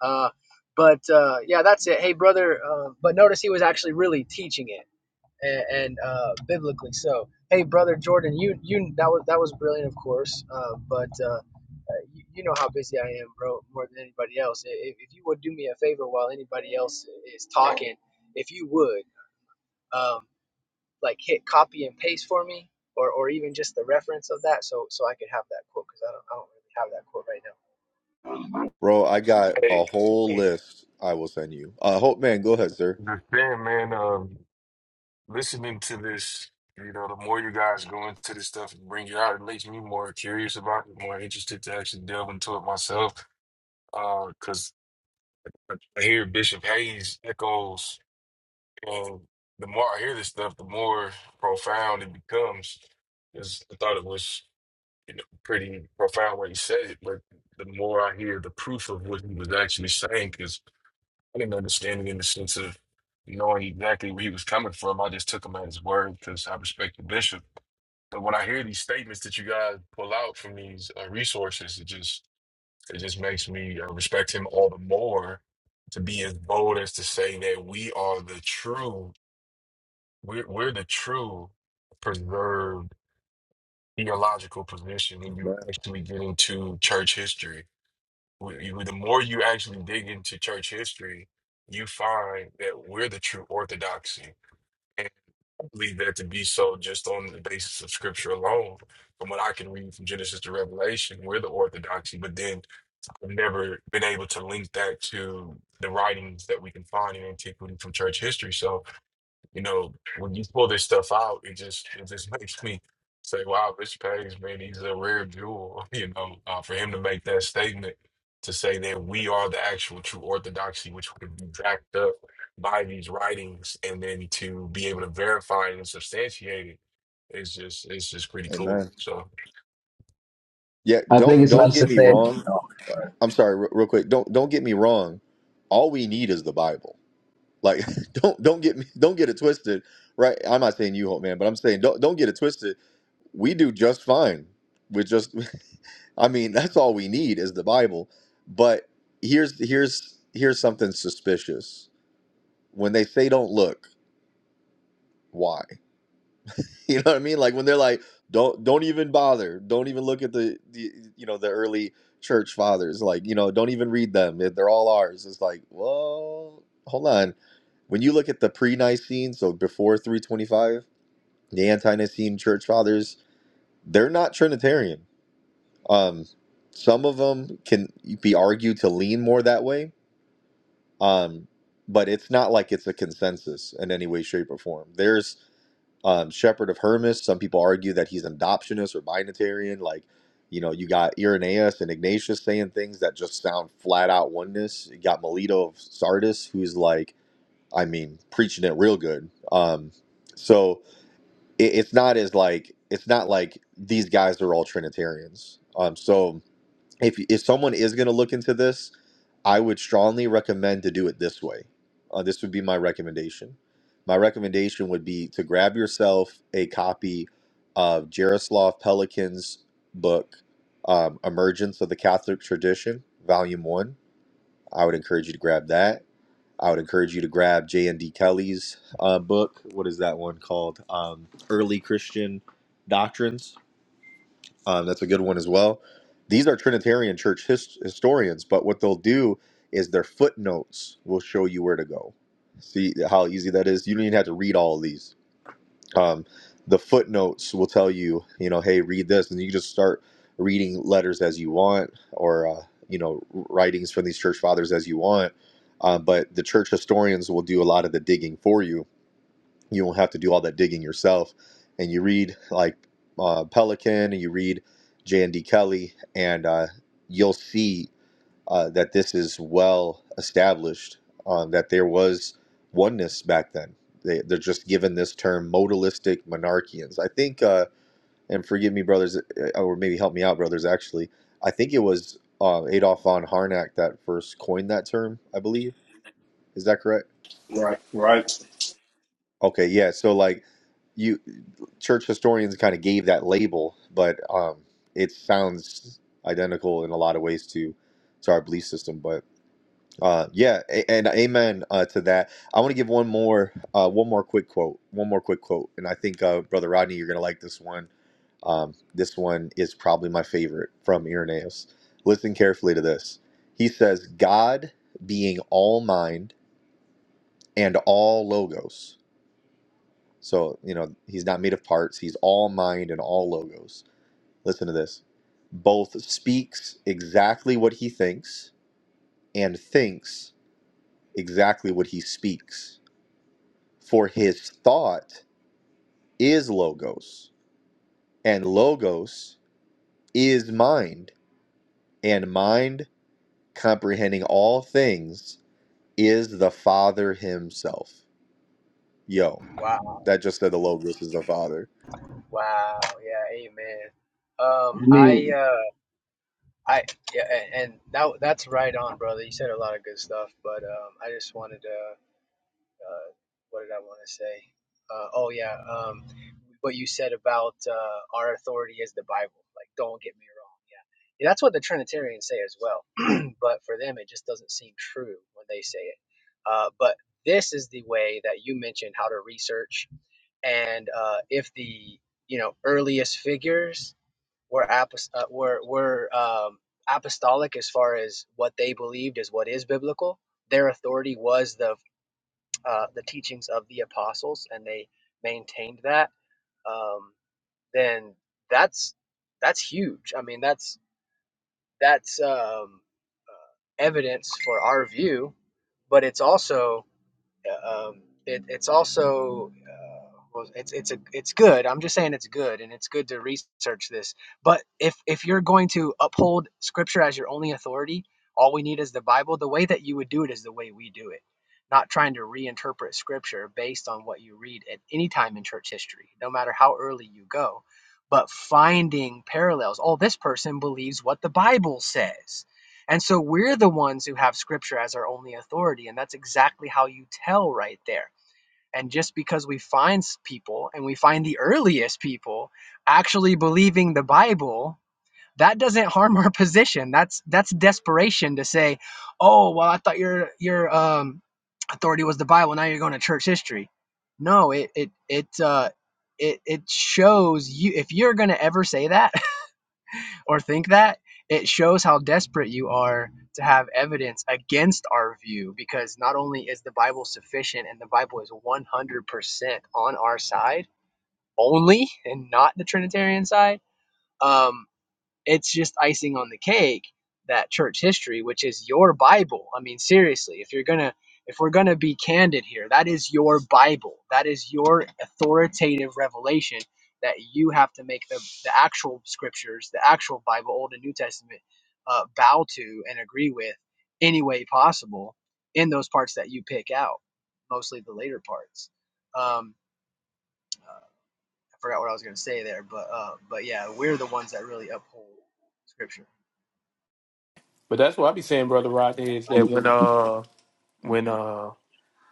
S10: Uh, but uh, yeah, that's it. Hey, brother. Uh, but notice he was actually really teaching it, and, and uh, biblically so. Hey, brother Jordan, you you that was that was brilliant, of course. Uh, but uh, you, you know how busy I am, bro, more than anybody else. If, if you would do me a favor while anybody else is talking, if you would. Um, like hit copy and paste for me or, or even just the reference of that so so I could have that quote because I don't, I don't really have that quote right
S2: Bro, I got
S9: Hey,
S2: a whole
S9: hey,
S2: list I will send you. Uh hope man, go ahead, sir.
S9: the thing, man. Um, listening to this, you know, the more you guys go into this stuff and bring it out, it makes me more curious about it, more interested to actually delve into it myself. Uh, because I hear Bishop Hayes echoes. And the more I hear this stuff, the more profound it becomes. 'Cause I thought it was, you know, pretty profound what he said it, but the more I hear the proof of what he was actually saying, because I didn't understand it in the sense of knowing exactly where he was coming from. I just took him at his word because I respect the bishop. But when I hear these statements that you guys pull out from these uh, resources, it just it just makes me uh, respect him all the more to be as bold as to say that we are the true we're we're the true preserved theological position when you
S2: Amen.
S9: actually get into church history. We, you, the more you actually dig into church history, you find that we're the true orthodoxy. And I believe that to be so just on the basis of scripture alone. From what I can read from Genesis to Revelation, we're the orthodoxy, but then I've never been able to link that to the writings that we can find in antiquity from church history. So you know, when you pull this stuff out, it just it just (laughs) makes me say, "Wow, Rich Page, man, he's a rare jewel." (laughs) You know, uh, for him to make that statement to say that we are the actual true orthodoxy, which would be backed up by these writings, and then to be able to verify it and substantiate it, it's just it's just pretty cool.
S2: Amen.
S9: So,
S2: Yeah,
S8: I think
S2: don't
S8: it's
S2: don't
S8: nice
S2: get
S8: to
S2: me
S8: say.
S2: wrong.
S8: I
S2: I'm sorry, re- real quick. Don't don't get me wrong. All we need is the Bible. Like (laughs) don't don't get me don't get it twisted, right? I'm not saying you hope man, but I'm saying don't don't get it twisted. We do just fine with just (laughs) I mean, that's all we need is the Bible. But here's here's here's something suspicious. When they say don't look, why? (laughs) You know what I mean? Like when they're like, don't don't even bother. Don't even look at the, the you know the early church fathers. Like you know, don't even read them. They're they're all ours. It's like, well, hold on. When you look at the pre-Nicene, so before 325, the anti-Nicene church fathers, they're not Trinitarian. Um, some of them can be argued to lean more that way. Um, but it's not like it's a consensus in any way, shape, or form. There's um, Shepherd of Hermas. Some people argue that he's an adoptionist or binitarian. Like, you know, you got Irenaeus and Ignatius saying things that just sound flat out oneness. You got Melito of Sardis, who's like, I mean, preaching it real good. Um, so it, it's not as like it's not like these guys are all Trinitarians. Um, so if if someone is going to look into this, I would strongly recommend to do it this way. Uh, this would be my recommendation. My recommendation would be to grab yourself a copy of Jaroslav Pelikan's book, um, Emergence of the Catholic Tradition, Volume One. I would encourage you to grab that. I would encourage you to grab J. and D. Kelly's uh, book. What is that one called? Um, Early Christian Doctrines um, that's a good one as well. These are Trinitarian church his- historians, but what they'll do is their footnotes will show you where to go. See how easy that is? You don't even have to read all of these. Um, the footnotes will tell you, you know, hey, read this, and you just start reading letters as you want, or uh, you know, writings from these church fathers as you want. Uh, but the church historians will do a lot of the digging for you you won't have to do all that digging yourself. And you read like uh, Pelican and you read J and D Kelly, and uh, you'll see uh, that this is well established. Um, that there was oneness back then. They, they're just given this term modalistic monarchians. I think, uh, and forgive me, brothers, uh, or maybe help me out, brothers. Actually, I think it was uh, Adolf von Harnack that first coined that term. I believe is that correct?
S12: Right, right.
S2: Okay, yeah. So like you. church historians kind of gave that label, but um, it sounds identical in a lot of ways to to our belief system. But uh, yeah, a- and amen uh, to that. I want to give one more uh, one more quick quote, one more quick quote, and I think uh, brother Rodney, you're gonna like this one. Um, this one is probably my favorite from Irenaeus. Listen carefully to this. He says, "God being all mind and all logos." So you know he's not made of parts. He's all mind and all logos Listen to this. Both speaks exactly what he thinks and thinks exactly what he speaks. For his thought is logos, and logos is mind, and mind comprehending all things is the Father himself. Yo,
S10: now. Wow.
S2: that just said the logos is the Father.
S10: Wow. Yeah. Amen. Um, I,
S8: mean,
S10: uh, I, yeah, and that, that's right on, brother. You said a lot of good stuff, but, um, I just wanted to, uh, what did I want to say? Uh, oh yeah. Um, what you said about, uh, our authority is the Bible. Like, don't get me wrong. Yeah. Yeah, That's what the Trinitarians say as well but for them it just doesn't seem true when they say it. Uh, but this is the way that you mentioned how to research, and uh, if the you know earliest figures were apos- uh, were were um, apostolic as far as what they believed is what is biblical. Their authority was the uh, the teachings of the apostles, and they maintained that. Um, then that's that's huge. I mean, that's that's um, evidence for our view, but it's also uh, um, it, it's also uh, well, it's it's a it's good. I'm just saying it's good, and it's good to research this. But if if you're going to uphold Scripture as your only authority, all we need is the Bible. The way that you would do it is the way we do it, not trying to reinterpret Scripture based on what you read at any time in church history, no matter how early you go. But finding parallels. Oh, this person believes what the Bible says and so we're the ones who have scripture as our only authority. And that's exactly how you tell right there. And just because we find people and we find the earliest people actually believing the Bible, that doesn't harm (laughs) our position. That's that's desperation to say, oh well, I thought your your um, authority was the Bible. Now you're going to church history. No, it it it uh, it it shows you if you're going to ever say that or think that, it shows how desperate you are to have evidence against our view because not only is the Bible sufficient and the Bible is 100% on our side only and not the Trinitarian side. Um, it's just icing on the cake that church history, which is your Bible. I mean, seriously, if you're gonna if we're gonna be candid here, that is your Bible. That is your authoritative revelation that you have to make the, the actual scriptures, the actual Bible, Old and New Testament, uh, bow to and agree with any way possible in those parts that you pick out, mostly the later parts. Um, I forgot what I was gonna say there, but uh, but yeah, we're the ones that really uphold scripture.
S11: But that's what I be saying, brother Rodney, is that when uh when uh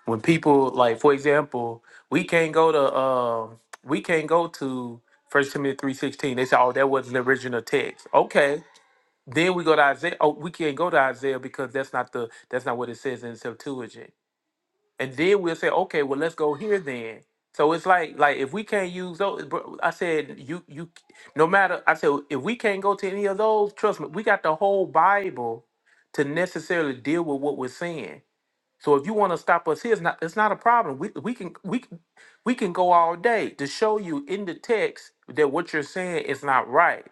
S11: when people like for example, we can't go to um we can't go to First Timothy three sixteen. They say, oh, that wasn't the original text. Okay. Then we go to Isaiah. Oh, we can't go to Isaiah because that's not the that's not what it says in Septuagint. and then we'll say, okay, well, let's go here then. So it's like, like if we can't use those, bro, I said, you, you, no matter, I said, if we can't go to any of those, trust me, we got the whole Bible to necessarily deal with what we're seeing. So if you want to stop us here, it's not, it's not a problem. We, we can, we, can- we can go all day to show you in the text that what you're saying is not right.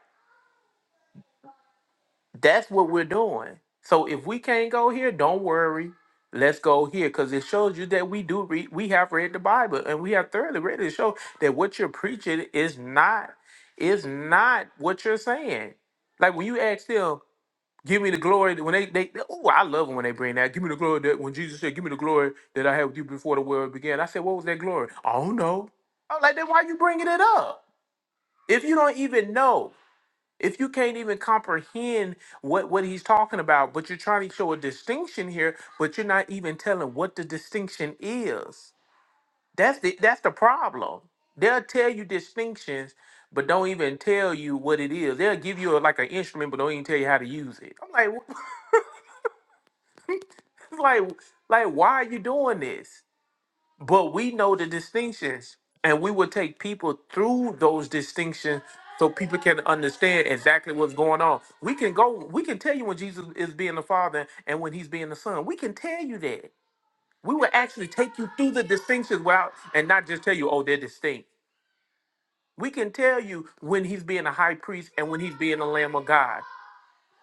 S11: That's what we're doing. So if we can't go here, don't worry. Let's go here because it shows you that we do read. We have read the Bible and we have thoroughly read it. It Show that what you're preaching is not is not what you're saying. Like when you ask them, "Give me the glory." that-" When they they oh, I love it when they bring that. Give me the glory that when Jesus said, "Give me the glory that I had with you before the world began." I said, "What was that glory?" I don't know. I'm like, then why you bringing it up if you don't even know? If you can't even comprehend what, what he's talking about, but you're trying to show a distinction here, but you're not even telling what the distinction is. That's the that's the problem. They'll tell you distinctions, but don't even tell you what it is. They'll give you a, like an instrument, but don't even tell you how to use it. I'm like, (laughs) like, like, why are you doing this? but we know the distinctions and we will take people through those distinctions so people can understand exactly what's going on we can go we can tell you when jesus is being the father and when he's being the son we can tell you that we will actually take you through the distinctions without and not just tell you oh they're distinct we can tell you when he's being a high priest and when he's being the lamb of god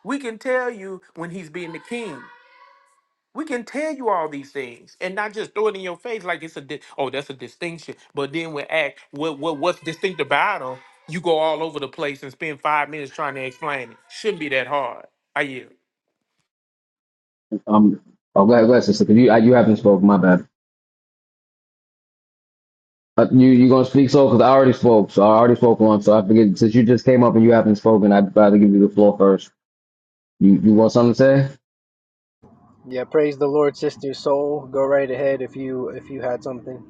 S11: we can tell you when he's being the king we can tell you all these things and not just throw it in your face like it's a di- oh that's a distinction. But then when act what what what's distinct about them, you go all over the place and spend five minutes trying to explain it. Shouldn't be that hard. Are you?
S8: um, oh, go ahead, go ahead, sister. 'cause you, I, you haven't spoken. My bad. Uh, you, you gonna speak so? Cause I already spoke. So I already spoke once. So I forget. Since you just came up and you haven't spoken, I'd rather give you the floor first. You, you want something to say?
S10: Yeah, praise the Lord, sister soul. Go right ahead if you if you had something.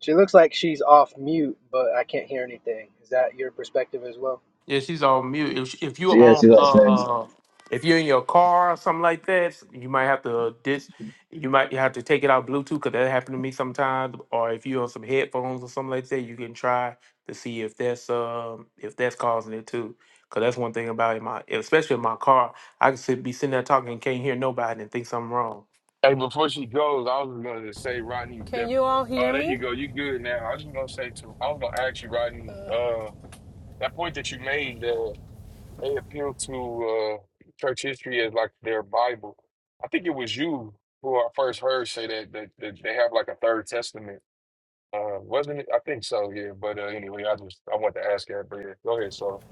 S10: She looks like she's off mute, but I can't hear anything. Is that your perspective as well?
S11: Yeah, she's on mute. If, if you're
S8: Yes,
S11: on,
S8: you got to
S11: uh,
S8: say.
S11: uh, if you're in your car or something like that, you might have to dis. You might have to take it out Bluetooth because that happened to me sometimes. Or if you're on some headphones or something like that, you can try to see if that's um if that's causing it too. Cause that's one thing about in my, especially in my car, I can sit, be sitting there talking and can't hear nobody and think something wrong.
S9: hey, before she goes, I was going to say, Rodney,
S14: Can
S9: that
S14: you all
S9: oh,
S14: hear
S9: there you
S14: me?
S9: go, you good now. I was just going to say to I was going to ask you, Rodney, uh, that point that you made. They appeal to uh, church history as like their Bible. I think it was you who I first heard say that that, that they have like a third testament. Uh, wasn't it? I think so, yeah. But uh, anyway, I just I want to ask that, but yeah, go ahead. So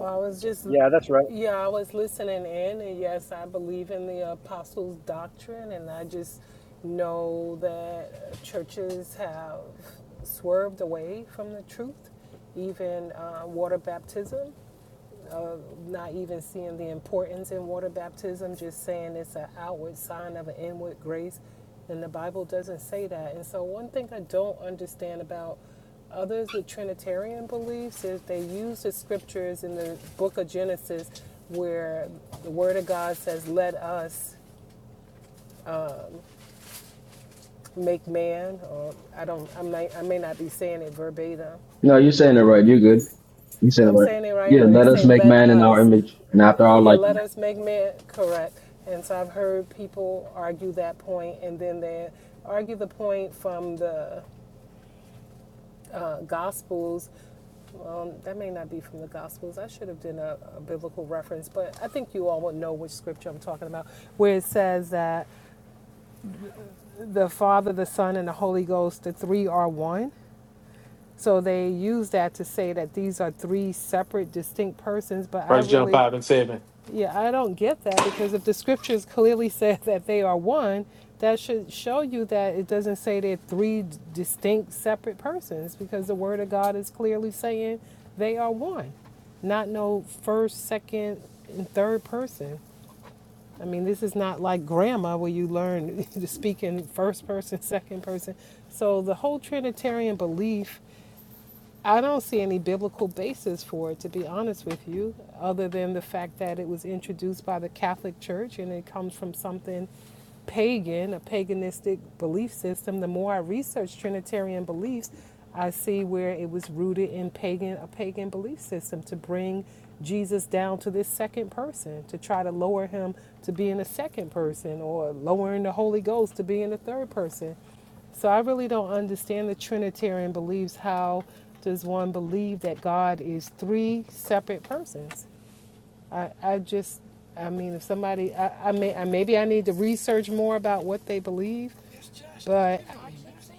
S14: Oh, I was just,
S10: Yeah.
S14: yeah, I was listening in, and yes, I believe in the apostles' doctrine, and I just know that churches have swerved away from the truth, even uh, water baptism. not even seeing the importance in water baptism, just saying it's an outward sign of an inward grace. And the Bible doesn't say that. And so, one thing I don't understand about others with Trinitarian beliefs is they use the scriptures in the book of Genesis where the Word of God says, Let us make man, or I don't, I may, I may not be saying it verbatim,
S8: No, you're saying it right. You're good. You are saying it
S14: I'm
S8: right.
S14: saying it right
S8: Yeah,
S14: when they
S8: let us
S14: say
S8: make
S14: let
S8: man in our
S14: us,
S8: image and after our
S14: yeah,
S8: likeness.
S14: let us make man correct. And so I've heard people argue that point, and then they argue the point from the uh, Gospels. Um, that may not be from the Gospels. I should have done a, a biblical reference, but I think you all would know which scripture I'm talking about, where it says that the Father, the Son, and the Holy Ghost, the three are one. So they use that to say that these are three separate, distinct persons. But I
S11: First jump
S14: really,
S11: out and seven.
S14: Yeah, I don't get that because if the scriptures clearly (laughs) say that they are one, that should show you that it doesn't say they're three distinct separate persons because the word of God is clearly saying they are one, not no first, second, and third person. I mean, this is not like grammar where you learn (laughs) to speak in first person, second person. So the whole Trinitarian belief I don't see any biblical basis for it, to be honest with you, other than the fact that it was introduced by the Catholic Church and it comes from something pagan, a paganistic belief system. The more I research Trinitarian beliefs, I see where it was rooted in pagan, a pagan belief system to bring Jesus down to this second person, to try to lower him to being a second person or lowering the Holy Ghost to being a third person. So I really don't understand the Trinitarian beliefs. How does one believe that God is three separate persons? I, I just, I mean, if somebody, I, I may, I, maybe I need to research more about what they believe, But.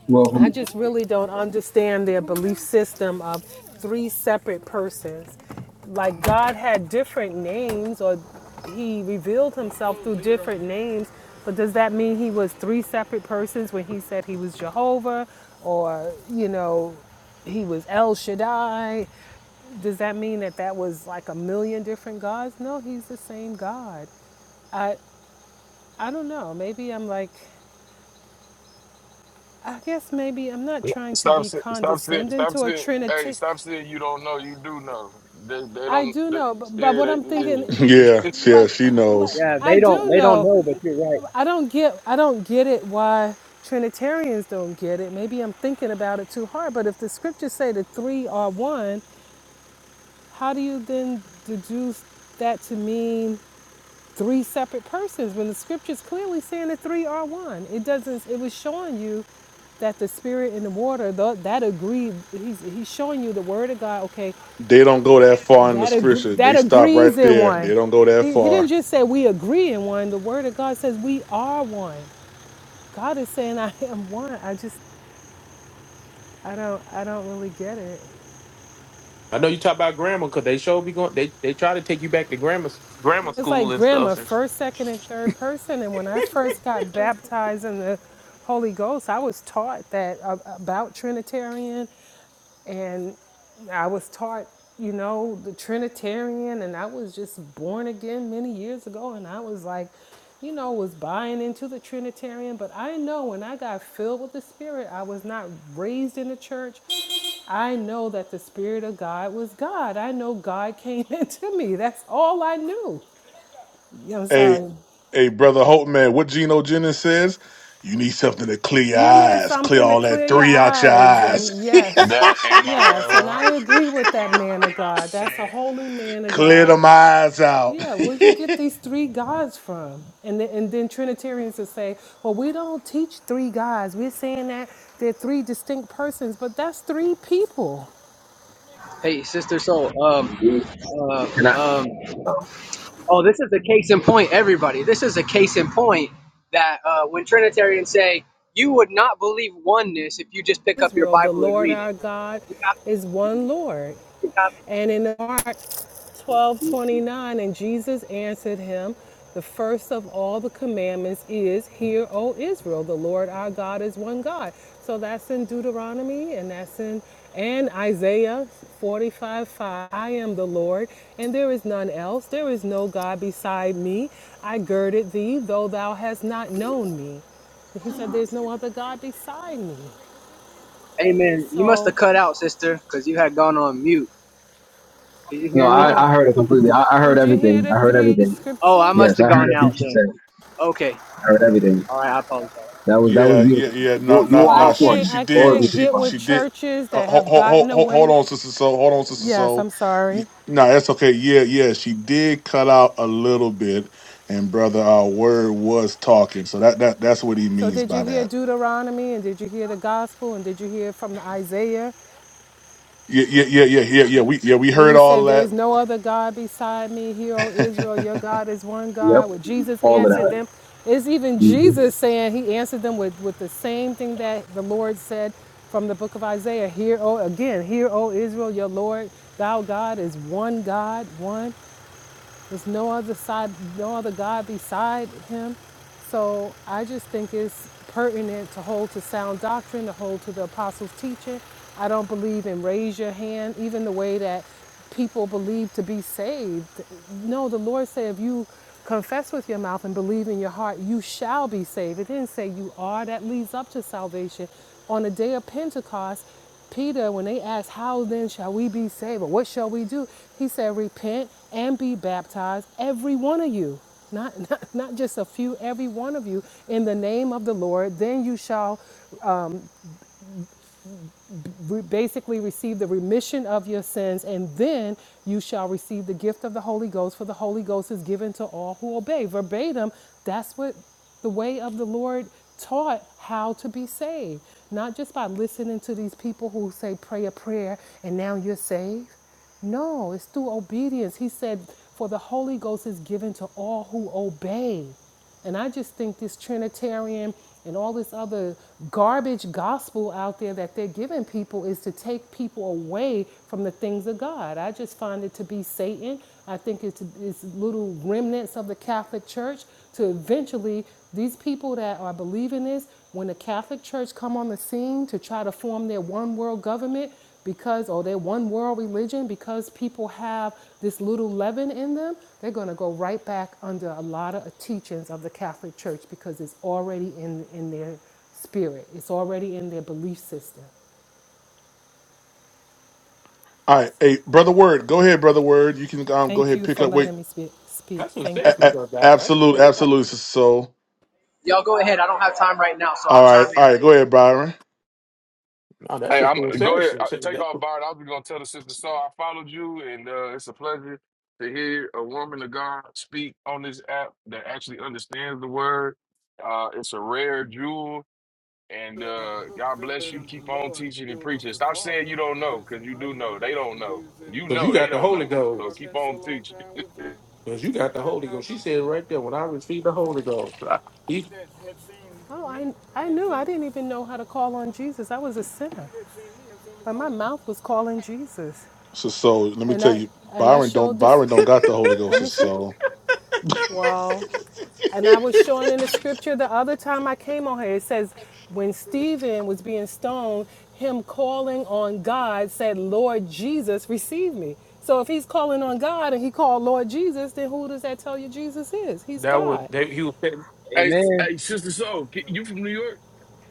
S8: Well,
S14: I
S8: from-
S14: just really don't understand their belief system of three separate persons. Like God had different names, or He revealed Himself through different names. But does that mean He was three separate persons when He said He was Jehovah, or you know, He was El Shaddai? Does that mean that that was like a million different gods? No, He's the same God. I I don't know. Maybe I'm like I guess maybe I'm not trying to
S9: stop,
S14: be
S9: sa- stop, sa-
S14: condescending
S9: stop
S14: to a
S9: saying, hey,
S14: Trinity.
S9: stop saying you don't know. You do know. They, they
S14: I
S9: don't.
S14: do
S9: They,
S14: know, but, but
S9: yeah,
S14: what I'm thinking,
S4: (laughs)
S9: they,
S4: Yeah,
S9: yeah.
S4: yeah,
S14: like,
S4: she
S14: like
S4: knows.
S14: I do know. I don't get. I don't get it. Why Trinitarians don't get it? Maybe I'm thinking about it too hard. But if the scriptures say the three are one, how do you then deduce that to mean? three separate persons when the scripture's clearly saying the three are one. It doesn't, it was showing you that the spirit and the water, tho- that agreed, he's, he's showing you the word of God, okay,
S4: They don't go that far in the
S14: that,
S4: scripture.
S14: agr-
S4: They
S14: that
S4: stop
S14: agrees
S4: right
S14: in
S4: there.
S14: one.
S4: They don't go that
S14: He, he
S4: far.
S14: didn't just say we agree in one, the word of God says we are one. God is saying I am one. I just, I don't, I don't really get it.
S11: I know you talk about grammar because they sure be going. They they try to take you back to grammar grammar
S14: It's
S11: school
S14: like
S11: and
S14: grammar,
S11: stuff. And
S14: first, second, and third person. And when I first got baptized in the Holy Ghost, I was taught that uh, about Trinitarian, and I was taught, you know, the Trinitarian, and I was just born again many years ago, and I was like, you know, was buying into the Trinitarian, but I know when I got filled with the Spirit, I was not raised in the church. I know that the Spirit of God was God. I know God came (laughs) into me. That's all I knew. Yeah, I'm
S4: Hey,
S14: sorry.
S4: hey, brother Hope, man, what Geno Jennings says, you need something to clear your
S14: You need
S4: eyes, clear
S14: something to
S4: all that
S14: clear your
S4: three out your
S14: eyes.
S4: eyes,
S14: And
S9: (laughs)
S14: yes,
S9: that am I
S14: yes. And I
S9: right?
S14: agree with
S9: Am
S14: that
S9: I
S14: man of
S9: right? I
S14: God. That's a
S9: said.
S14: holy man
S4: (laughs)
S14: of
S4: clear
S14: God.
S4: them eyes out.
S14: Yeah, where you get these three gods from? And then, and then Trinitarians would say, well, we don't teach three gods. We're saying that they're three distinct persons, but that's three people.
S10: Hey, sister soul. Um,
S8: indeed.
S10: uh,
S8: Can I?
S10: um,
S8: oh.
S10: oh, this is a case in point, everybody. This is a case in point that uh, when Trinitarians say you would not believe oneness if you just pick up your
S14: Israel, the
S10: Bible and
S14: Lord
S10: read it.
S14: our God
S10: You have to,
S14: is one Lord.
S10: you have to.
S14: And in Mark 12:29, and Jesus answered him, The first of all the commandments is, Hear, O Israel, the Lord our God is one God. So that's in Deuteronomy and that's in and Isaiah 45 5. I am the Lord, and there is none else. There is no God beside me. I girded thee, though thou hast not known me. He said, There's no other God beside me.
S10: Amen. You must
S14: So,
S10: have cut out, sister, because you had gone on mute. Can you
S8: No,
S10: hear me?
S8: I,
S14: oh,
S8: I heard it completely. I, I heard
S14: did you hear
S8: everything. I
S14: the
S8: heard
S14: three
S8: everything.
S10: Oh, I
S14: scriptures?
S10: must
S8: Yes,
S10: have
S8: I heard
S10: gone
S8: everything
S10: out
S8: she
S10: then.
S8: said.
S10: Okay.
S8: I heard everything.
S10: All right, I apologize.
S8: That was that was
S4: Yeah, yeah,
S8: beautiful.
S4: yeah. No,
S8: You you were
S14: So
S4: no,
S14: I
S4: no.
S8: on
S4: She,
S14: can't
S8: point.
S4: she
S14: I
S8: Glory
S4: did.
S8: be
S14: can't
S8: to the
S4: She,
S14: get
S8: Father.
S14: with
S4: she did.
S14: churches that
S4: Hold,
S14: have
S4: hold,
S14: gotten
S4: hold, hold
S14: away.
S4: on, sister. Soul. hold on, sister.
S14: Yes,
S4: Soul.
S14: I'm
S4: Y-
S14: sorry.
S4: No, that's okay. Yeah, yeah. She did cut out a little bit, and brother, our word was talking. So that, that, that's what he
S14: So
S4: means
S14: did you
S4: by
S14: hear
S4: that.
S14: Deuteronomy and did you hear the gospel and did you hear from Isaiah?
S4: Yeah, yeah, yeah, yeah, yeah, yeah. We, yeah, we
S14: where
S4: heard
S14: he
S4: all
S14: said, There
S4: that.
S14: is no other God beside me. Hear, O Israel, your God is one
S8: Yep,
S14: God. Where Jesus
S8: all of
S14: answered
S8: that.
S14: them, it's even
S8: hmm
S14: Jesus saying, He answered them with, with the same thing that the Lord said from the book of Isaiah. Hear, O, again, hear, O Israel, your Lord, thou God is one God, one. There's no other side, no other God beside him. So I just think it's pertinent to hold to sound doctrine, to hold to the apostles' teaching. I don't believe in raise your hand, even the way that people believe to be saved. No, the Lord said if you confess with your mouth and believe in your heart, you shall be saved. It didn't say you are. That leads up to salvation. On the day of Pentecost, Peter, when they asked, How then shall we be saved? Or what shall we do? He said, Repent and be baptized, every one of you. Not, (laughs) not, not just a few, every one of you, in the name of the Lord. Then you shall re- basically receive the remission of your sins, and then you shall receive the gift of the Holy Ghost, for the Holy Ghost is given to all who obey. Verbatim, that's what the way of the Lord taught how to be saved. Not just by listening to these people who say, pray a prayer, and now you're saved. No, it's through obedience. He said, For the Holy Ghost is given to all who obey. And I just think this Trinitarian and all this other garbage gospel out there that they're giving people is to take people away from the things of God. I just find it to be Satan. I think it's, it's little remnants of the Catholic Church to eventually these people that are believing this when the catholic church come on the scene to try to form their one world government because or their one world religion because people have this little leaven in them they're going to go right back under a lot of teachings of the catholic church because it's already in in their spirit it's already in their belief system
S4: All right,
S14: so
S4: hey, brother Word, go ahead, brother Word. You can um, go
S14: thank
S4: ahead
S14: you
S4: pick
S14: for
S4: up. Wait,
S14: letting me speak, speak.
S11: that's what I'm
S14: thank
S4: a-
S14: you
S4: a- absolute,
S11: saying.
S4: absolute. So,
S10: Y'all go ahead. I don't have time right now, so
S4: all
S10: I'll
S4: right,
S10: chime
S4: all
S10: in
S4: right, go
S10: later.
S4: ahead, Byron.
S11: No, that's
S9: Hey,
S11: just
S9: I'm
S11: doing
S9: go ahead. Uh,
S11: services.
S9: Take off,
S11: Because
S9: Bart. I was gonna tell the sister so I followed you, and uh, it's a pleasure to hear a woman of God speak on this app that actually understands the word. Uh, it's a rare jewel, and uh, God bless you. Keep on teaching and preaching. Stop saying you don't know, because you do know. They don't know. You know
S11: you
S9: they
S11: got the
S9: don't
S11: Holy
S9: know. So
S11: Ghost.
S9: keep on teaching.
S11: Because you got the Holy Ghost. She said right there, when I received the Holy Ghost, I, he
S14: oh i i knew i didn't even know how to call on jesus i was a sinner but my mouth was calling jesus
S4: So, so let me
S14: and
S4: tell
S14: i
S4: you,
S14: and i
S4: Byron don't
S14: showed this
S4: Byron don't got the Holy
S14: let
S4: Ghost. So,
S14: me see
S4: so
S14: Well, and I was showing in the scripture the other time I came on here. It says, when Stephen was being stoned, him calling on God said, Lord Jesus, receive me. So if he's calling on God and he called Lord Jesus, then who does that tell you Jesus is? He's
S11: that was
S14: God.
S11: that he was saying,
S9: Hey,
S10: Amen.
S9: hey, sister. So you from New York?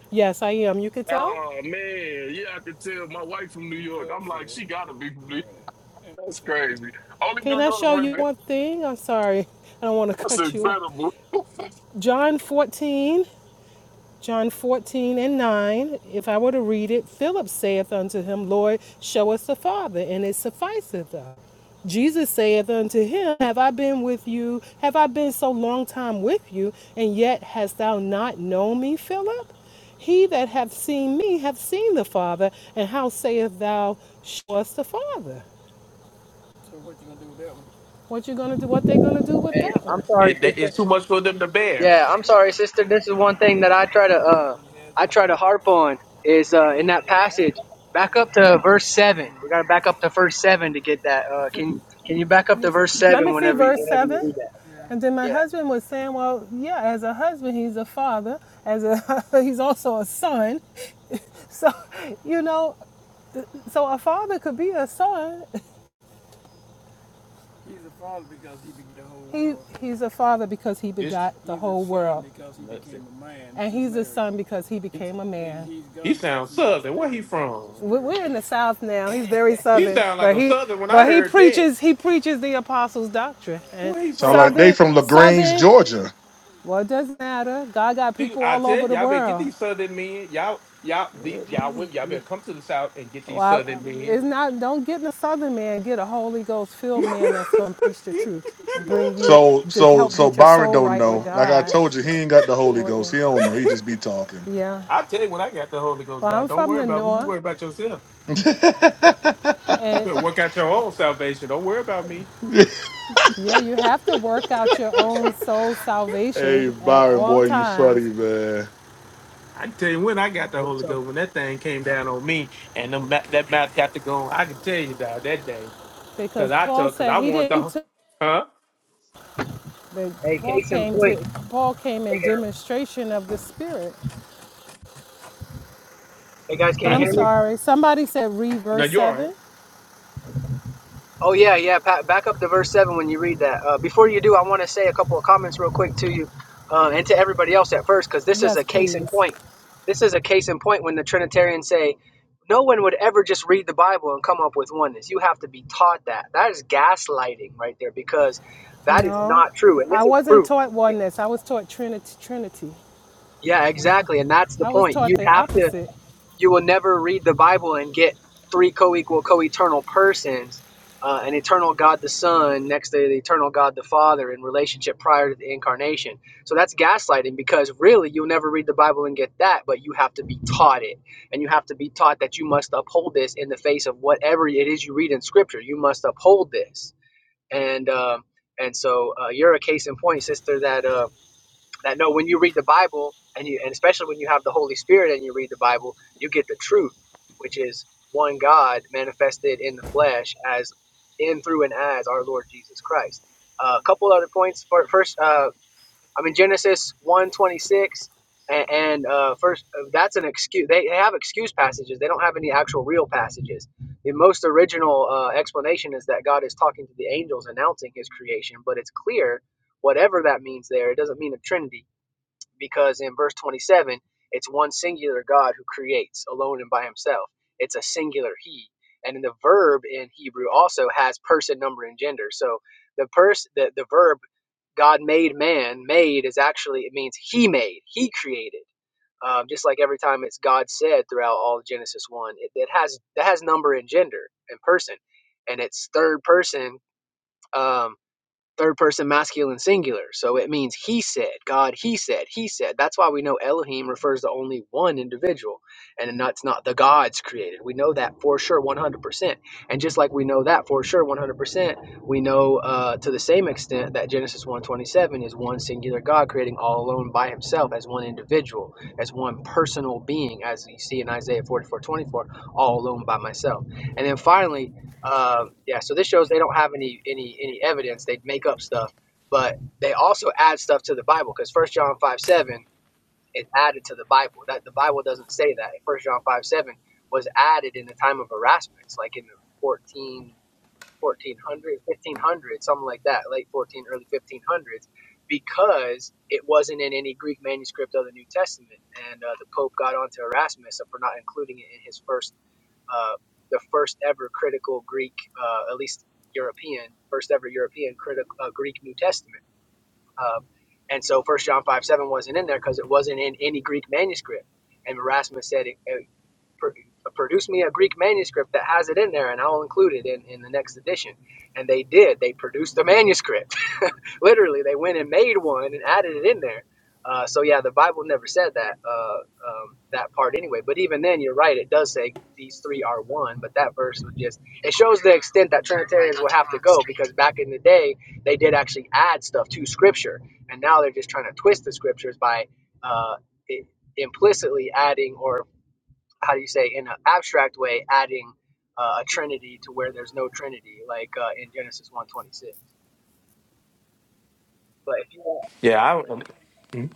S14: Yes, I am. You can tell?
S9: Oh man, yeah, I can tell. My wife from New York. I'm like, she gotta be from New York. That's crazy. Only
S14: Can
S9: New
S14: I
S9: York
S14: show you
S9: women.
S14: one thing? I'm sorry. (laughs) I don't want to
S9: That's
S14: cut you off.
S9: incredible.
S14: John 14. John 14 and 9, if I were to read it, Philip saith unto him, Lord, show us the Father, and it sufficeth us. Jesus saith unto him, Have I been with you? Have I been so long time with you, and yet hast thou not known me, Philip? He that hath seen me hath seen the Father, and how sayest thou, Show us the Father? What you gonna do? What they gonna do with that one?
S11: it, that, it's too much for them to bear.
S10: Yeah, I'm sorry, sister. This is one thing that I try to uh I try to harp on is uh in that passage. Back up to verse seven. We gotta back up to verse seven to get that. Uh can can you back up to
S14: Yes.
S10: verse
S14: Let me
S10: seven
S14: see
S10: whenever you
S14: verse
S10: whenever you
S14: 7.
S10: read that?
S14: Yeah. And then my
S10: Yeah.
S14: husband was saying, well, yeah, as a husband, he's a father. As a (laughs) he's also a son. (laughs) So, you know, so a father could be a son begot He, he's a father because he
S11: It's
S14: begot the whole world.
S11: let's see.
S14: And he's a son because he
S11: It's,
S14: became a man. And
S11: he sounds southern. Where he from?
S14: We're in the South now. He's very (laughs)
S11: He
S14: Southern,
S11: sound like
S14: but
S11: a
S14: he
S11: southern when I
S14: but he
S11: heard that.
S14: preaches he preaches the apostles' doctrine. And
S11: Where he
S4: sound like
S11: from?
S4: they
S14: Southern
S4: from Lagrange,
S14: Southern,
S4: Georgia.
S14: well, it doesn't matter. God got
S11: See,
S14: people
S11: I
S14: all
S11: tell
S14: over
S11: you,
S14: the
S11: y'all better get
S14: world.
S11: these southern men. Y'all, y'all, the, y'all women, y'all better come to the south and get these
S14: Well,
S11: southern
S14: I-
S11: men.
S14: it's not. Don't get a Southern man. Get a Holy Ghost filled man that's going to preach the truth, bring you
S4: So,
S11: (laughs)
S14: to
S4: so,
S14: help
S4: so
S14: get your
S4: Byron
S14: soul
S4: don't
S14: right with
S4: know. Like I
S14: God.
S4: told you, he ain't got the Holy Ghost.
S14: Important.
S4: He don't know. He just be talking.
S14: Yeah.
S11: I tell you, when I got the Holy Ghost,
S14: Well,
S11: God,
S14: I'm
S11: don't
S14: from
S11: worry
S14: the
S11: about me. You
S14: North,
S11: worry about yourself.
S4: (laughs)
S14: and
S11: You work out your own salvation. Don't worry about me.
S14: yeah, you have to work out your own soul salvation
S4: hey,
S14: at
S4: Byron,
S14: all
S4: boy, you funny
S14: times,
S4: man.
S11: I can tell you when I got the
S10: Thanks,
S11: Holy
S10: so.
S11: Ghost, when that thing came down on me and them, that, that mouth got to go on. I can tell you that that day because
S14: because
S11: I
S14: Paul
S11: took because
S14: said
S11: I
S14: he
S11: want
S14: didn't.
S11: the
S14: T-
S11: huh.
S14: that
S10: Hey,
S14: Paul
S10: case in
S14: came
S10: point.
S14: to. Paul came
S10: Hey
S14: in
S10: guys,
S14: demonstration of the Spirit.
S10: hey guys can
S14: But
S10: you
S11: I
S14: I'm
S11: can
S10: hear me?
S11: t-
S14: sorry. Somebody said read
S11: now
S14: verse
S11: you all right?
S14: seven.
S10: Oh yeah, yeah. Pa- back up to verse seven when you read that. Uh, before you do, I want to say a couple of comments real quick to you uh, and to everybody else at first, because this is a
S14: Yes,
S10: case in
S14: please.
S10: point. This is a case in point when the Trinitarians say no one would ever just read the Bible and come up with oneness. You have to be taught that. That is gaslighting right there, because that is
S14: No,
S10: not true, and
S14: I
S10: this is
S14: wasn't
S10: proof.
S14: taught oneness. I was taught Trinity. Trinity.
S10: Yeah, exactly, and that's the
S14: I was
S10: point. You
S14: taught the
S10: have to
S14: opposite.
S10: you will never read the Bible and get three co-equal, co-eternal persons, uh, an eternal God the Son next to the eternal God the Father in relationship prior to the incarnation. So that's gaslighting because really you'll never read the Bible and get that, but you have to be taught it, and you have to be taught that you must uphold this in the face of whatever it is you read in Scripture. You must uphold this, and uh, and so uh, you're a case in point, sister. That uh, that no, when you read the Bible, and you, and especially when you have the Holy Spirit and you read the Bible, you get the truth, which is one God manifested in the flesh as in through and as our Lord Jesus Christ. Uh, a couple other points. For, first, uh, I'm in Genesis one twenty six, and, and uh, first uh, that's an excuse. They, they have excuse passages. They don't have any actual real passages. The most original uh, explanation is that God is talking to the angels, announcing His creation. But it's clear, whatever that means there, it doesn't mean a Trinity because in verse 27, it's one singular God who creates alone and by himself. It's a singular he. And then the verb in Hebrew also has person, number, and gender. So the pers the, the verb God made man, made is actually, it means he made, he created. Um, just like every time it's God said throughout all of Genesis 1, it, it has that has number and gender and person. And it's third person. Um, third person masculine singular. So it means he said, God, he said, he said. That's why we know Elohim refers to only one individual and that's not the gods created. We know that for sure 100%. And just like we know that for sure 100%, we know uh, to the same extent that Genesis one twenty seven is one singular God creating all alone by himself as one individual, as one personal being as you see in Isaiah 44:24, all alone by myself. And then finally, um, yeah, so this shows they don't have any any any evidence. They make up stuff, but they also add stuff to the Bible because First John five seven is added to the Bible. That the Bible doesn't say that. First John five seven was added in the time of Erasmus, like in the fourteen. 1400 1500 something like that late 14 early 1500s because it wasn't in any greek manuscript of the new testament and uh, the pope got onto erasmus for not including it in his first uh, the first ever critical greek uh, at least european first ever european critical uh, greek new testament um, and so first john 5 7 wasn't in there because it wasn't in any greek manuscript and erasmus said it, it pr- produce me a Greek manuscript that has it in there, and I'll include it in, in the next edition. And they did. They produced a manuscript. (laughs) Literally, they went and made one and added it in there. Uh, so yeah, the Bible never said that uh, um, that part anyway. But even then, you're right. It does say these three are one. But that verse was just it shows the extent that Trinitarians will have to go because back in the day they did actually add stuff to Scripture, and now they're just trying to twist the Scriptures by uh, i- implicitly adding or how do you say in an abstract way adding uh, a trinity to where there's no trinity like uh, in genesis 126 but if you want
S11: Yeah, I.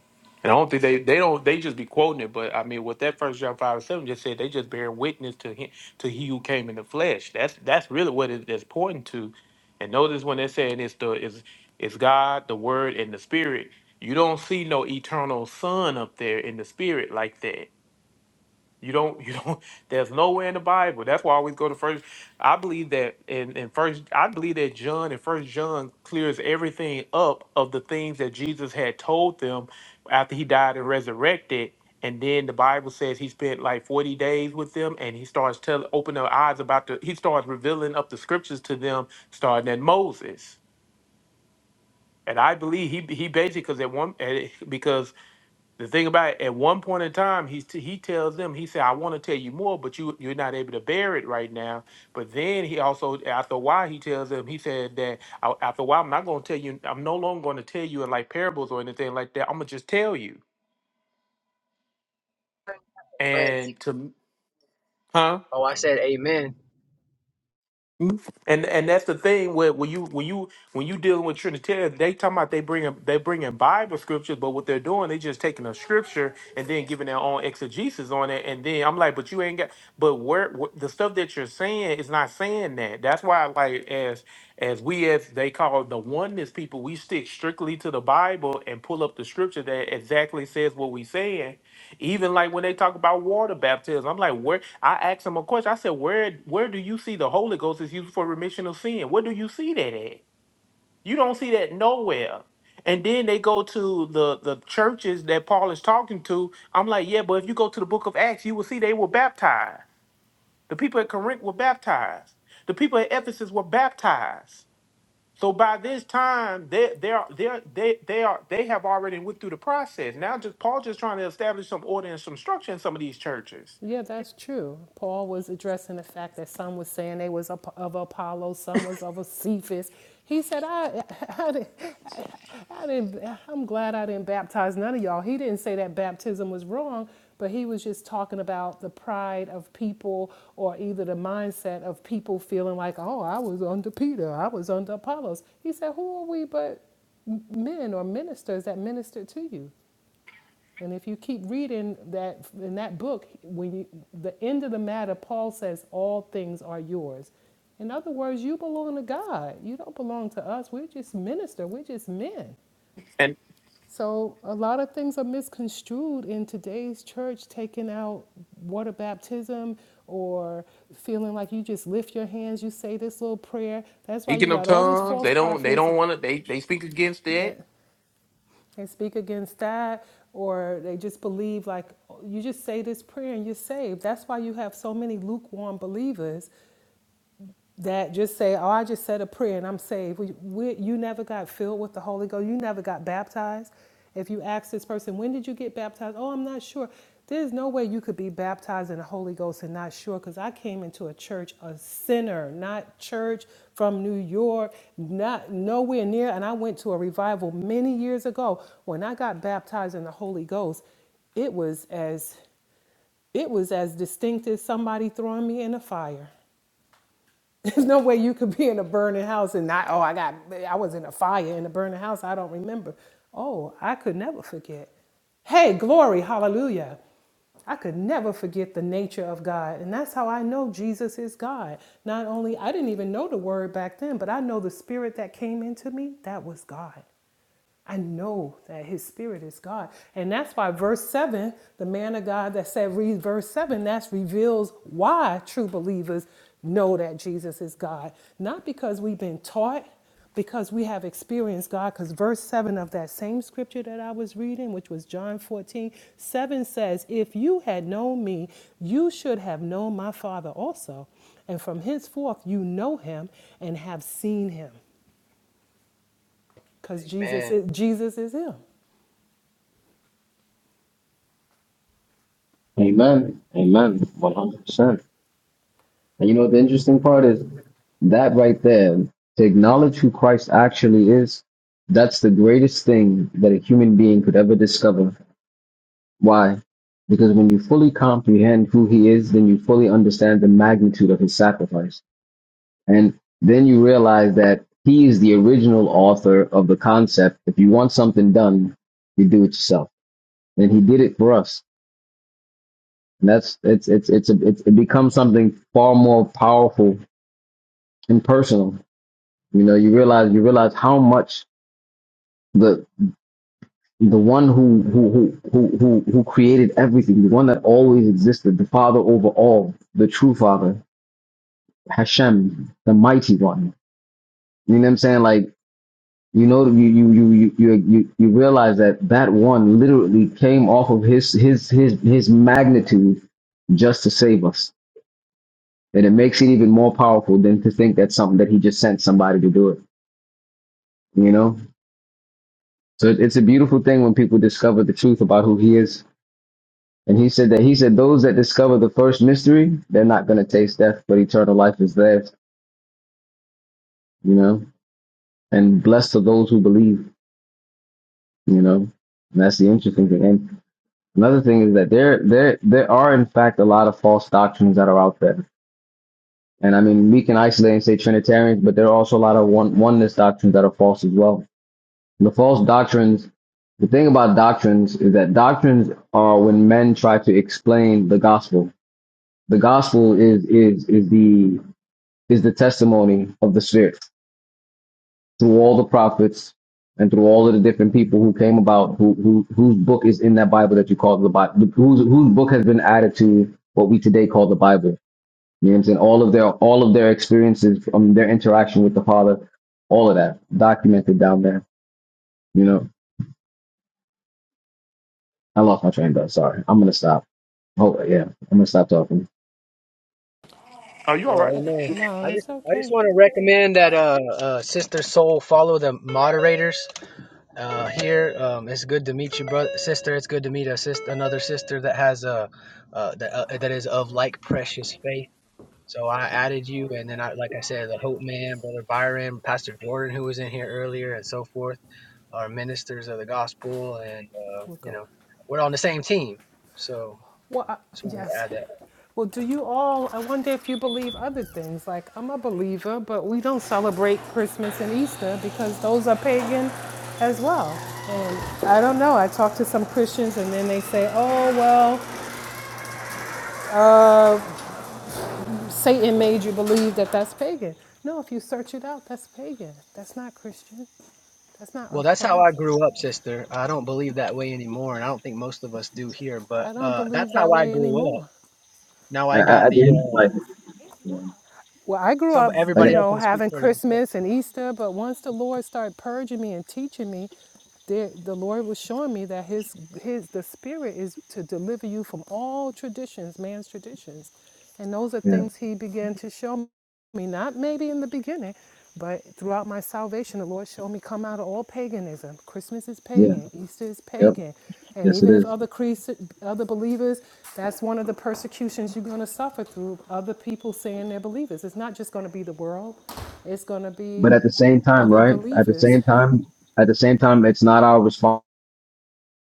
S11: And I don't think they they don't they just be quoting it, but I mean what that first John five and seven just said, they just bear witness to him to he who came in the flesh. That's that's really what it's pointing to. And notice when they're saying it's the it's it's God, the Word, and the Spirit. You don't see no eternal Son up there in the Spirit like that. You don't, you don't, (laughs) there's nowhere in the Bible. That's why I always go to first. I believe that in, in first, I believe that John and first John clears everything up of the things that Jesus had told them after he died and resurrected. And then the Bible says he spent like 40 days with them and he starts telling, open their eyes about the, he starts revealing up the scriptures to them, starting at Moses. And I believe he, he basically, because at one, eh, because the thing about it, at one point in time, he's t- he tells them, he said, "I want to tell you more, but you you're not able to bear it right now." But then he also, after a while, he tells them, he said that "I- after a while, I'm not going to tell you. I'm no longer going to tell you in like parables or anything like that. I'm gonna just tell you. And to m- huh?
S10: oh i said amen
S11: And and that's the thing where when you when you when you dealing with Trinitarians, they talking about they bringing they bringing Bible scriptures, but what they're doing, they just taking a scripture and then giving their own exegesis on it. And then I'm like, but you ain't got, but where, wh- the stuff that you're saying is not saying that. That's why, like as as we as they call the oneness people, we stick strictly to the Bible and pull up the scripture that exactly says what we saying even like when they talk about water baptism, I'm like, where? I asked them a question. I said, where where do you see the Holy Ghost is used for remission of sin? Where do you see that at? You don't see that nowhere. And then they go to the the churches that Paul is talking to. I'm like, yeah, but if you go to the Book of Acts, you will see they were baptized. The people at Corinth were baptized. The people at Ephesus were baptized. So by this time, they they are they are- they they are they have already went through the process. Now, just Paul just trying to establish some order and some structure in some of these churches.
S14: Yeah, that's true. Paul was addressing the fact that some was saying they was ap- of Apollo, some was of a Cephas. He said, I, (laughs) I, didn't, I didn't, I'm glad I didn't baptize none of y'all. He didn't say that baptism was wrong, but he was just talking about the pride of people or either the mindset of people feeling like, oh, I was under Peter, I was under Apollos. He said, who are we but m- men or ministers that ministered to you? And if you keep reading that in that book, when you, the end of the matter, Paul says, "All things are yours." In other words, you belong to God. You don't belong to us. We're just minister. We're just men.
S11: And
S14: So a lot of things are misconstrued in today's church, taking out water baptism or feeling like you just lift your hands, you say this little prayer. That's why you
S11: speaking of
S14: got all these
S11: tongues,
S14: false
S11: they don't they
S14: prophets
S11: don't want to they they speak against
S14: that
S11: it.
S14: They speak against that, or they just believe like you just say this prayer and you're saved. That's why you have so many lukewarm believers that just say, "Oh, I just said a prayer and I'm saved." We, we, you never got filled with the Holy Ghost. You never got baptized. If you ask this person, "When did you get baptized?" "Oh, I'm not sure." There's no way you could be baptized in the Holy Ghost and not sure, because I came into a church, a sinner, not church from New York, not nowhere near, and I went to a revival many years ago. When I got baptized in the Holy Ghost, it was as it was as distinct as somebody throwing me in a fire. There's no way you could be in a burning house and not, oh, I got, I was in a fire in a burning house. I don't remember. Oh, I could never forget. Hey, glory, hallelujah. I could never forget the nature of God. And that's how I know Jesus is God. Not only, I didn't even know the word back then, but I know the spirit that came into me, that was God. I know that his spirit is God. And that's why verse 7, the man of God that said, read verse 7, that reveals why true believers know that Jesus is God. Not because we've been taught, because we have experienced God. Because verse 7 of that same scripture that I was reading, which was John 14 7, says, If you had known me, you should have known my Father also. And from henceforth, you know him and have seen him. Because Jesus
S10: amen
S14: is, Jesus is him.
S8: Amen.
S14: Eh?
S8: Amen. One hundred percent. And you know what the interesting part is that right there to acknowledge who Christ actually is. That's the greatest thing that a human being could ever discover. Why? Because when you fully comprehend who he is, then you fully understand the magnitude of his sacrifice And then you realize that he is the original author of the concept. If you want something done, you do it yourself. And he did it for us. And that's, it's, it's, it's, a, it's it becomes something far more powerful and personal. You know, you realize, you realize how much the, the one who, who, who, who, who who created everything, the one that always existed, the father over all, the true father, Hashem, the mighty one. You know what I'm saying? Like, you know you you you you you you you realize that that one literally came off of his his his his magnitude just to save us and it makes it even more powerful than to think that's something that he just sent somebody to do it you know so it- it's a beautiful thing when people discover the truth about who he is and he said that he said those that discover the first mystery they're not going to taste death but eternal life is theirs you know and blessed are those who believe you know and that's the interesting thing And Another thing is that there, there, there are in fact a lot of false doctrines that are out there, and I mean we can isolate and say Trinitarians, but there are also a lot of one oneness doctrines that are false as well. The false doctrines. The thing about doctrines is that doctrines are when men try to explain the gospel. The gospel is is is the is the testimony of the Spirit. through all the prophets and through all of the different people who came about, who, who whose book is in that Bible that you call the Bible, whose whose book has been added to what we today call the Bible. You know what I'm saying? All of their all of their experiences, um, their interaction with the Father, all of that documented down there. You know, I lost my train though. Sorry, I'm gonna stop. Oh yeah, I'm gonna stop talking.
S11: Are you all
S10: well
S11: right?
S10: amen i
S14: No,
S10: just
S14: it's
S10: i just
S14: okay.
S10: want to recommend that uh, uh sister soul follow the moderators uh here um it's good to meet you brother sister it's good to meet a sister another sister that has a uh, that, uh, that is of like precious faith So I added you, and then I, like I said, the Hope Man, Brother Byron, Pastor Jordan, who was in here earlier, and so forth, are ministers of the gospel, and uh,
S14: We'll
S10: you
S14: go.
S10: know, we're on the same team. So
S14: Well, I,
S10: just wanted to
S14: yes.
S10: add that.
S14: Well, do you all? I wonder if you believe other things. Like I'm a believer, but we don't celebrate Christmas and Easter because those are pagan as well. And I don't know. I talked to some Christians, and then they say, "Oh well, uh, Satan made you believe that that's pagan." No, if you search it out, that's pagan. That's not Christian. That's not
S10: Well,
S14: of
S10: that's how
S14: Christ.
S10: I grew up, sister. I don't believe that way anymore, and I don't think most of us do here. But
S14: I don't
S10: uh,
S14: believe
S10: that's how
S14: that
S10: I
S14: way
S10: grew up.
S14: anymore.
S10: Now
S8: I,
S10: I
S8: I,
S10: got
S8: I
S10: the
S8: did
S10: uh,
S8: like
S14: Well, I grew
S10: some
S14: up,
S8: like I,
S14: you
S10: everybody else
S14: know,
S10: can speak
S14: having
S10: for themselves.
S14: Christmas and Easter, but once the Lord started purging me and teaching me, the, the Lord was showing me that his his the spirit is to deliver you from all traditions, man's traditions. And those are
S8: yeah
S14: things he began to show me me, not maybe in the beginning, but throughout my salvation, the Lord showed me come out of all paganism. Christmas is
S8: yeah
S14: pagan, Easter is
S8: yep
S14: pagan. And
S8: yes it
S14: even if
S8: is.
S14: other creeds, other believers, that's one of the persecutions you're going to suffer through other people saying they're believers. It's not just going to be the world, it's going to be
S8: But at the same time,
S14: other
S8: right? At the
S14: believers.
S8: same time, at the same time, it's not our responsibility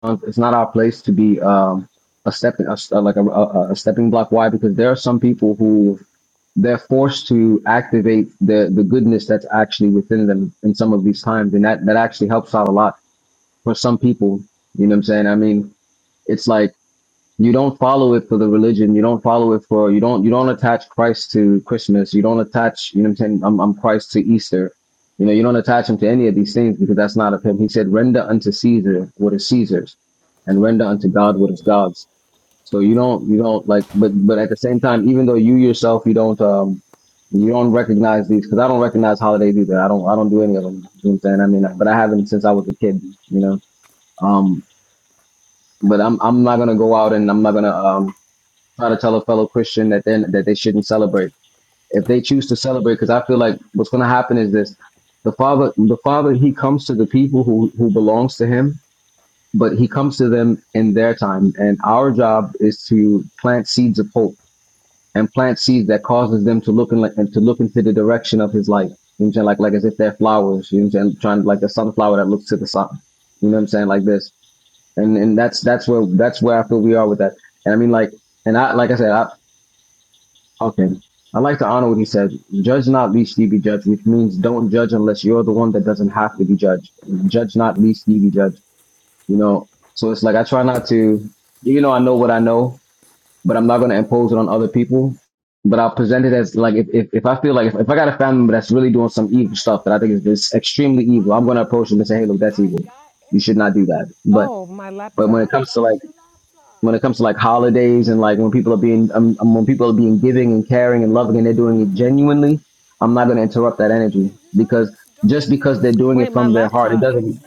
S8: Uh, It's not our place to be um, a stepping a, st- like a, a, a stepping block. Why? Because there are some people who they're forced to activate the the goodness that's actually within them in some of these times, and that that actually helps out a lot for some people. You know what I'm saying? I mean, it's like you don't follow it for the religion you don't follow it for you don't you don't attach christ to christmas you don't attach you know what i'm saying i'm, I'm christ to easter you know you don't attach him to any of these things because that's not of him he said render unto caesar what is caesar's and render unto god what is god's so you don't you don't like but but at the same time even though you yourself you don't um you don't recognize these because i don't recognize holidays either i don't i don't do any of them you know what i'm saying i mean but i haven't since i was a kid you know um but i'm i'm not gonna go out and i'm not gonna um try to tell a fellow Christian that then that they shouldn't celebrate. If they choose to celebrate, because I feel like what's going to happen is this: the father, the father, he comes to the people who who belongs to him, but he comes to them in their time. And our job is to plant seeds of hope and plant seeds that causes them to look in like to look into the direction of his light. You know what I'm saying? Like like as if they're flowers. You know what I'm saying? Trying like a sunflower that looks to the sun. You know what I'm saying? Like this. And and that's that's where that's where I feel we are with that. And I mean like and I like I said, I, Okay. I like to honor what he said. Judge not, lest ye be judged, which means don't judge unless you're the one that doesn't have to be judged. Judge not, lest ye be judged. You know, so it's like I try not to, you know, I know what I know, but I'm not going to impose it on other people. But I'll present it as like if, if, if I feel like if, if I got a family member that's really doing some evil stuff that I think is just extremely evil, I'm going to approach them and say, hey, look, that's evil. You should not do that. But
S14: Oh, my
S8: but when
S14: laptop.
S8: it
S14: I got
S8: comes to like
S14: your laptop.
S8: when it comes to like holidays and like when people are being um, um, when people are being giving and caring and loving and they're doing it genuinely i'm not going to interrupt that energy because just because they're doing it
S14: Wait, my
S8: from their heart it
S14: laptop.
S8: doesn't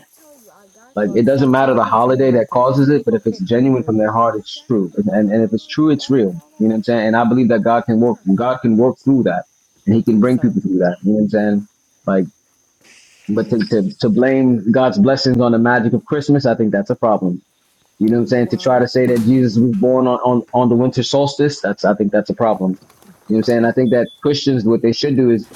S8: like
S14: Well,
S8: it
S14: stop
S8: doesn't matter the
S14: talking to me
S8: holiday that
S14: like that. These
S8: causes it but
S14: people
S8: if it's
S14: could hear
S8: genuine
S14: you.
S8: from their heart it's true and, and if it's true it's real you know what i'm saying and i believe that god can work god can work through that and he
S14: Thank
S8: can
S14: you,
S8: bring
S14: son.
S8: people through that you know what i'm saying like but to, to, to blame god's blessings on the magic of christmas i think that's a problem you know what I'm saying? To try to
S14: Wow.
S8: say that Jesus was born on, on, on the winter solstice, that's I think that's a problem. You know what I'm saying? I think that Christians what they should do is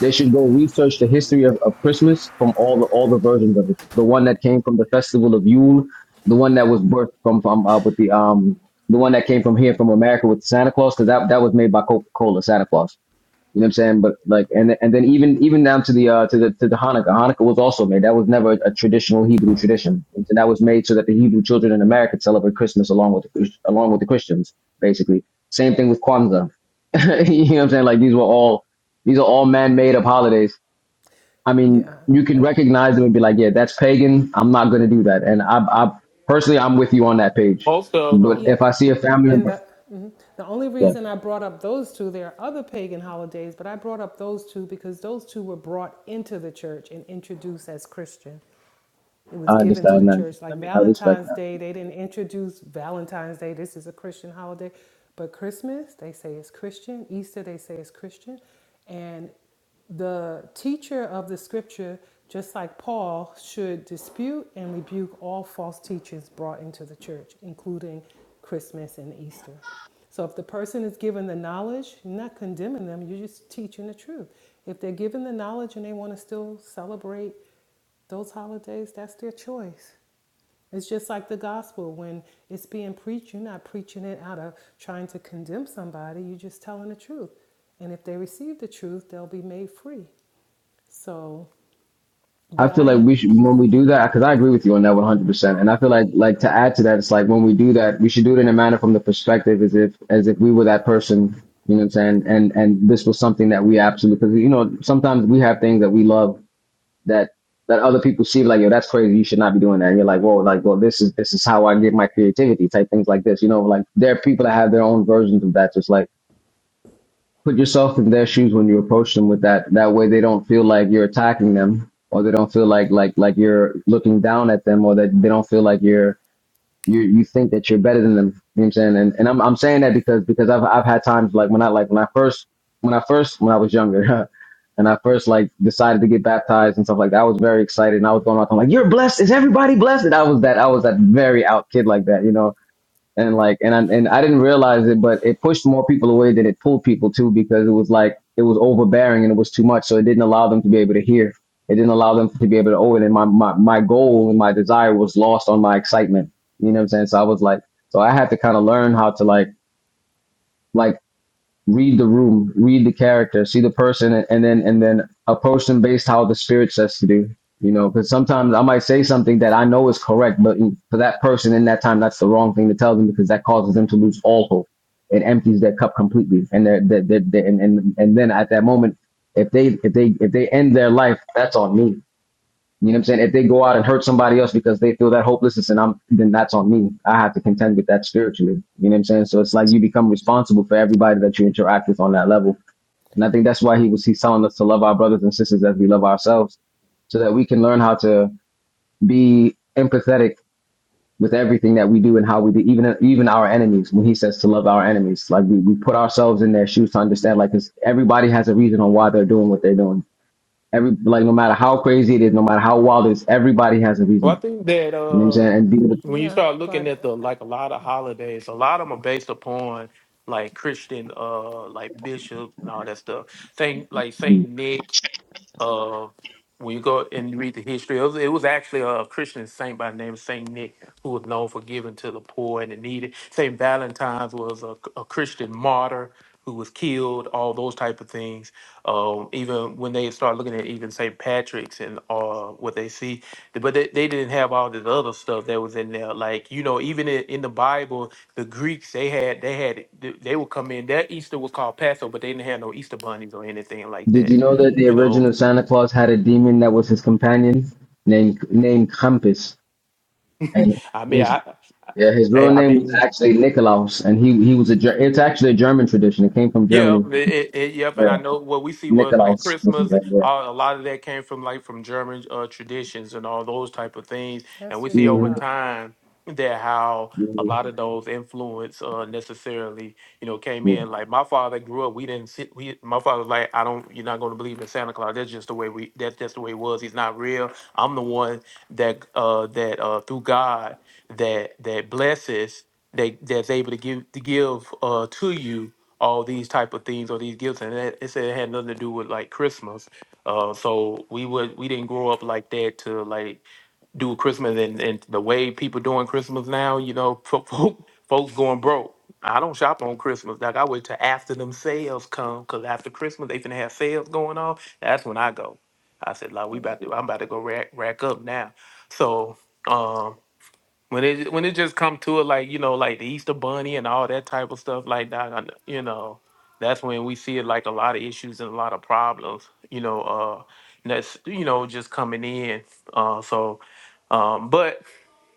S8: they should go research the history of, of Christmas from all the all the versions of it. The one that came from the festival of Yule, the one that was birthed from from uh, with the um the one that came from here from America with Santa Claus, because that that was made by Coca Cola, Santa Claus. You know what I'm saying? But like, and and then even even down to the uh to the to the Hanukkah. Hanukkah was also made. That was never a traditional Hebrew tradition, and so that was made so that the Hebrew children in America celebrate Christmas along with the, along with the Christians, basically. Same thing with Kwanzaa. (laughs) you know what I'm saying? Like these were all these are all man-made up holidays. I mean,
S14: Yeah,
S8: you can
S14: yeah,
S8: recognize them and be like, yeah, that's pagan. I'm not going to do that. And I, I personally, I'm with you on that page.
S11: Most of
S8: But
S11: them.
S8: if
S14: yeah.
S8: I see a family
S14: And
S8: member,
S14: the, mhm. the only
S8: yeah,
S14: reason I brought up those two, there are other pagan holidays, but I brought up those two because those two were brought into the church and introduced as Christian. It was
S8: I
S14: given to the
S8: understand that.
S14: church. Like
S10: Let me,
S8: I respect that.
S14: Valentine's Day, they didn't introduce Valentine's Day. This is a Christian holiday. But Christmas, they say it's Christian. Easter, they say it's Christian. And the teacher of the scripture, just like Paul, should dispute and rebuke all false teachings brought into the church, including Christmas and Easter. So if the person is given the knowledge, you're not condemning them, you're just teaching the truth. If they're given the knowledge and they want to still celebrate those holidays, that's their choice. It's just like the gospel. When it's being preached, you're not preaching it out of trying to condemn somebody, you're just telling the truth. And if they receive the truth, they'll be made free. So,
S8: I
S14: but
S8: feel
S14: I
S8: like
S14: am,
S8: we should when we do that because I agree with you on that one hundred percent. And I feel like like to add to that, it's like when we do that, we should do it in a manner from the perspective as if as if we were that person. You know what I'm saying? And and this was something that we absolutely because you know sometimes we have things that we love that that other people see like yo that's crazy you should not be doing that and you're like whoa like well this is this is how I get my creativity type things like this you know like there are people that have their own versions of that just like put yourself in their shoes when you approach them with that that way they don't feel like you're attacking them or they don't feel like like like you're looking down at them or that they don't feel like you're you you think that you're better than them you know what i'm saying and, and I'm, I'm saying that because because i've i've had times like when i like when i first when i first when i was younger (laughs) and i first like decided to get baptized and stuff like that i was very excited and i was going out i'm like you're blessed is everybody blessed and i was that i was that very out kid like that you know and like and I and I didn't realize it, but it pushed more people away than it pulled people too because it was like it was overbearing and it was too much, so it didn't allow them to be able to hear. It didn't allow them to be able to own. it. And my my my goal and my desire was lost on my excitement. You know what I'm saying? So I was like, so I had to kind of learn how to like like read the room, read the character, see the person, and, and then and then approach them based how the spirit says to do. You know, because sometimes I might say something that I know is correct, but in- for that person in that time, that's the wrong thing to tell them because that causes them to lose all hope. It empties their cup completely, and they're, they're, they're, they're- and, and and then at that moment, if they if they if they end their life, that's on me. You know what I'm saying? If they go out and hurt somebody else because they feel that hopelessness and I'm then that's on me. I have to contend with that spiritually. You know what I'm saying? So it's like you become responsible for everybody that you interact with on that level. And I think that's why he was he's telling us to love our brothers and sisters as we love ourselves, so that we can learn how to be empathetic with everything that we do and how we do, even even our enemies. When he says to love our enemies, like we, we put ourselves in their shoes to understand, like 'cause everybody has a reason on why they're doing what they're doing. Every like no matter how crazy it is, no matter how wild it is, everybody has a reason
S11: Well, I think that
S8: you know what I'm
S11: uh,
S8: saying? And did,
S11: when you
S14: yeah,
S11: start looking at the
S14: but
S11: like a lot of holidays, a lot of them are based upon like Christian, uh, like bishop and all that stuff. Saint like Saint Nick uh, when you go and read the history, it was, it was actually a Christian saint by the name of Saint Nick who was known for giving to the poor and the needy. Saint Valentine's was a, a Christian martyr who was killed. All those type of things. Um, even when they start looking at even Saint Patrick's and uh, what they see, but they, they didn't have all this other stuff that was in there. Like you know, even in, in the Bible, the Greeks they had they had they would come in. Their Easter was called Passover, but they didn't have no Easter bunnies or anything like
S8: did
S11: that
S8: you know that the
S11: you know
S8: original Santa Claus had a demon that was his companion named named Krampus, and
S11: I mean,
S8: his
S11: I, I
S8: yeah, his
S11: Hey,
S8: real
S11: I
S8: name was
S11: mean,
S8: actually Nikolaus, and he he was a Ger- it's actually a German tradition. It came from
S11: yeah,
S8: Germany.
S11: it, it, it- yep,
S8: Yeah,
S11: and I know what we see with like
S8: Nikolaus. This
S11: Christmas. Uh, a lot of that came from like from German uh, traditions and all those type of things, and
S14: that's
S11: we
S14: it,
S11: see over
S8: Mhm,
S14: yeah.
S11: time that how a
S8: mhm,
S11: lot of those influence uh, necessarily, you know, came
S8: yeah.
S11: in. Like my father grew up, we didn't sit. We my father was like, I don't, you're not going to believe in Santa Claus. That's just the way we. That's just the way it was. He's not real. I'm the one that uh, that uh, through God that that blesses that that's able to give to give uh to you all these type of things or these gifts and that it said it had nothing to do with like christmas uh so we would we didn't grow up like that to like do christmas and, and the way people doing christmas now you know (laughs) fo- fo- folks going broke i don't shop on christmas like i wait till after them sales come because after christmas they finna have sales going on that's when i go i said like we
S14: yeah.
S11: about to i'm about to go rack, rack up now so um, when it when it just come to it, like you know, like the Easter Bunny and all that type of stuff, like that, I you know, that's when we see it like a lot of issues and a lot of problems, you know. Uh, and that's you know just coming in. Uh, so, um, but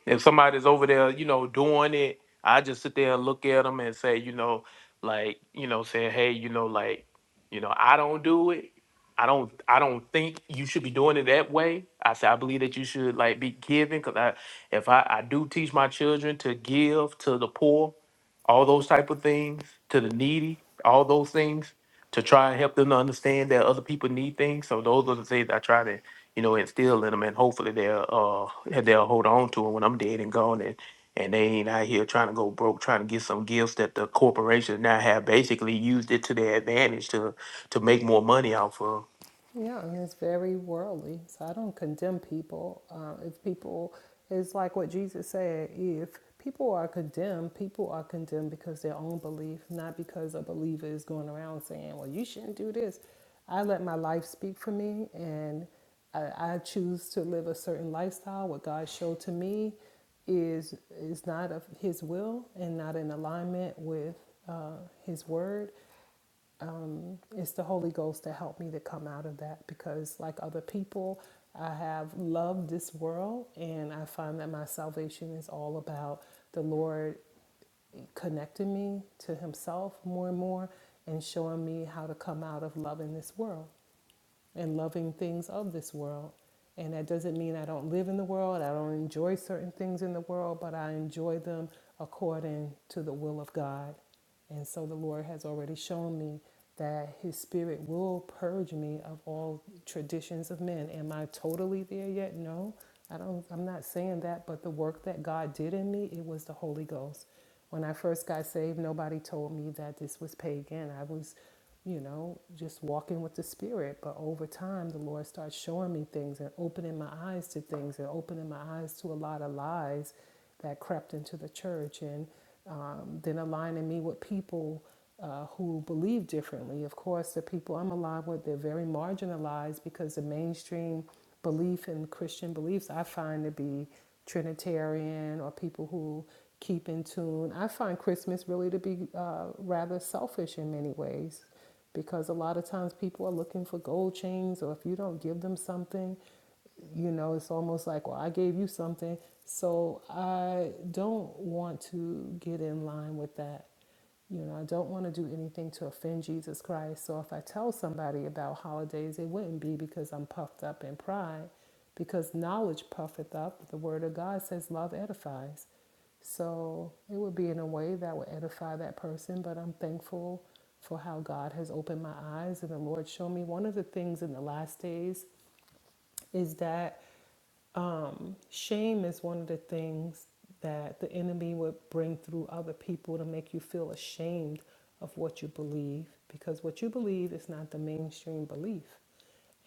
S11: if somebody's over there, you know, doing it, I just sit there and look at them and say, you know, like, you know, saying, hey, you know, like, you know, I don't do it. I don't. I don't think you should be doing it that way. I say I believe that you should like be giving because I, if I, I do teach my children to give to the poor, all those type of things to the needy, all those things to try and help them to understand that other people need things. So those are the things I try to you know, instill in them, and hopefully they'll uh they'll hold on to them when I'm dead and gone, and and they ain't out here trying to go broke, trying to get some gifts that the corporations now have basically used it to their advantage to to make more money off of.
S14: Yeah, and it's very worldly. So I don't condemn people. Uh, if people, it's like what Jesus said if people are condemned, people are condemned because their own belief, not because a believer is going around saying, well, you shouldn't do this. I let my life speak for me, and I, I choose to live a certain lifestyle. What God showed to me is is not of His will and not in alignment with uh, His word it's the Holy Ghost that helped me to come out of that because, like other people, I have loved this world and I find that my salvation is all about the Lord connecting me to Himself more and more and showing me how to come out of loving this world and loving things of this world. And that doesn't mean I don't live in the world, I don't enjoy certain things in the world, but I enjoy them according to the will of God. And so the Lord has already shown me that His Spirit will purge me of all traditions of men. Am I totally there yet? No. I don't I'm not saying that, but the work that God did in me, it was the Holy Ghost. When I first got saved, nobody told me that this was pagan. I was you know, just walking with the Spirit. But over time, the Lord starts showing me things and opening my eyes to things and opening my eyes to a lot of lies that crept into the church and um, then aligning me with people uh, who believe differently. Of course, the people I'm aligned with, they're very marginalized because the mainstream belief and Christian beliefs I find to be Trinitarian or people who keep in tune. I find Christmas really to be uh, rather selfish in many ways because a lot of times people are looking for gold chains, or if you don't give them something, you know it's almost like well i gave you something so i don't want to get in line with that you know i don't want to do anything to offend jesus christ so if i tell somebody about holidays it wouldn't be because i'm puffed up in pride because knowledge puffeth up the word of god says love edifies so it would be in a way that would edify that person, but I'm thankful for how God has opened my eyes and the Lord showed me one of the things in the last days is that um, shame is one of the things that the enemy would bring through other people to make you feel ashamed of what you believe because what you believe is not the mainstream belief.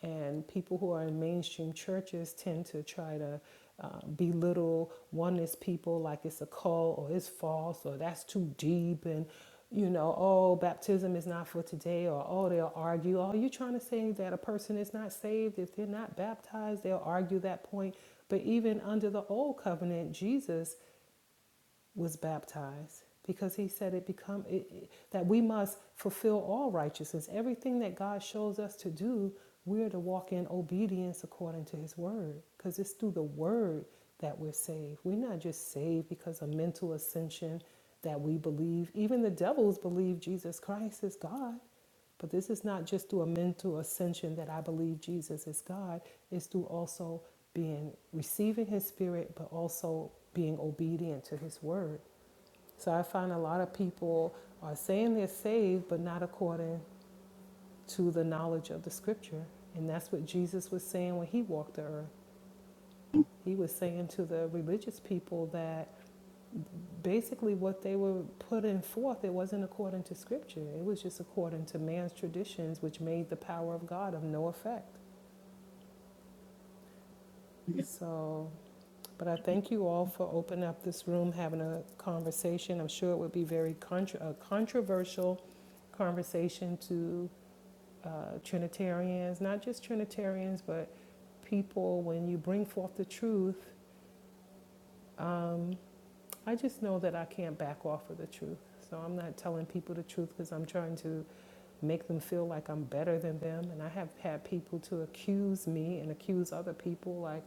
S14: And people who are in mainstream churches tend to try to uh, belittle oneness people like it's a cult or it's false or that's too deep and you know, oh, baptism is not for today, or oh, they'll argue. Oh, you're trying to say that a person is not saved if they're not baptized? They'll argue that point. But even under the old covenant, Jesus was baptized because he said it become it, it- that we must fulfill all righteousness everything that god shows us to do we're to walk in obedience according to his word because it's through the word that we're saved we're not just saved because of mental ascension that we believe even the devils believe jesus christ is god but this is not just through a mental ascension that i believe jesus is god it's through also being receiving his spirit but also being obedient to his word so I find a lot of people are saying they're saved, but not according to the knowledge of the scripture. And that's what Jesus was saying when he walked the earth. He was saying to the religious people that basically what they were putting forth, it wasn't according to scripture. It was just according to man's traditions, which made the power of God of no effect. So, but I thank you all for opening up this room, having a conversation. I'm sure it would be very contra- a controversial conversation to uh, Trinitarians, not just Trinitarians, but people, when you bring forth the truth, um, I just know that I can't back off of the truth. So I'm not telling people the truth because I'm trying to make them feel like I'm better than them. And I have had people to accuse me and accuse other people like,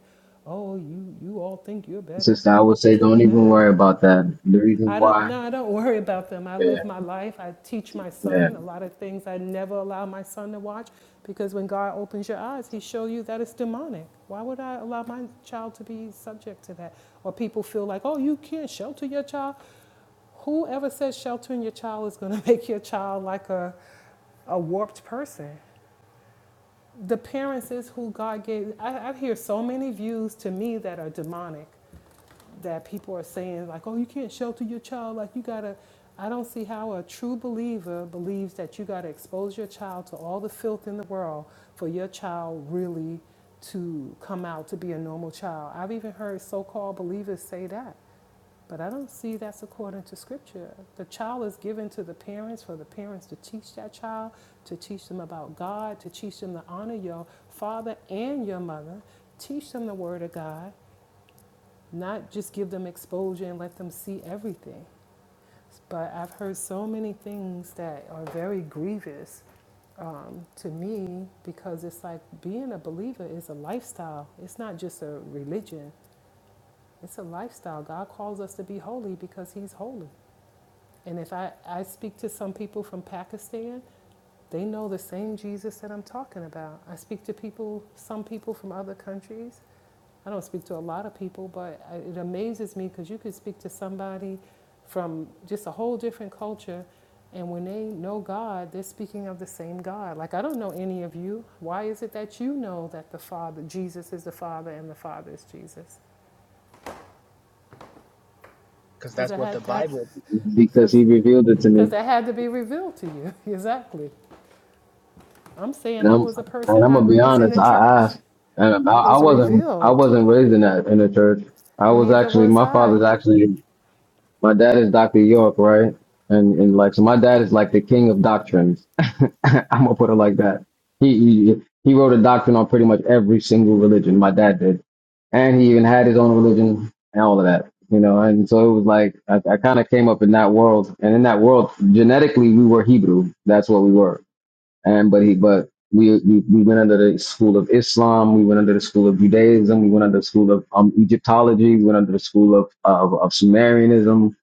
S14: oh, you, you all think you're better.
S8: Sister, I would say
S14: It's not a
S8: don't even
S14: matter
S8: worry about that. The reason
S14: I don't,
S8: why,
S14: no, I don't (laughs) worry about them. I
S8: yeah,
S14: live my life. I teach my
S8: yeah,
S14: son a lot of things I never allow my son to watch because when God opens your eyes, He shows you that it's demonic. Why would I allow my child to be subject to that? Or people feel like, oh, you can't shelter your child. Whoever says sheltering your child is going to (laughs) make your child like a, a warped person. The parents is who God gave. I, I hear so many views to me that are demonic that people are saying like, "Oh, you can't shelter your child. Like you gotta." I don't see how a true believer believes that you gotta expose your child to all the filth in the world for your child really to come out to be a normal child. I've even heard so-called believers say that, but I don't see that's according to Scripture. The child is given to the parents for the parents to teach that child, to teach them about God, to teach them to honor your father and your mother, teach them the Word of God not just give them exposure and let them see everything. But I've heard so many things that are very grievous um, to me because it's like being a believer is a lifestyle, it's not just a religion, it's a lifestyle. God calls us to be holy because He's holy. And if I, I speak to some people from Pakistan, they know the same Jesus that I'm talking about. I speak to people, some people from other countries, I don't speak to a lot of people, but it amazes me because you could speak to somebody from just a whole different culture, and when they know God, they're speaking of the same God. Like, I don't know any of you. Why is it that you know that the Father, Jesus is the Father, and the Father is Jesus?
S10: because
S14: Because
S10: that's
S14: I
S10: what the
S14: had that.
S10: Bible
S8: because
S14: Because
S8: he revealed it to me.
S14: because that had to be revealed to you. (laughs) Exactly. I'm saying
S8: And
S14: I
S8: I'm
S14: was a
S8: and
S14: person
S8: I'm gonna
S14: not
S8: be
S14: raised in
S8: honest.
S14: the
S8: I
S14: church.
S8: asked, and I,
S14: It
S8: I
S14: was
S8: wasn't I
S14: revealed.
S8: wasn't raised in that in the church. I was
S14: Neither
S8: actually
S14: was
S8: my
S14: I.
S8: father's actually my dad is Doctor York, right? And and like so, my dad is like the king of doctrines. (laughs) I'm gonna put it like that. He, he he wrote a doctrine on pretty much every single religion. My dad did, and he even had his own religion and all of that. You know, and so it was like I, I kind of came up in that world, and in that world, genetically we were Hebrew. That's what we were and but he but we, we we went under the school of Islam, we went under the school of Judaism, we went under the school of um, Egyptology, we went under the school of, of of Sumerianism,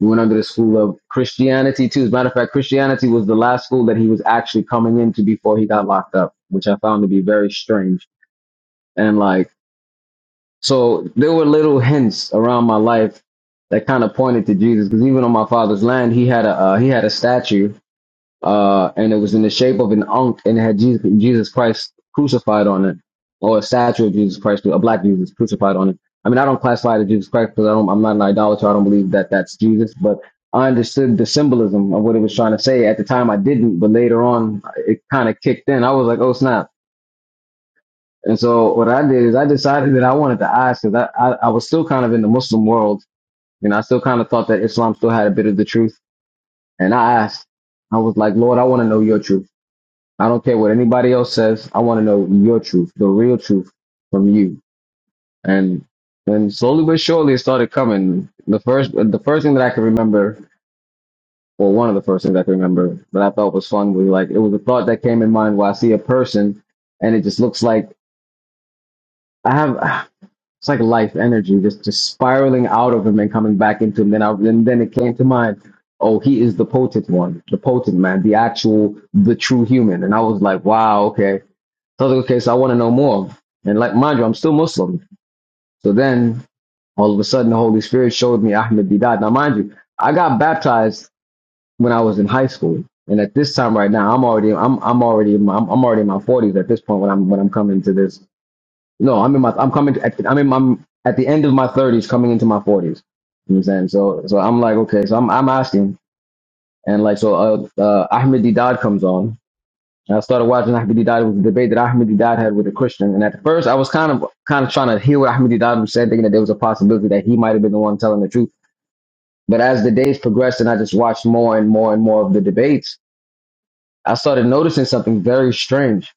S8: we went under the school of Christianity too. As a matter of fact, Christianity was the last school that he was actually coming into before he got locked up, which I found to be very strange. And like so, there were little hints around my life that kind of pointed to Jesus, because even on my father's land, he had a uh, he had a statue uh, and it was in the shape of an ankh, and it had Jesus, Jesus Christ crucified on it, or a statue of Jesus Christ, a black Jesus crucified on it. I mean, I don't classify it as Jesus Christ because I don't, I'm not an idolater. I don't believe that that's Jesus, but I understood the symbolism of what it was trying to say. At the time, I didn't, but later on, it kind of kicked in. I was like, oh snap. And so what I did is I decided that I wanted to ask because I, I, I was still kind of in the Muslim world and I still kind of thought that Islam still had a bit of the truth. And I asked, I was like, Lord, I want to know your truth. I don't care what anybody else says. I want to know your truth, the real truth from you. And and slowly but surely it started coming. The first the first thing that I can remember, or one of the first things I can remember that I thought was fun was like it was a thought that came in mind while I see a person and it just looks like I have it's like life energy just just spiraling out of him and coming back into him. Then I then then it came to mind, oh he is the potent one, the potent man, the actual the true human. And I was like, wow, okay So I was like, okay, so I want to know more. And like, mind you, I'm still Muslim. So then all of a sudden the Holy Spirit showed me Ahmed Didat. Now, mind you, I got baptized when I was in high school. And at this time right now, I'm already, I'm, I'm already, in my, I'm, I'm already in my forties at this point when I'm, when I'm coming to this. No, I'm in my, I'm coming, to, at, the- I'm in my, at the end of my thirties, coming into my forties. You know what I'm saying? So, so I'm like, okay, so I'm, I'm asking. And like, so, uh, uh, Ahmed Didat comes on and I started watching Ahmed Dad was a debate that Ahmed Dad had with a Christian. And at first, I was kind of kind of trying to hear what Ahmed Dad was saying, thinking that there was a possibility that he might have been the one telling the truth. But as the days progressed and I just watched more and more and more of the debates, I started noticing something very strange.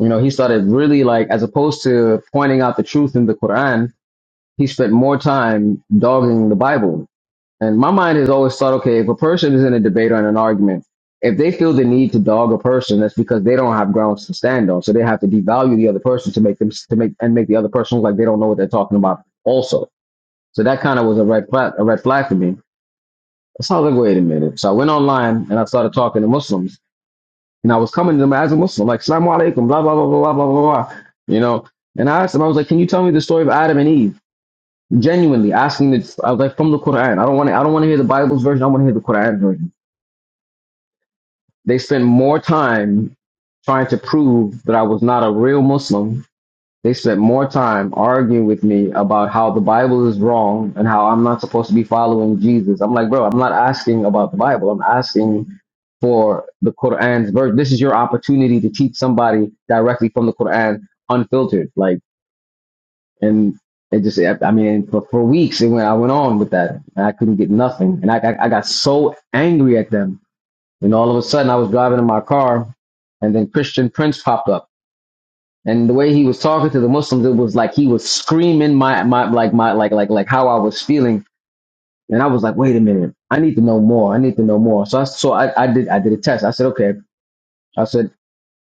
S8: You know, he started really like, as opposed to pointing out the truth in the Quran, he spent more time dogging the Bible and my mind has always thought, okay, if a person is in a debate or in an argument, if they feel the need to dog a person, that's because they don't have grounds to stand on. So they have to devalue the other person to make them to make and make the other person look like they don't know what they're talking about. Also, so that kind of was a red flag, a red flag for me. So I was like, wait a minute. So I went online and I started talking to Muslims, and I was coming to them as a Muslim, like "Salaam alaikum," blah blah blah blah blah blah blah, blah," you know. And I asked them, I was like, "Can you tell me the story of Adam and Eve?" Genuinely asking, this, I was like, "From the Quran. I don't want to. I don't want to hear the Bible's version. I want to hear the Quran version." They spent more time trying to prove that I was not a real Muslim. They spent more time arguing with me about how the Bible is wrong and how I'm not supposed to be following Jesus. I'm like, bro, I'm not asking about the Bible. I'm asking for the Quran's verse. This is your opportunity to teach somebody directly from the Quran, unfiltered. Like, and it just, I I mean, for, for weeks, it went, I went on with that. And I couldn't get nothing. And I, I, I got so angry at them and all of a sudden, I was driving in my car, and then Christian Prince popped up. And the way he was talking to the Muslims, it was like he was screaming my my like my like like like how I was feeling. And I was like, wait a minute, I need to know more. I need to know more. So I so I, I did I did a test. I said, okay. I said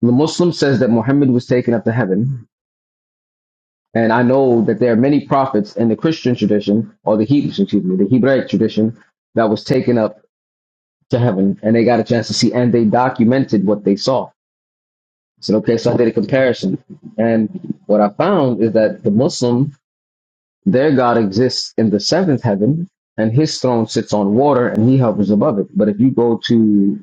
S8: the Muslim says that Muhammad was taken up to heaven, and I know that there are many prophets in the Christian tradition or the Hebrew excuse me the Hebraic tradition that was taken up to heaven, and they got a chance to see, and they documented what they saw. said, okay, so I did a comparison. And what I found is that the Muslim, their God exists in the seventh heaven and his throne sits on water and he hovers above it. But if you go to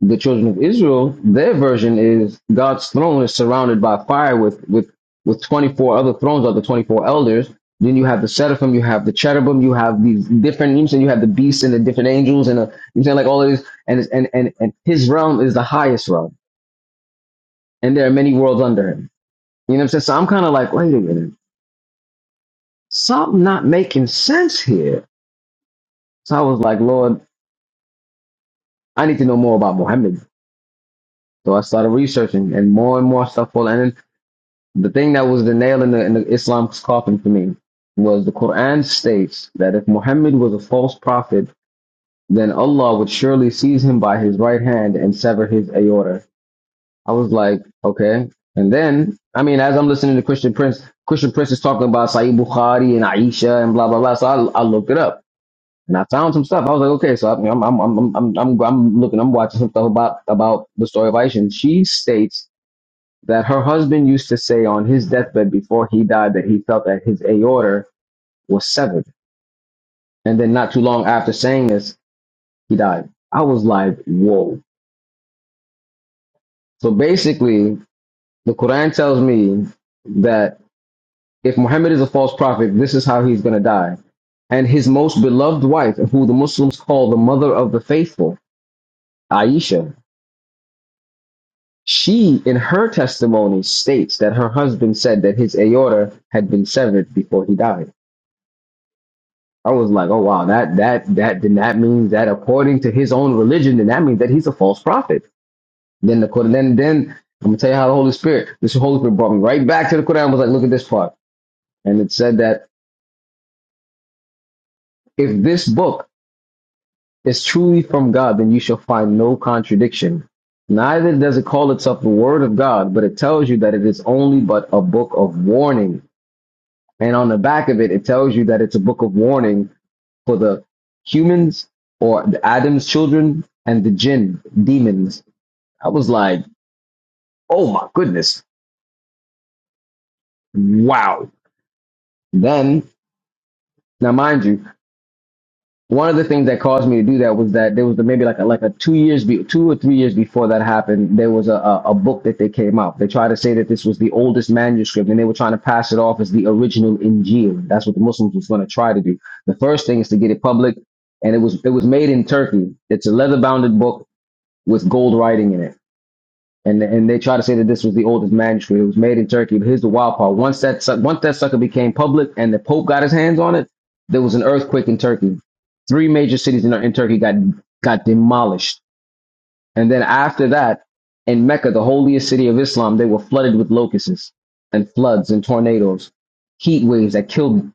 S8: the children of Israel, their version is God's throne is surrounded by fire with, with, with 24 other thrones or the 24 elders. Then you have the seraphim, you have the cherubim, you have these different, you know, and you have the beasts and the different angels and the, you know, what I'm saying, like all of this. And, it's- and, and, and his realm is the highest realm. And there are many worlds under him. You know what I'm saying? So I'm kind of like, wait a minute, something not making sense here. So I was like, Lord, I need to know more about Muhammad. So I started researching and more and more stuff. Well, and then the thing that was the nail in the, in the Islam's coffin for me was the Quran states that if Muhammad was a false prophet, then Allah would surely seize him by his right hand and sever his aorta. I was like, okay. And then, I mean, as I'm listening to Christian Prince, Christian Prince is talking about Sahih Bukhari and Aisha and blah, blah, blah. So I, I looked it up. and I found some stuff. I was like, okay, so I'm I'm I'm I'm I'm, I'm, I'm looking, I'm watching some stuff about about the story of Aisha. And she states that her husband used to say on his deathbed before he died that he felt that his aorta was severed, and then not too long after saying this, he died. I was like, whoa. So basically, the Quran tells me that if Muhammad is a false prophet, this is how he's going to die. And his most beloved wife, who the Muslims call the mother of the faithful, Aisha, She, in her testimony, states that her husband said that his aorta had been severed before he died. I was like, oh wow, that that that then that means that according to his own religion, then that means that he's a false prophet. Then the Quran, then then I'm gonna tell you how the Holy Spirit, this Holy Spirit brought me right back to the Quran. I was like, look at this part, and it said that if this book is truly from God, then you shall find no contradiction. Neither does it call itself the Word of God, but it tells you that it is only but a book of warning And on the back of it, it tells you that it's a book of warning for the humans or the Adam's children and the jinn, demons. I was like, oh my goodness. Wow. Then, now mind you, one of the things that caused me to do that was that there was the, maybe like a, like a two years be, two or three years before that happened there was a, a, a book that they came out they tried to say that this was the oldest manuscript and they were trying to pass it off as the original Injil that's what the Muslims was going to try to do the first thing is to get it public and it was it was made in Turkey it's a leather bounded book with gold writing in it and and they try to say that this was the oldest manuscript. It was made in Turkey, but here's the wild part: once that suck- once that sucker became public and the Pope got his hands on it, there was an earthquake in Turkey. Three major cities in, in Turkey got got demolished, and then after that, in Mecca, the holiest city of Islam, they were flooded with locusts and floods and tornadoes, heat waves that killed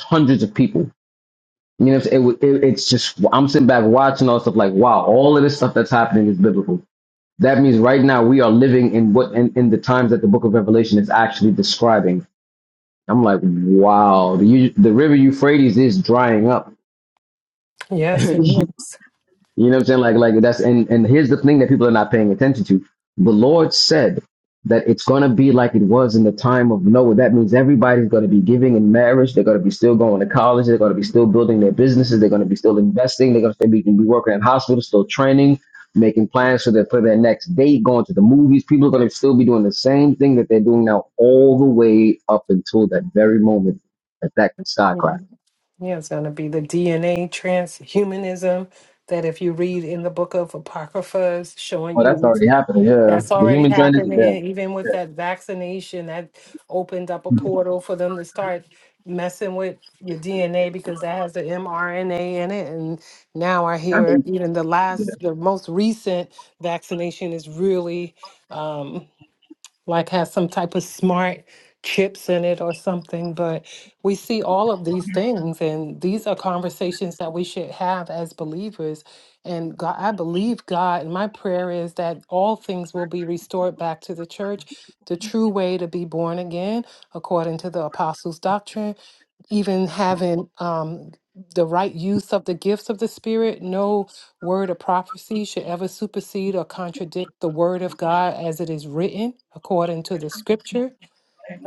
S8: hundreds of people. You know, it, it, it's just I'm sitting back watching all this stuff like, wow, all of this stuff that's happening is biblical that means right now we are living in what in, in the times that the book of Revelation is actually describing. I'm like, wow, the, the river Euphrates is drying up
S14: Yes, it is.
S8: You know what I'm saying? Like, like that's and and here's the thing that people are not paying attention to. The Lord said that it's gonna be like it was in the time of Noah. That means everybody's gonna be giving in marriage. They're gonna be still going to college. They're gonna be still building their businesses. They're gonna be still investing. They're gonna be, be working in hospitals, still training, making plans for their for their next date, going to the movies. People are gonna still be doing the same thing that they're doing now, all the way up until that very moment that that sky cracked.
S14: Yeah, it's going to be the DNA transhumanism that if you read in the book of Apocrypha, is showing
S8: Well, that's
S14: you
S8: already happening. Yeah,
S14: that's
S8: the
S14: already
S8: human trend is yeah.
S14: happening. Even with that vaccination, that opened up a portal for them to start messing with your DNA because that has the mRNA in it. And now I hear even the last, the most recent vaccination is really. um, like has some type of smart chips in it or something. But we see all of these things, and these are conversations that we should have as believers. And God, I believe God, and my prayer is that all things will be restored back to the church, the true way to be born again, according to the apostles' doctrine even having um, the right use of the gifts of the Spirit. No word of prophecy should ever supersede or contradict the word of God as it is written according to the scripture.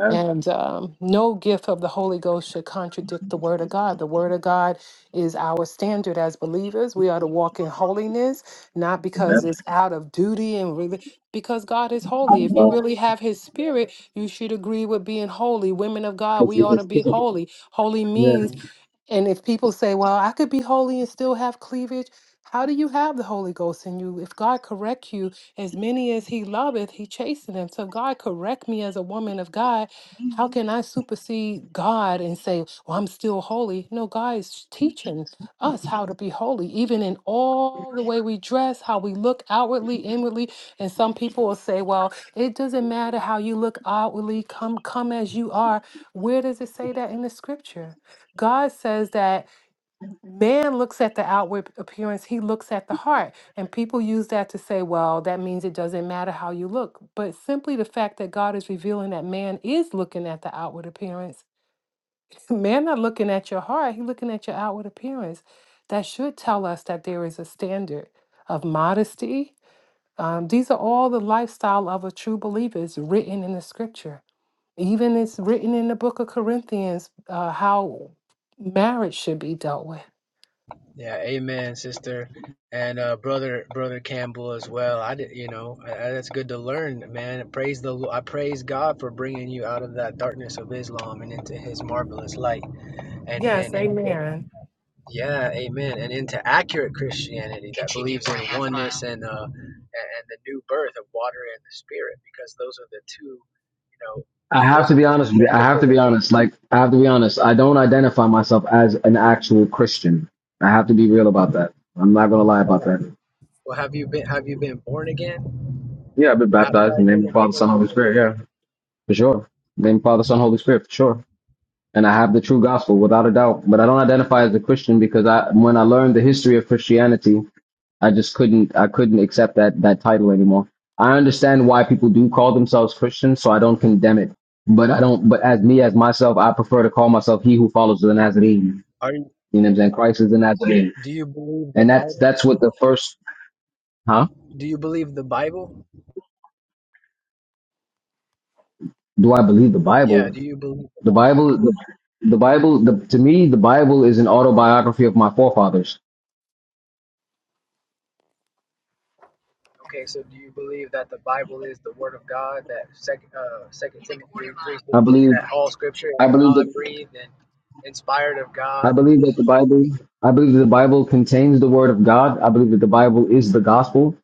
S14: And um, no gift of the Holy Ghost should contradict the word of God. The word of God is our standard as believers. We are to walk in holiness, not because it's out of duty and really. Because God is holy. If you
S8: Uh,
S14: really have His Spirit, you should agree with being holy. Women of God, we ought to be holy. Holy
S8: yeah.
S14: means and if people say, well, I could be holy and still have cleavage, how do you have the Holy Ghost in you? If God correct you, as many as he loveth, he chasteneth. So God correct me as a woman of God. How can I supersede God and say, well, I'm still holy? No, God is teaching us how to be holy, even in all the way we dress, how we look outwardly, inwardly. And some people will say, well, it doesn't matter how you look outwardly, come, come as you are. Where does it say that in the scripture? God says that man looks at the outward appearance, he looks at the heart. And people use that to say, well, that means it doesn't matter how you look. But simply the fact that God is revealing that man is looking at the outward appearance man not looking at your heart he looking at your outward appearance that should tell us that there is a standard of modesty um, these are all the lifestyle of a true believer is written in the scripture even it's written in the book of corinthians uh, how marriage should be dealt with
S10: Yeah, amen, sister, and uh, brother, brother Campbell as well. I did, you know, I, I- that's good to learn, man. Praise the, Lo- I praise God for bringing you out of that darkness of Islam and into His marvelous light, and
S14: yes
S10: and into,
S14: amen
S10: yeah, amen, and into accurate Christianity that Continue believes in three half oneness mile. and uh and and the new birth of water and the Spirit, because those are the two, you know,
S8: I have
S10: those
S8: to
S10: are
S8: be
S10: the. two.
S8: honest with you. I have to be honest. Like, I have to be honest. I don't identify myself as an actual Christian. I have to be real about that. I'm not gonna lie about that.
S10: Well, have you been have you been born again,
S8: Yeah, I've been baptized in
S10: baptized
S8: the name
S10: in
S8: of the
S10: the name
S8: Father,
S10: of
S8: Son, Holy
S10: Jesus?
S8: Spirit. Yeah, for sure. Name of the Father, Son, Holy Spirit, for sure. And I have the true gospel without a doubt. But I don't identify as a Christian because I, when I learned the history of Christianity, I just couldn't I couldn't accept that that title anymore. I understand why people do call themselves Christians, so I don't condemn it. But I don't but as me as myself, I prefer to call myself he who follows the Nazarene.
S10: Aren't
S8: You know what I'm saying? Christ is the Nazarene.
S10: Do you believe the
S8: And that's
S10: Bible?
S8: that's what the first huh?
S10: Do you believe the Bible?
S8: Do I believe the
S10: Yeah,
S8: Bible?
S10: do you believe the
S8: The
S10: Bible?
S8: Bible the, the Bible the, to me the Bible is an autobiography of my forefathers.
S10: Okay, so do you believe that the Bible is the Word of God? That second, uh, Second Timothy three
S8: I
S10: sixteen,
S8: believe
S10: that all Scripture is
S8: I believe that
S10: God breathed and inspired of
S8: I
S10: God.
S8: believe that the Bible I believe that the Bible contains the word of God. I believe that the Bible is the gospel.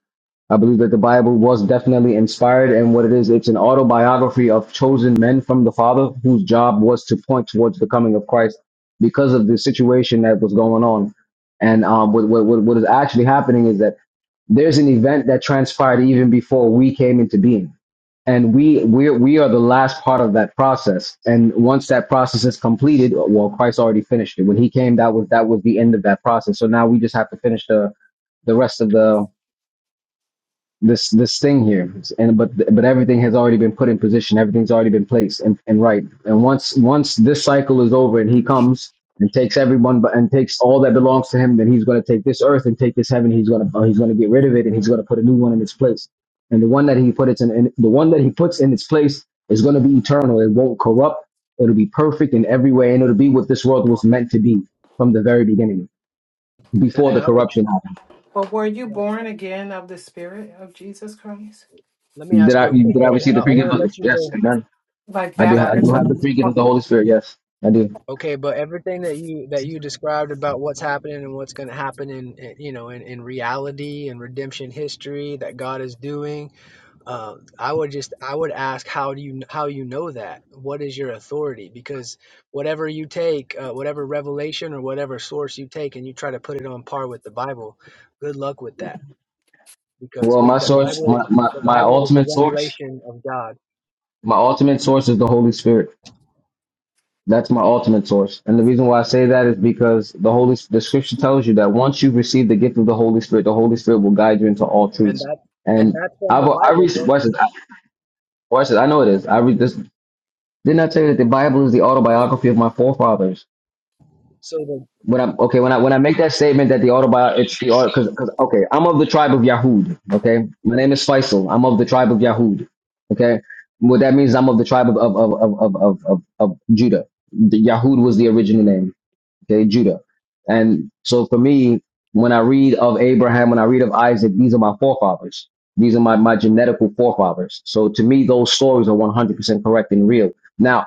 S8: I believe that the Bible was definitely inspired, and what it is, it's an autobiography of chosen men from the Father whose job was to point towards the coming of Christ because of the situation that was going on. And um, what, what, what what is actually happening is that there's an event that transpired even before we came into being. And we, we, we are the last part of that process. And once that process is completed, well, Christ already finished it. When he came, that was, that was the end of that process. So now we just have to finish the, the rest of the, this this thing here and but but everything has already been put in position everything's already been placed and, and right and once once this cycle is over and he comes and takes everyone but and takes all that belongs to him then he's going to take this earth and take this heaven he's going to he's going to get rid of it and he's going to put a new one in its place and the one that he put it in, in the one that he puts in its place is going to be eternal it won't corrupt it'll be perfect in every way and it'll be what this world was meant to be from the very beginning
S10: And,
S8: before
S10: and
S8: the
S10: I would,
S8: corruption happened
S14: but were you
S10: yeah.
S14: born again of the spirit of jesus christ
S10: Let me
S8: did
S10: ask
S8: i
S10: real quick
S8: did i
S10: though.
S8: receive
S10: I,
S8: the
S10: I
S8: free good
S10: want to
S8: book
S10: let you
S8: yes
S10: go.
S8: amen
S14: like
S8: I
S10: You
S8: do. Ha-
S10: got
S8: I
S10: it.
S8: do
S14: baptism
S8: have the free gift of the Holy Spirit. Yes, I do.
S10: Okay, but everything that you that you described about what's happening and what's going to happen in, in you know in, in reality and redemption history that God is doing Uh, I would just I would ask how do you how you know that? What is your authority? Because whatever you take, uh, whatever revelation or whatever source you take, and you try to put it on par with the Bible, good luck with that. Because
S8: Well,
S10: we
S8: my
S10: the
S8: source,
S10: Bible
S8: my,
S10: is
S8: my,
S10: the
S8: my
S10: Bible is the
S8: ultimate source,
S10: revelation of God,
S8: my ultimate source is the Holy Spirit. That's my ultimate source, and the reason why I say that is because the Holy, the Scripture tells you that once you receive the gift of the Holy Spirit, the Holy Spirit will guide you into all
S10: and
S8: truths.
S10: that and
S8: And
S10: that's from
S8: I've,
S10: the
S8: I
S10: Bible,
S8: recently,
S10: bro.
S8: watch this, I- watch this. I know it is. I read this. Didn't I tell you that the Bible is the autobiography of my forefathers?
S10: So the
S8: when I okay when I when I make that statement that the autobiography it's the auto because because okay I'm of the tribe of Yahud okay my name is Faisal I'm of the tribe of Yahud okay what that means I'm of the tribe of of of of of of, of, Judah the Yahud was the original name okay, Judah. And so for me, when I read of Abraham, when I read of Isaac, these are my forefathers. These are my, my genetical forefathers. So to me, those stories are 100% correct and real. Now,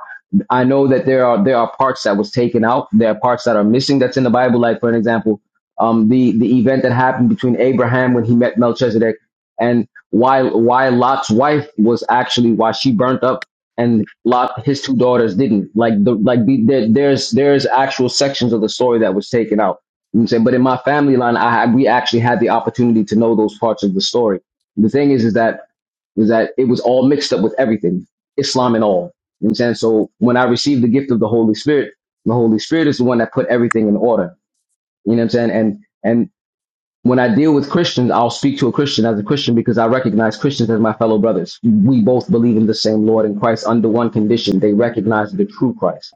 S8: I know that there are, there are parts that was taken out. There are parts that are missing that's in the Bible. Like, for an example, um, the, the event that happened between Abraham when he met Melchizedek and why, why Lot's wife was actually, why she burnt up and Lot his two daughters didn't. Like the like the, there, there's there's actual sections of the story that was taken out. You know what I'm saying, but in my family line, I had we actually had the opportunity to know those parts of the story. The thing is, is that is that it was all mixed up with everything, Islam and all. You know what I'm saying, so when I received the gift of the Holy Spirit, the Holy Spirit is the one that put everything in order. You know what I'm saying, and and when I deal with Christians, I'll speak to a Christian as a Christian because I recognize Christians as my fellow brothers. We both believe in the same Lord and Christ under one condition. They recognize the true Christ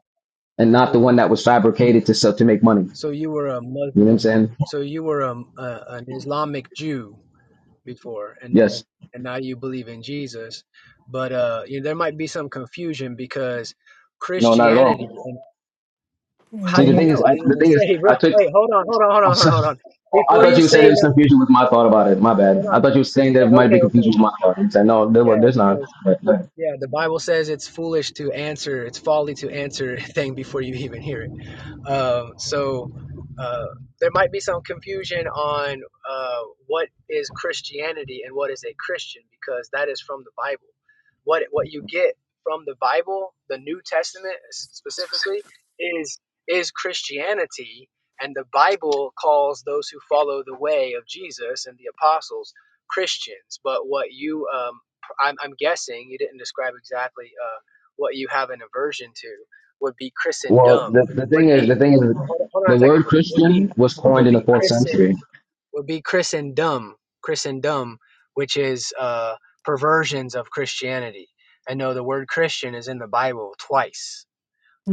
S8: and not the
S10: so,
S8: one that was fabricated to sell, to make money.
S10: so you were a
S8: You know what I'm
S10: Muslim,
S8: saying?
S10: so you were a, a an Islamic Jew, before and
S8: Yes.
S10: and and now you believe in Jesus but uh you know, there might be some confusion because
S8: No, not at
S10: Christianity
S8: all.
S10: and how
S8: See,
S10: do
S8: the
S10: you
S8: thing is,
S10: know I didn't
S8: the
S10: even (laughs)
S8: thing is,
S10: say bro
S8: I took,
S10: hey hold on hold on
S8: (laughs)
S10: hold
S8: I'm
S10: on hold on
S8: sorry.
S10: hold on.
S8: I
S10: before
S8: thought
S10: you
S8: you were
S10: say
S8: saying there was
S10: no
S8: confusion with my thought about it. My bad.
S10: hold
S8: I
S10: on
S8: thought you were saying there
S10: yeah
S8: might be
S10: okay okay
S8: confusion with my thought. I'm saying, no, there, well,
S10: yeah
S8: there's not.
S10: because
S8: But, but-
S10: yeah the Bible says it's foolish to answer it's folly to answer (laughs) a thing before you even hear it Um, so uh, there might be some confusion on uh, what is Christianity and what is a Christian because that is from the Bible. What what you get from the Bible, the New Testament specifically, is is Christianity, and the Bible calls those who follow the way of Jesus and the apostles Christians. But what you, um, I'm, I'm guessing, you didn't describe exactly uh, what you have an aversion to would be
S8: well,
S10: Christendom
S8: the, the
S10: would
S8: thing is,
S10: be
S8: the thing is,
S10: Hold, hold on a
S8: the
S10: second.
S8: word
S10: Would be
S8: Christian was coined
S10: would
S8: in the
S10: be
S8: fourth
S10: Christen
S8: century.
S10: would be Christendom, Christendom, which is uh, perversions of Christianity. I know the word Christian is in the Bible twice.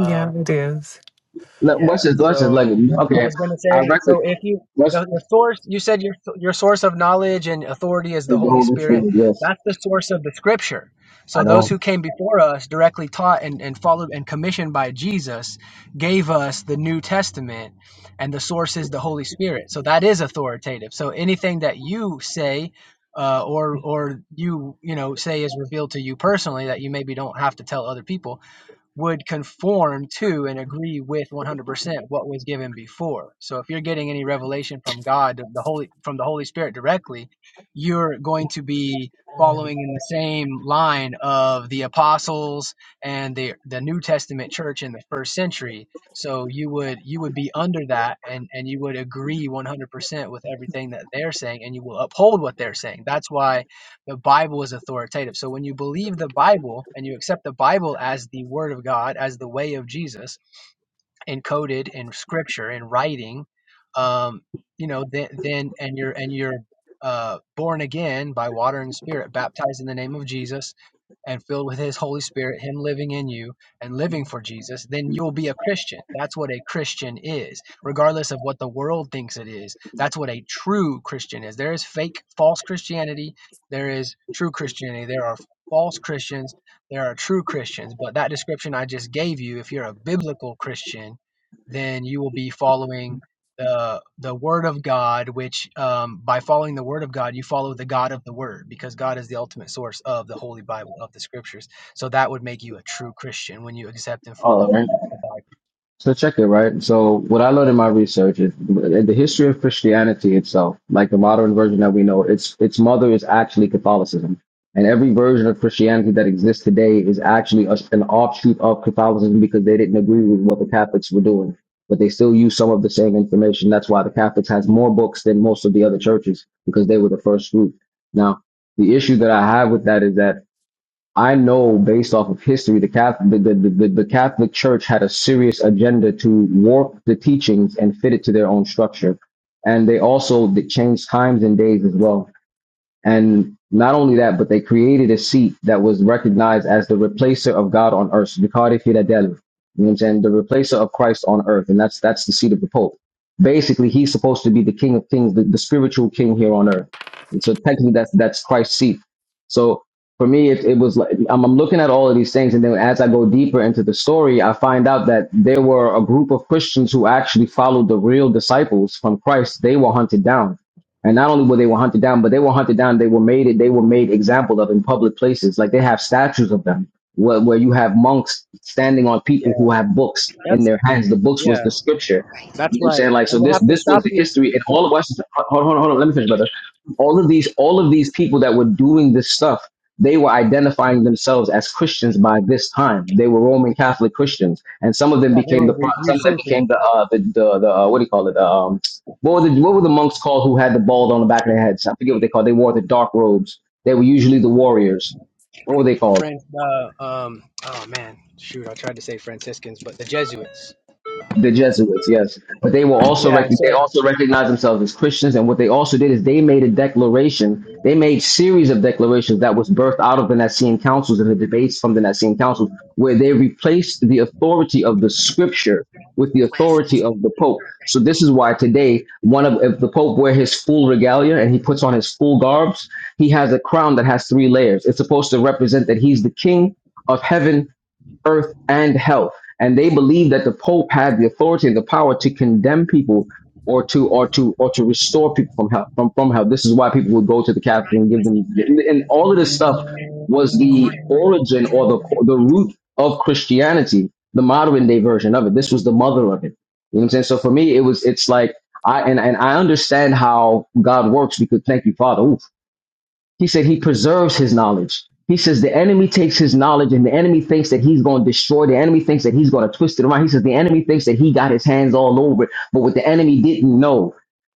S10: Um,
S14: it is
S8: Look, What's
S10: yeah.
S8: his, what's his like?
S10: So I
S8: Okay,
S10: was going to
S8: I
S10: say,
S8: reckon.
S10: so if you
S8: What's
S10: the, the source you said your your source of knowledge and authority is
S8: the
S10: the Holy
S8: golden
S10: Spirit.
S8: food? Yes,
S10: That's the source of the Scripture.
S8: I
S10: So those
S8: know.
S10: who came before us, directly taught and, and followed and commissioned by Jesus, gave us the New Testament, and the source is the Holy Spirit. So that is authoritative. So anything that you say. Uh, or, or you, you know, say is revealed to you personally that you maybe don't have to tell other people would conform to and agree with 100% what was given before. So if you're getting any revelation from God, the Holy from the Holy Spirit directly, you're going to be following in the same line of the apostles and the the New Testament church in the first century. So you would you would be under that and and you would agree 100% with everything that they're saying and you will uphold what they're saying. That's why the Bible is authoritative. So when you believe the Bible and you accept the Bible as the Word of God, as the way of Jesus, encoded in Scripture in writing, um, you know, then, then and you're and you're uh, born again by water and Spirit, baptized in the name of Jesus, and filled with his Holy Spirit, him living in you and living for Jesus, then you'll be a Christian. That's what a Christian is, regardless of what the world thinks it is. That's what a true Christian is. There is fake, false Christianity, there is true Christianity, there are false Christians, there are true Christians. But that description I just gave you, if you're a biblical Christian, then you will be following the the word of God, which um, by following the word of God, you follow the God of the word, because God is the ultimate source of the Holy Bible of the Scriptures. So that would make you a true Christian when you accept and
S8: All
S10: follow
S8: right.
S10: the Bible.
S8: So check it, right? So what I learned in my research is in the history of Christianity itself, like the modern version that we know, its its mother is actually Catholicism. And every version of Christianity that exists today is actually a, an offshoot of Catholicism because they didn't agree with what the Catholics were doing, but they still use some of the same information. That's why the Catholics has more books than most of the other churches because they were the first group. Now, the issue that I have with that is that I know based off of history, the Catholic, the, the, the, the Catholic Church had a serious agenda to warp the teachings and fit it to their own structure. And they also they changed times and days as well. And not only that, but they created a seat that was recognized as the replacer of God on earth, Vicari Fidadelu. You know what I'm saying? The replacer of Christ on earth. And that's that's the seat of the Pope. Basically, he's supposed to be the King of Kings, the, the spiritual king here on earth. And so technically that's that's Christ's seat. So for me, it, it was like I'm, I'm looking at all of these things, and then as I go deeper into the story, I find out that there were a group of Christians who actually followed the real disciples from Christ. They were hunted down and not only were they were hunted down, but they were hunted down. They were made. They were made example of in public places. Like they have statues of them, where, where you have monks standing on people
S10: Yeah,
S8: who have books in
S10: that's
S8: their hands. The books was
S10: yeah,
S8: the scripture. You know
S10: that's
S8: what I'm
S10: right.
S8: saying like so.
S10: I'm gonna
S8: This
S10: have to
S8: this was
S10: stop
S8: the
S10: you.
S8: history, and all of us. Hold, on, hold on. Let me finish, brother. All of these, all of these people that were doing this stuff, they were identifying themselves as Christians by this time. They were Roman Catholic Christians, and some of them became the pro- some of them became the uh the the, the uh, what do you call it? The, um what were the what were the monks called who had the bald on the back of their heads? I forget what they called. They wore the dark robes. They were usually the warriors. What were they called?
S10: Friends, uh, um, oh man, shoot, I tried to say Franciscans, but the Jesuits.
S8: The Jesuits, yes, but they were also
S10: Yeah,
S8: rec- they
S10: so
S8: also recognized themselves as Christians, and what they also did is they made a declaration. They made series of declarations that was birthed out of the Nicene Councils and the debates from the Nicene Councils, where they replaced the authority of the Scripture with the authority of the Pope. So this is why today, one of if the Pope wear his full regalia and he puts on his full garbs, he has a crown that has three layers. It's supposed to represent that he's the King of Heaven earth, and hell. And they believe that the Pope had the authority and the power to condemn people or to or to or to restore people from hell from, from hell. This is why people would go to the Catholic and give them and all of this stuff was the origin or the the root of Christianity, the modern day version of it. This was the mother of it. You know what I'm saying? So for me, it was it's like I and, and I understand how God works because thank you, Father. Oof. He said he preserves his knowledge. He says the enemy takes his knowledge and the enemy thinks that he's going to destroy. The enemy thinks that he's going to twist it around. He says the enemy thinks that he got his hands all over it. But what the enemy didn't know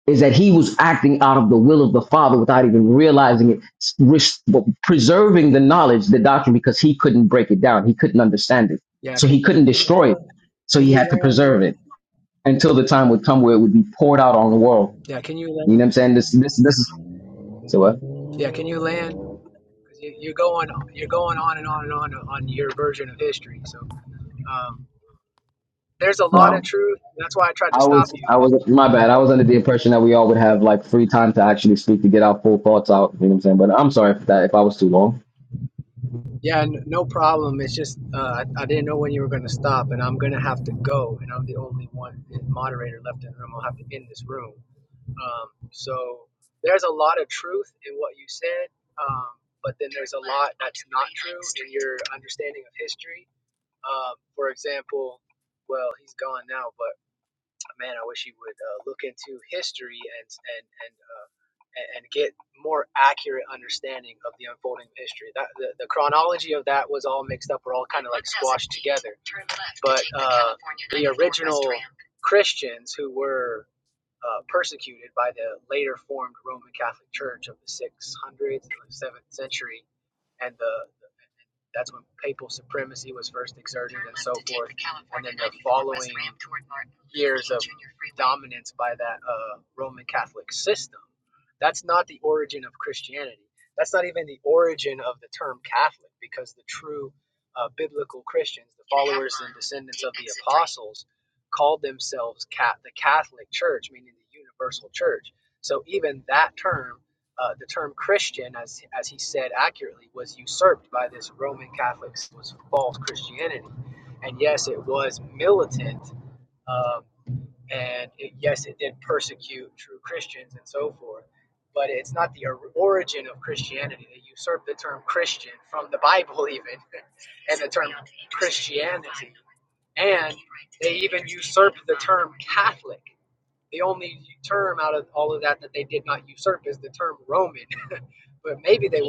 S8: is that he was acting out of the will of the Father without even realizing it, res- preserving the knowledge, the doctrine, because he couldn't break it down. He couldn't understand it.
S10: Yeah,
S8: So he
S10: can
S8: couldn't
S10: can you hold
S8: destroy it.
S10: up?
S8: So
S10: Can
S8: he
S10: you
S8: had to
S10: land,
S8: preserve
S10: bro?
S8: it until the time would come where it would be poured out on the world.
S10: yeah, can you
S8: You know what I'm
S10: land?
S8: saying? This, this, this is so what?
S10: Yeah, can you land? you- are going you're going on and on and on on your version of history. So um, there's a lot
S8: Wow.
S10: of truth. That's why I tried to
S8: I
S10: stop
S8: was,
S10: you.
S8: I was, my bad. I was under the impression that we all would have like free time to actually speak to get our full thoughts out. You know what I'm saying? But I'm sorry for that if I was too long.
S10: Yeah, n- no problem. It's just uh, I, I didn't know when you were going to stop, and I'm going to have to go, and I'm the only one eh, moderator left in the room. I'll have to end this room. Um, so there's a lot of truth in what you said, um, but then there's your understanding of history. Um, for example, well, he's gone now, but. man, I wish he would uh, look into history and and and uh, and get more accurate understanding of the unfolding of history. That the, the chronology of that was all mixed up. We're all kind of like Christians who were uh, persecuted by the later formed Roman Catholic Church of the 600s, 7th century, and the that's when papal supremacy was first exerted dominance by that uh, Roman Catholic system. That's not the origin of Christianity. That's not even the origin of the term Catholic, because the true uh, biblical Christians, the descendants apostles, called themselves cat the Catholic Church, meaning the universal church. So even that term, uh, the term Christian, as as he said accurately, was usurped by this Roman Catholic was false Christianity, and yes, it was militant. Um, and it, yes, it did persecute true Christians and so forth, but it's not the origin of Christianity. They usurped the term Christian from the Bible, even, (laughs) and they even usurped the term Catholic. The only term out of all of that that they did not usurp is the term Roman, (laughs) but maybe they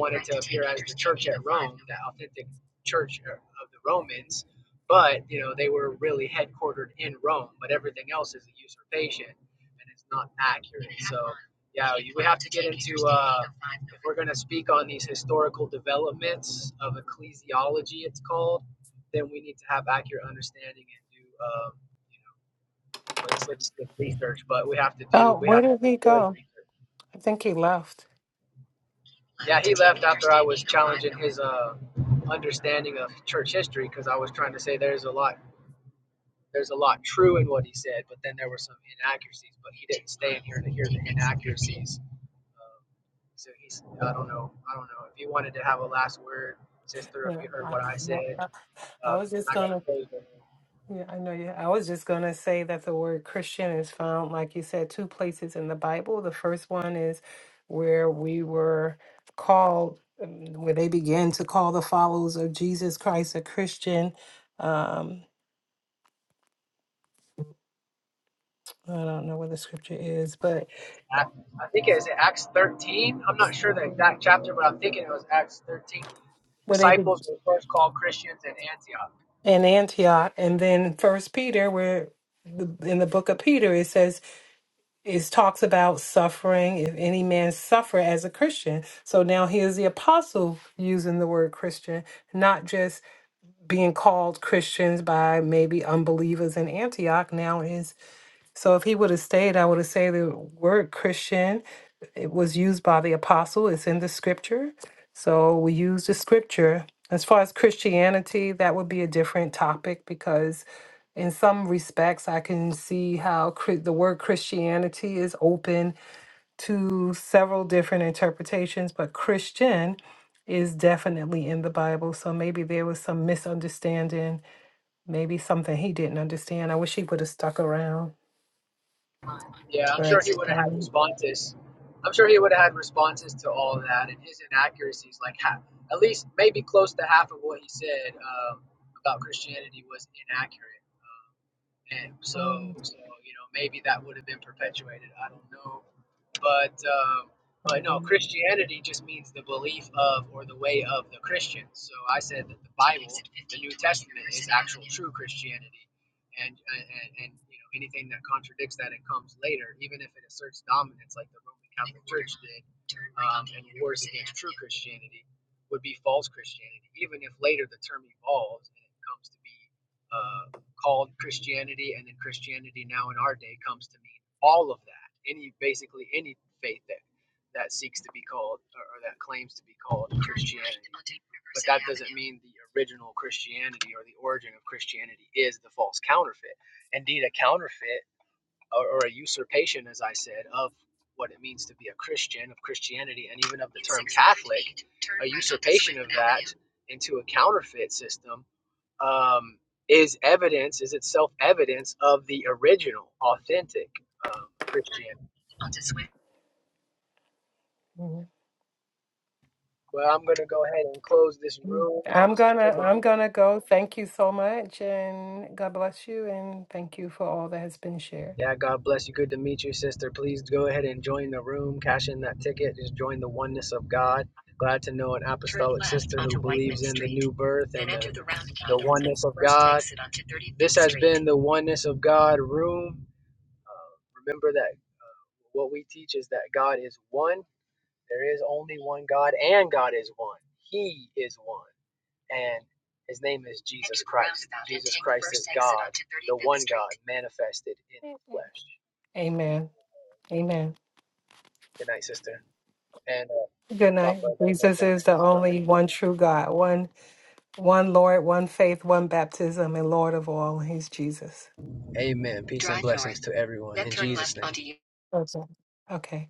S10: were the authentic church of the Romans, but you know they were really headquartered in Rome. But everything else is a usurpation, and it's not accurate. So yeah, you would have into uh, if we're going to speak on these historical developments of ecclesiology, it's called, then we need to have accurate understanding and do, um, you know, well, he said good research, but we have to do
S14: oh
S10: we
S14: where
S10: have to
S14: did
S10: do
S14: he
S10: good
S14: go
S10: research.
S14: i think he left
S10: Yeah, and his uh, understanding of church history, because I was trying to say there's a lot there's a lot true in what he said, but then there were some inaccuracies. But he didn't stay in here to hear the inaccuracies. Um, so he's I don't know I don't know if he wanted to have a last word, sister, if
S14: Yeah,
S10: you heard
S14: I,
S10: what I said
S14: I, I
S10: Uh,
S14: was
S10: 'cause then I
S14: just
S10: got
S14: gonna,
S10: to close it.
S14: yeah, I know you. I was just gonna say that the word Christian is found, like you said, two places in the Bible. The first one is where we were called, um, where they began to call the followers of Jesus Christ a Christian. Um, I don't know what the scripture is, but
S10: I think it's Acts 13. I'm not sure the exact chapter, but I'm thinking it was Acts 13.
S14: where they be
S10: Disciples were first called Christians in Antioch.
S14: in Antioch, and then First Peter, where the, in the book of Peter it says it talks about suffering if any man suffer as a christian so now here's the apostle using the word christian not just being called christians by maybe unbelievers in antioch now is so if he would have stayed, I would have said the word Christian it was used by the apostle. It's in the scripture. So we use the scripture. As far as Christianity, that would be a different topic because in some respects I can see how Chri- the word Christianity is open to several different interpretations, but Christian is definitely in the Bible. So maybe there was some misunderstanding, maybe something he didn't understand. I wish he would have stuck around.
S10: Yeah,
S14: But
S10: I had
S14: um,
S10: responses. I'm sure he would have had responses to all of that and his inaccuracies, like half, at least maybe close to half of what he said um, about Christianity was inaccurate. Um, and so,
S14: um,
S10: so, you know, maybe that would have been perpetuated. I don't know but um, but no,
S14: um,
S10: Christianity just means the belief of or the way of the Christians. So I said that the Bible, the New Testament, is actual true Christianity, and and, and you know anything that contradicts that and comes later, even if it asserts dominance like the Roman Catholic Church did um, and wars against true Christianity would be false Christianity, even if later the term evolves and it comes to be uh, called Christianity, and then Christianity now in our day comes to mean all of that, any basically any faith that that seeks to be called or, or that claims to be called. I mean, the original Christianity or the origin of Christianity is the false counterfeit. Indeed, a counterfeit or, or a usurpation, as I said, of what it means to be a Christian, of Christianity, and even of into a counterfeit system um, is evidence, is itself evidence of the original, authentic um, Christianity. Well, I'm going to go ahead and close this room.
S14: I'm gonna I'm gonna go. Thank you so much, and God bless you, and thank you for all that has been shared.
S10: Yeah, God bless you. Good to meet you, sister. Please go ahead and join the room. Cash in that ticket. Just join the oneness of God. Glad to know an apple birth. In the oneness of God room, uh, remember that what we teach is that God is one There is only one God, and God is one. He is one, and His name is Jesus, manifested in the flesh.
S14: Amen. Amen.
S10: Good night, sister, and uh, and
S14: Good
S10: Papa.
S14: night. Jesus is the only one true God, one one Lord, one faith, one baptism, and Lord of all. He's Jesus.
S10: Amen. Peace to everyone.
S14: Okay. Okay.